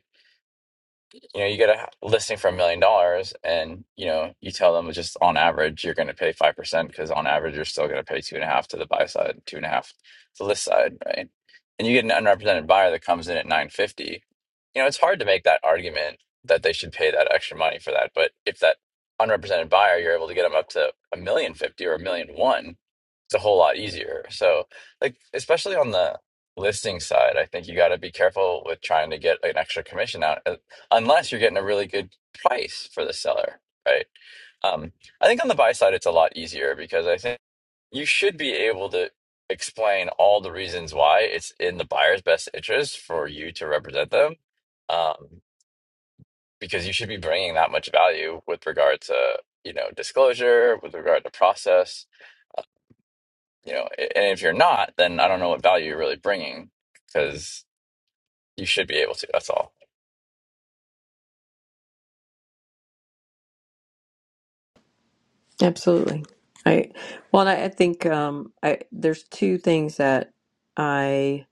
Speaker 17: you know, you get a h- listing for a million dollars and, you know, you tell them just on average, you're going to pay 5% because on average, you're still going to pay two and a half to the buy side, two and a half to the list side, right? And you get an unrepresented buyer that comes in at 950. You know, it's hard to make that argument that they should pay that extra money for that. But if that unrepresented buyer, you're able to get them up to a million fifty or a million one, it's a whole lot easier. So, like, especially on the listing side, I think you got to be careful with trying to get an extra commission out uh, unless you're getting a really good price for the seller, right? Um, I think on the buy side, it's a lot easier because I think you should be able to explain all the reasons why it's in the buyer's best interest for you to represent them um, because you should be bringing that much value with regard to you know disclosure with regard to process you know and if you're not then i don't know what value you're really bringing because you should be able to that's all
Speaker 2: Absolutely. I well, I, I think um, I there's two things that I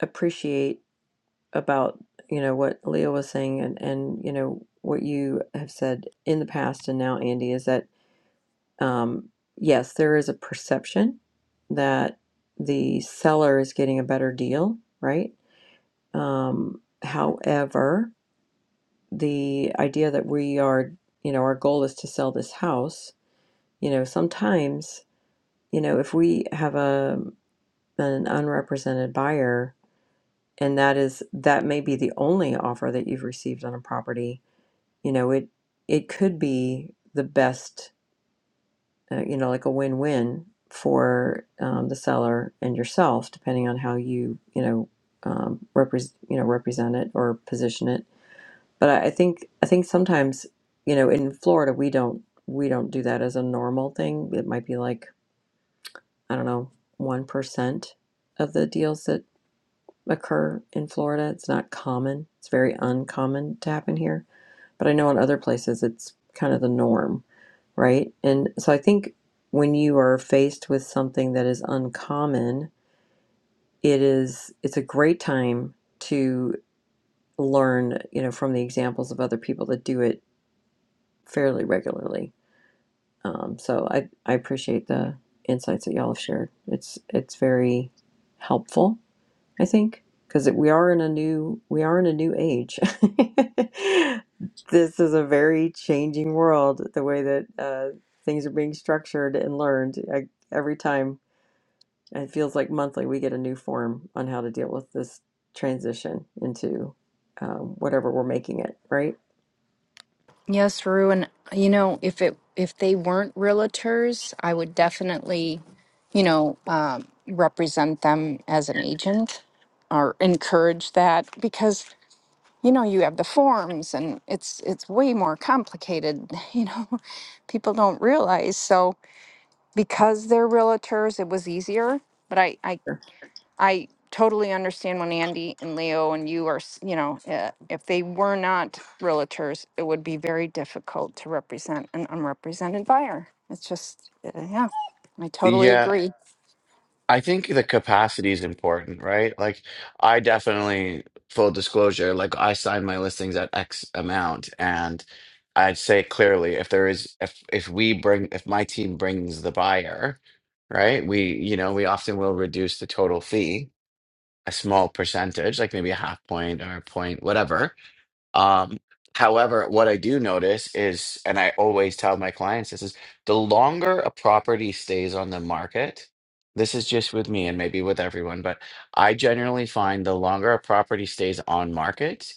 Speaker 2: appreciate about you know what Leo was saying and and you know what you have said in the past and now Andy is that um, yes, there is a perception that the seller is getting a better deal, right? Um, however, the idea that we are you know our goal is to sell this house, you know, sometimes you know if we have a an unrepresented buyer and that is that may be the only offer that you've received on a property you know it it could be the best uh, you know like a win-win for um, the seller and yourself depending on how you you know um, represent you know represent it or position it but I, I think i think sometimes you know in florida we don't we don't do that as a normal thing it might be like I don't know, 1% of the deals that occur in Florida. It's not common, it's very uncommon to happen here. But I know in other places it's kind of the norm, right? And so I think when you are faced with something that is uncommon, it is it's a great time to learn, you know, from the examples of other people that do it fairly regularly. Um, so I, I appreciate the insights that y'all have shared. It's it's very helpful I think because we are in a new we are in a new age. this is a very changing world. The way that uh, things are being structured and learned I, every time it feels like monthly we get a new form on how to deal with this transition into um, whatever we're making it. Right?
Speaker 13: Yes, Rue, and you know, if it if they weren't realtors, I would definitely, you know, um, represent them as an agent or encourage that because you know you have the forms and it's it's way more complicated. You know, people don't realize. So because they're realtors, it was easier. But I I
Speaker 2: Sure.
Speaker 13: I totally understand when Andy and Leo and you are, s- you know, uh, if they were not realtors, it would be very difficult to represent an unrepresented buyer. It's just, uh, yeah, I totally agree.
Speaker 18: I think the capacity is important, right? Like, I definitely, full disclosure, like I sign my listings at X amount, and I'd say clearly if there is, if if we bring, if my team brings the buyer, right? We, you know, we often will reduce the total fee a small percentage, like maybe a half point or a point, whatever um, however, what I do notice is, and I always tell my clients this is the longer a property stays on the market, this is just with me and maybe with everyone, but I generally find the longer a property stays on market,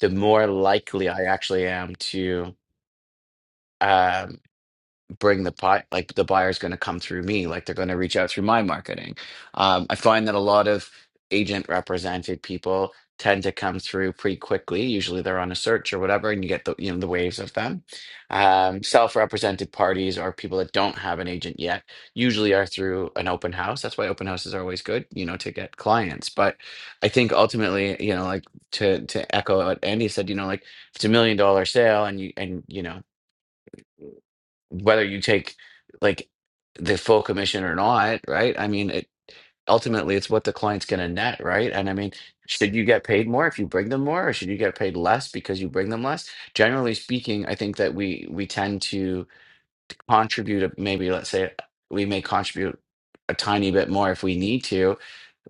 Speaker 18: the more likely I actually am to. um, bring the buy like the buyer's going to come through me like they're going to reach out through my marketing um, i find that a lot of agent represented people tend to come through pretty quickly usually they're on a search or whatever and you get the you know the waves of them um, self-represented parties or people that don't have an agent yet usually are through an open house that's why open houses are always good you know to get clients but i think ultimately you know like to to echo what andy said you know like if it's a million dollar sale and you and you know whether you take like the full commission or not, right? I mean, it, ultimately, it's what the client's going to net, right? And I mean, should you get paid more if you bring them more, or should you get paid less because you bring them less? Generally speaking, I think that we we tend to contribute. a- Maybe let's say we may contribute a tiny bit more if we need to,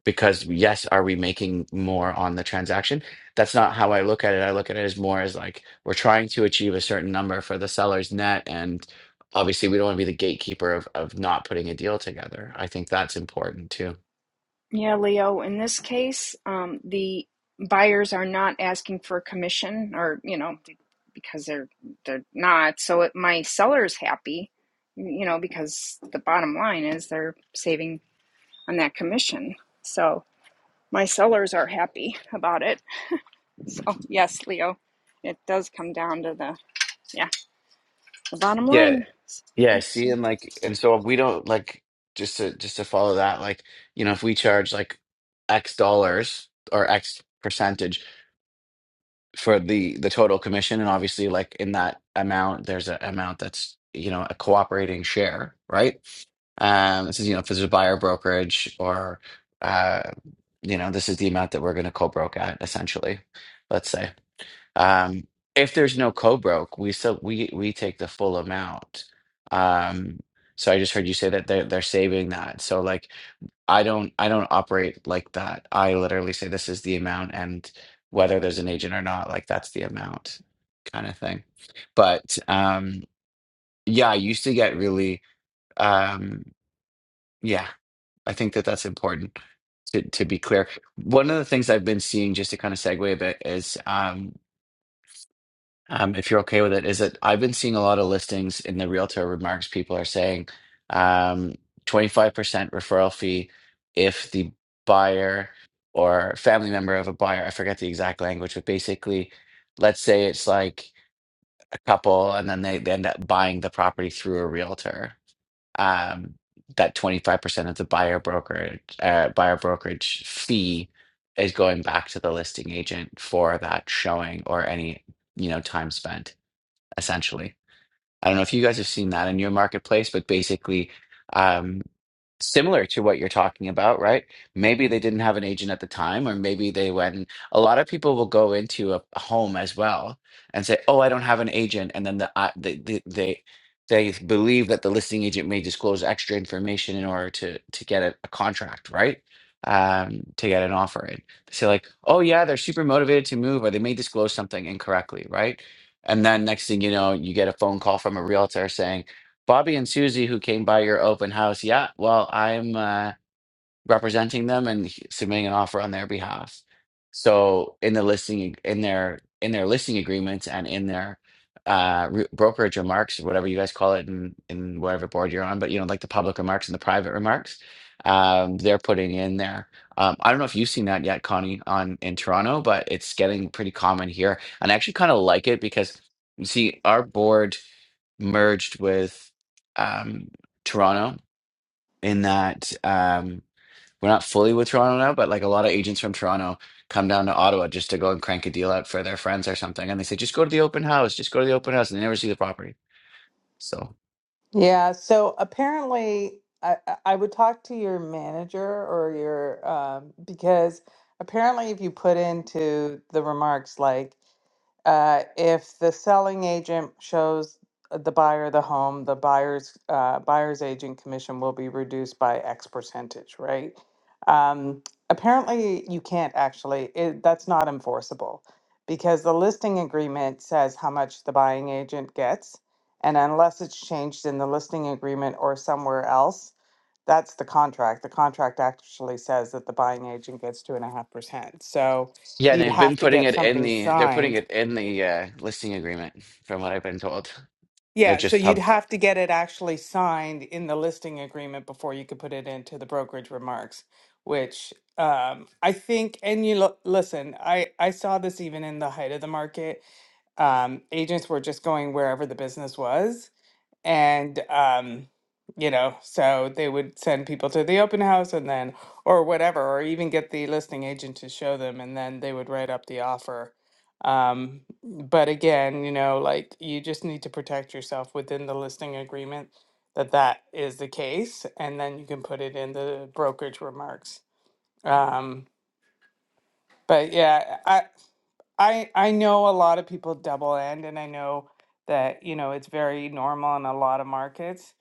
Speaker 18: because yes, are we making more on the transaction? That's not how I look at it. I look at it as more as like we're trying to achieve a certain number for the seller's net, and obviously we don't want to be the gatekeeper of of not putting a deal together. I think that's important too.
Speaker 13: Yeah, Leo, in this case, um, the buyers are not asking for a commission or, you know, because they're they're not. So it, my seller's happy, you know, because the bottom line is they're saving on that commission. So my sellers are happy about it. So yes, Leo, it does come down to the yeah the bottom
Speaker 18: Yeah,
Speaker 13: line.
Speaker 18: yeah. See,
Speaker 13: So
Speaker 18: and like, and so we don't like just to just to follow that. Like, you know, if we charge like X dollars or X percentage for the the total commission and obviously like in that amount there's an amount that's you know a cooperating share right um this is you know if there's a buyer brokerage or uh you know this is the amount that we're going to co-broke at essentially let's say um if there's no co-broke we still we we take the full amount um so i just heard you say that they're they're saving that so like I don't I don't operate like that. I literally say this is the amount and whether there's an agent or not, like that's the amount kind of thing. But um yeah, I used to get really um yeah, I think that that's important to to be clear. One of the things I've been seeing just to kind of segue a bit is um um, if you're okay with it, is that I've been seeing a lot of listings in the realtor remarks. People are saying um, 25% referral fee if the buyer or family member of a buyer, I forget the exact language, but basically, let's say it's like a couple and then they, they end up buying the property through a realtor. Um, that 25% of the buyer brokerage, uh, buyer brokerage fee is going back to the listing agent for that showing or any, you know, time spent essentially. I don't know if you guys have seen that in your marketplace, but basically, um, similar to what you're talking about, right? Maybe they didn't have an agent at the time, or maybe they went. and- A lot of people will go into a, a home as well and say, "Oh, I don't have an agent," and then the, uh, the, the they they believe that the listing agent may disclose extra information in order to to get a, a contract, right? Um, to get an offer in. They say like, "Oh yeah, they're super motivated to move," or they may disclose something incorrectly, right? And then next thing you know, you get a phone call from a realtor saying, Bobby and Susie, who came by your open house. Yeah, well, I'm uh, representing them and he- submitting an offer on their behalf. So in the listing ag- in their in their listing agreements and in their uh re- brokerage remarks whatever you guys call it in in whatever board you're on, but you know like the public remarks and the private remarks, um they're putting in there. Um, I don't know if you've seen that yet, Connie, on in Toronto, but it's getting pretty common here, and I actually kind of like it because you see our board merged with um Toronto in that. Um, we're not fully with Toronto now, but like a lot of agents from Toronto come down to Ottawa just to go and crank a deal out for their friends or something. And they say, just go to the open house, just go to the open house. And they never see the property. So,
Speaker 16: Yeah, so apparently I, I I would talk to your manager or your um, because apparently if you put into the remarks like uh, if the selling agent shows the buyer the home, the buyer's uh, buyer's agent commission will be reduced by X percentage, right? Um, apparently, you can't actually. It, that's not enforceable because the listing agreement says how much the buying agent gets and unless it's changed in the listing agreement or somewhere else, that's the contract. The contract actually says that the buying agent gets two and a half percent. So
Speaker 18: yeah,
Speaker 16: you'd
Speaker 18: they've
Speaker 16: have
Speaker 18: been
Speaker 16: to
Speaker 18: putting
Speaker 16: get
Speaker 18: it in
Speaker 16: something
Speaker 18: the, they're putting
Speaker 16: signed.
Speaker 18: it in the uh, listing agreement, from what I've been told. They're
Speaker 16: Yeah, so
Speaker 18: just
Speaker 16: you'd
Speaker 18: pub
Speaker 16: have to get it actually signed in the listing agreement before you could put it into the brokerage remarks, which um, I think, and you lo- listen, I, I saw this even in the height of the market. Um, agents were just going wherever the business was and um you know so they would send people to the open house and then or whatever or even get the listing agent to show them and then they would write up the offer um but again you know like you just need to protect yourself within the listing agreement that that is the case and then you can put it in the brokerage remarks um but yeah i i i know a lot of people double end and i know that you know it's very normal in a lot of markets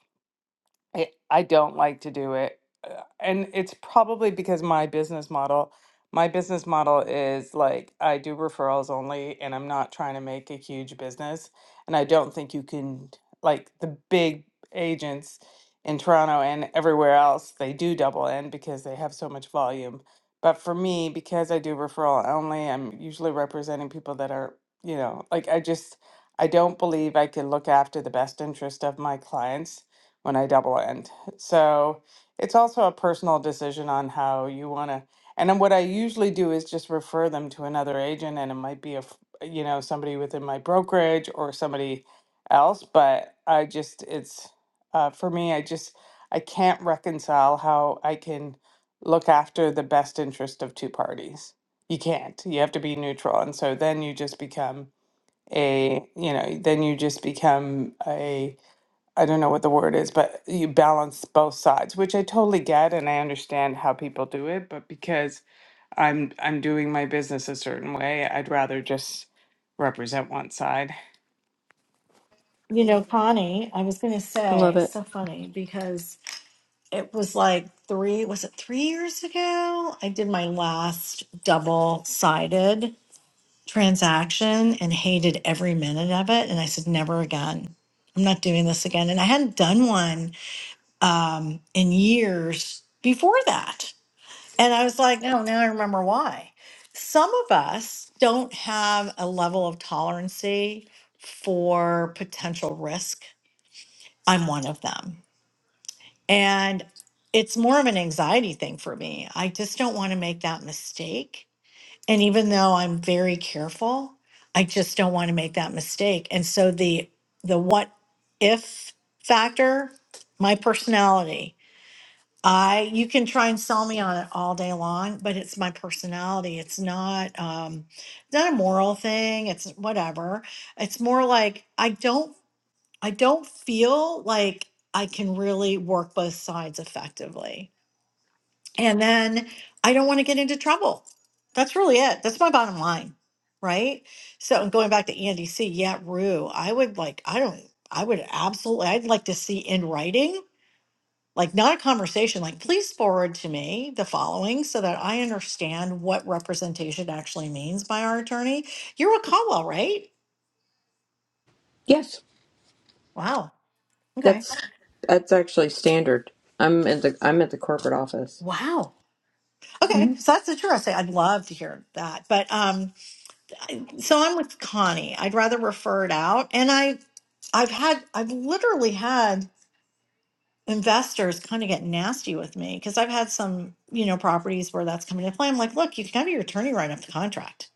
Speaker 16: I I don't like to do it. Uh, And it's probably because my business model, my business model is like I do referrals only and I'm not trying to make a huge business. And I don't think you can like the big agents in Toronto and everywhere else, they do double in because they have so much volume. But for me, because I do referral only, I'm usually representing people that are, you know, like I just I don't believe I can look after the best interest of my clients when I double end. So it's also a personal decision on how you want to. And then what I usually do is just refer them to another agent, and it might be a f- you know somebody within my brokerage or somebody else. But I just it's uh, for me. I just I can't reconcile how I can look after the best interest of two parties. You can't. You have to be neutral, and so then you just become a you know then you just become a I don't know what the word is, but you balance both sides, which I totally get and I understand how people do it, but because I'm I'm doing my business a certain way, I'd rather just represent one side.
Speaker 1: you know, Connie, I was going to
Speaker 2: I
Speaker 1: say,
Speaker 2: love
Speaker 1: it's
Speaker 2: it.
Speaker 1: so funny because it was like three, was it three years ago? I did my last double sided transaction and hated every minute of it. And I said, never again. I'm not doing this again. And I hadn't done one um, in years before that. And I was like, no, now I remember why. Some of us don't have a level of tolerancy for potential risk. I'm one of them. And it's more of an anxiety thing for me. I just don't want to make that mistake. And even though I'm very careful, I just don't want to make that mistake. And so the the what if factor, my personality I you can try and sell me on it all day long, but it's my personality. It's not um it's not a moral thing. It's whatever. It's more like I don't I don't feel like I can really work both sides effectively. And then I don't want to get into trouble. That's really it. That's my bottom line, right? So and going back to Andy C, yeah, Rue, I would like I don't I would absolutely I'd like to see in writing like not a conversation like please forward to me the following so that i understand what representation actually means by our attorney you're a caldwell right
Speaker 2: Yes,
Speaker 1: wow okay
Speaker 2: that's that's actually standard. I'm at the I'm at the corporate office.
Speaker 1: wow okay
Speaker 2: hmm
Speaker 1: so that's interesting i'd love to hear that but um so i'm with connie i'd rather refer it out and i i've had i've literally had investors kind of get nasty with me because i've had some you know properties where that's coming into play i'm like look you can have your attorney write up the contract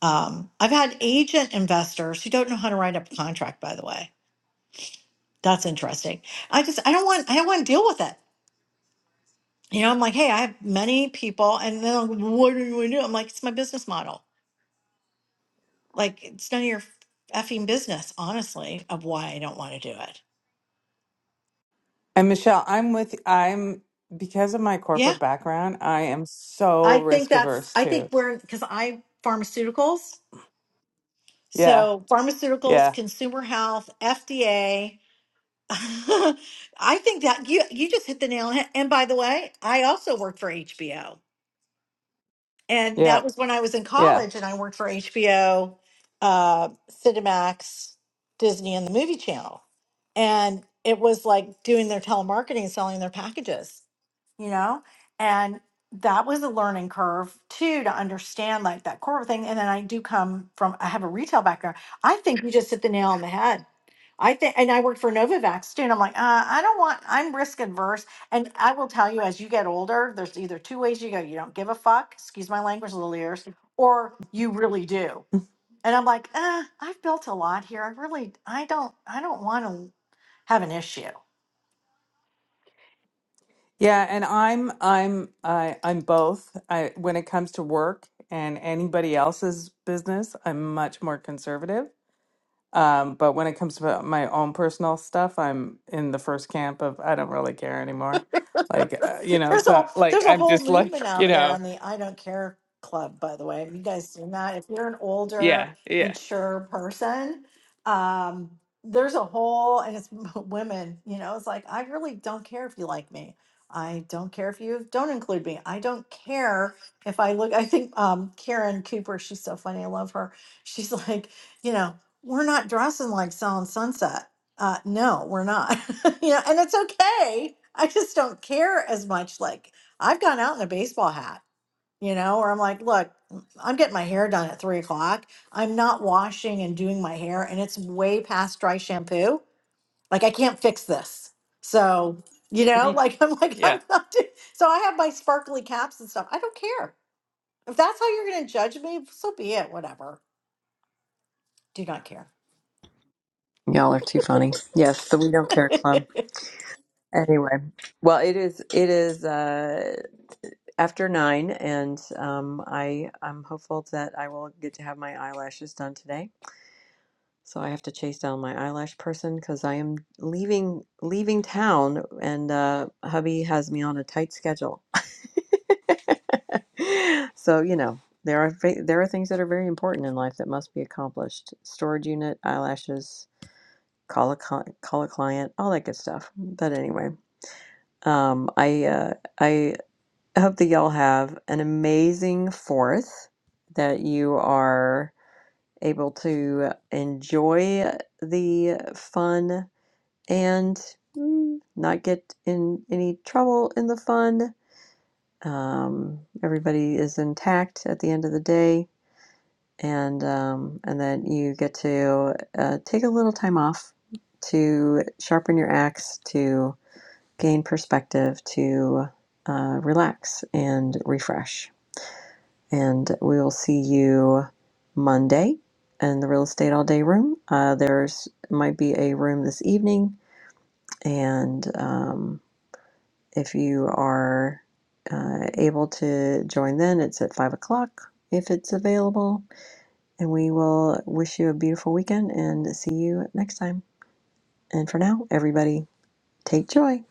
Speaker 1: Um, I've had agent investors who don't know how to write up a contract, by the way. That's interesting. I just, I don't want, I don't want to deal with it. You know, I'm like, hey, I have many people, and then like, what are you going to do? I'm like, it's my business model. Like, it's none of your effing business, honestly, of why I don't want to do it.
Speaker 16: And Michelle, I'm with I'm because of my
Speaker 1: Yeah.
Speaker 16: corporate background, I am so
Speaker 1: I think
Speaker 16: risk
Speaker 1: that's,
Speaker 16: averse
Speaker 1: I
Speaker 16: too.
Speaker 1: think we're, because I, pharmaceuticals.
Speaker 16: Yeah.
Speaker 1: So, pharmaceuticals,
Speaker 16: Yeah.
Speaker 1: consumer health, FDA. I think that you you just hit the nail on the head. And by the way, I also work for HBO and
Speaker 16: Yeah.
Speaker 1: that was when I was in
Speaker 16: Yeah.
Speaker 1: college and I worked for HBO, uh, Cinemax, Disney, and the Movie Channel. And it was like doing their telemarketing, selling their packages, you know? And that was a learning curve too to understand like that core thing. And then I do come from, I have a retail background. I think you just hit the nail on the head. I think, and I worked for Novavax too. And I'm like, uh, I don't want, I'm risk adverse. And I will tell you, as you get older, there's either two ways you go. You don't give a fuck, excuse my language, little ears, or you really do. And I'm like, eh, I've built a lot here. I really, I don't, I don't want to have an issue.
Speaker 16: Yeah, and I'm I'm I I'm both. I when it comes to work and anybody else's business, I'm much more conservative Um, but when it comes to my own personal stuff, I'm in the first camp of I don't really care anymore. Like, uh, you know,
Speaker 1: There's a
Speaker 16: so like
Speaker 1: there's a
Speaker 16: I'm
Speaker 1: whole
Speaker 16: just like,
Speaker 1: movement
Speaker 16: you
Speaker 1: out there
Speaker 16: know,
Speaker 1: on the I don't care club, by the way. Have you guys seen that? If you're an older,
Speaker 16: yeah, yeah,
Speaker 1: mature person, um, there's a whole and it's women, you know, it's like I really don't care if you like me. I don't care if you don't include me. I don't care if I look I think um Karen Cooper, she's so funny, I love her. She's like, you know, we're not dressing like selling sunset uh, no, we're not. you know, and it's okay. I just don't care as much. Like I've gone out in a baseball hat, you know, or I'm like, look, I'm getting my hair done at three o'clock. I'm not washing and doing my hair, and it's way past dry shampoo. Like I can't fix this. So you know, like I'm like I'm
Speaker 16: yeah.
Speaker 1: not. Doing, so I have my sparkly caps and stuff. I don't care if that's how you're going to judge me. So be it. Whatever. Do not care.
Speaker 2: Y'all are too funny. Yes, the We Don't Care Club. Anyway, well, it is it is uh, after nine, and um, I I'm hopeful that I will get to have my eyelashes done today. So I have to chase down my eyelash person because I am leaving leaving town, and uh, hubby has me on a tight schedule. so you know there are fa- there are things that are very important in life that must be accomplished: storage unit, eyelashes, call a cli- call a client, all that good stuff. But anyway. Um, I uh, I hope that y'all have an amazing Fourth, that you are able to enjoy the fun and mm, not get in any trouble in the fun. Um, everybody is intact at the end of the day, and um, and that you get to uh, take a little time off to sharpen your axe to gain perspective to uh, relax and refresh. And we will see you Monday in the real estate all day room. Uh, there's might be a room this evening, and um, if you are uh, able to join, then it's at five o'clock if it's available. And we will wish you a beautiful weekend and see you next time. And for now, everybody, take joy.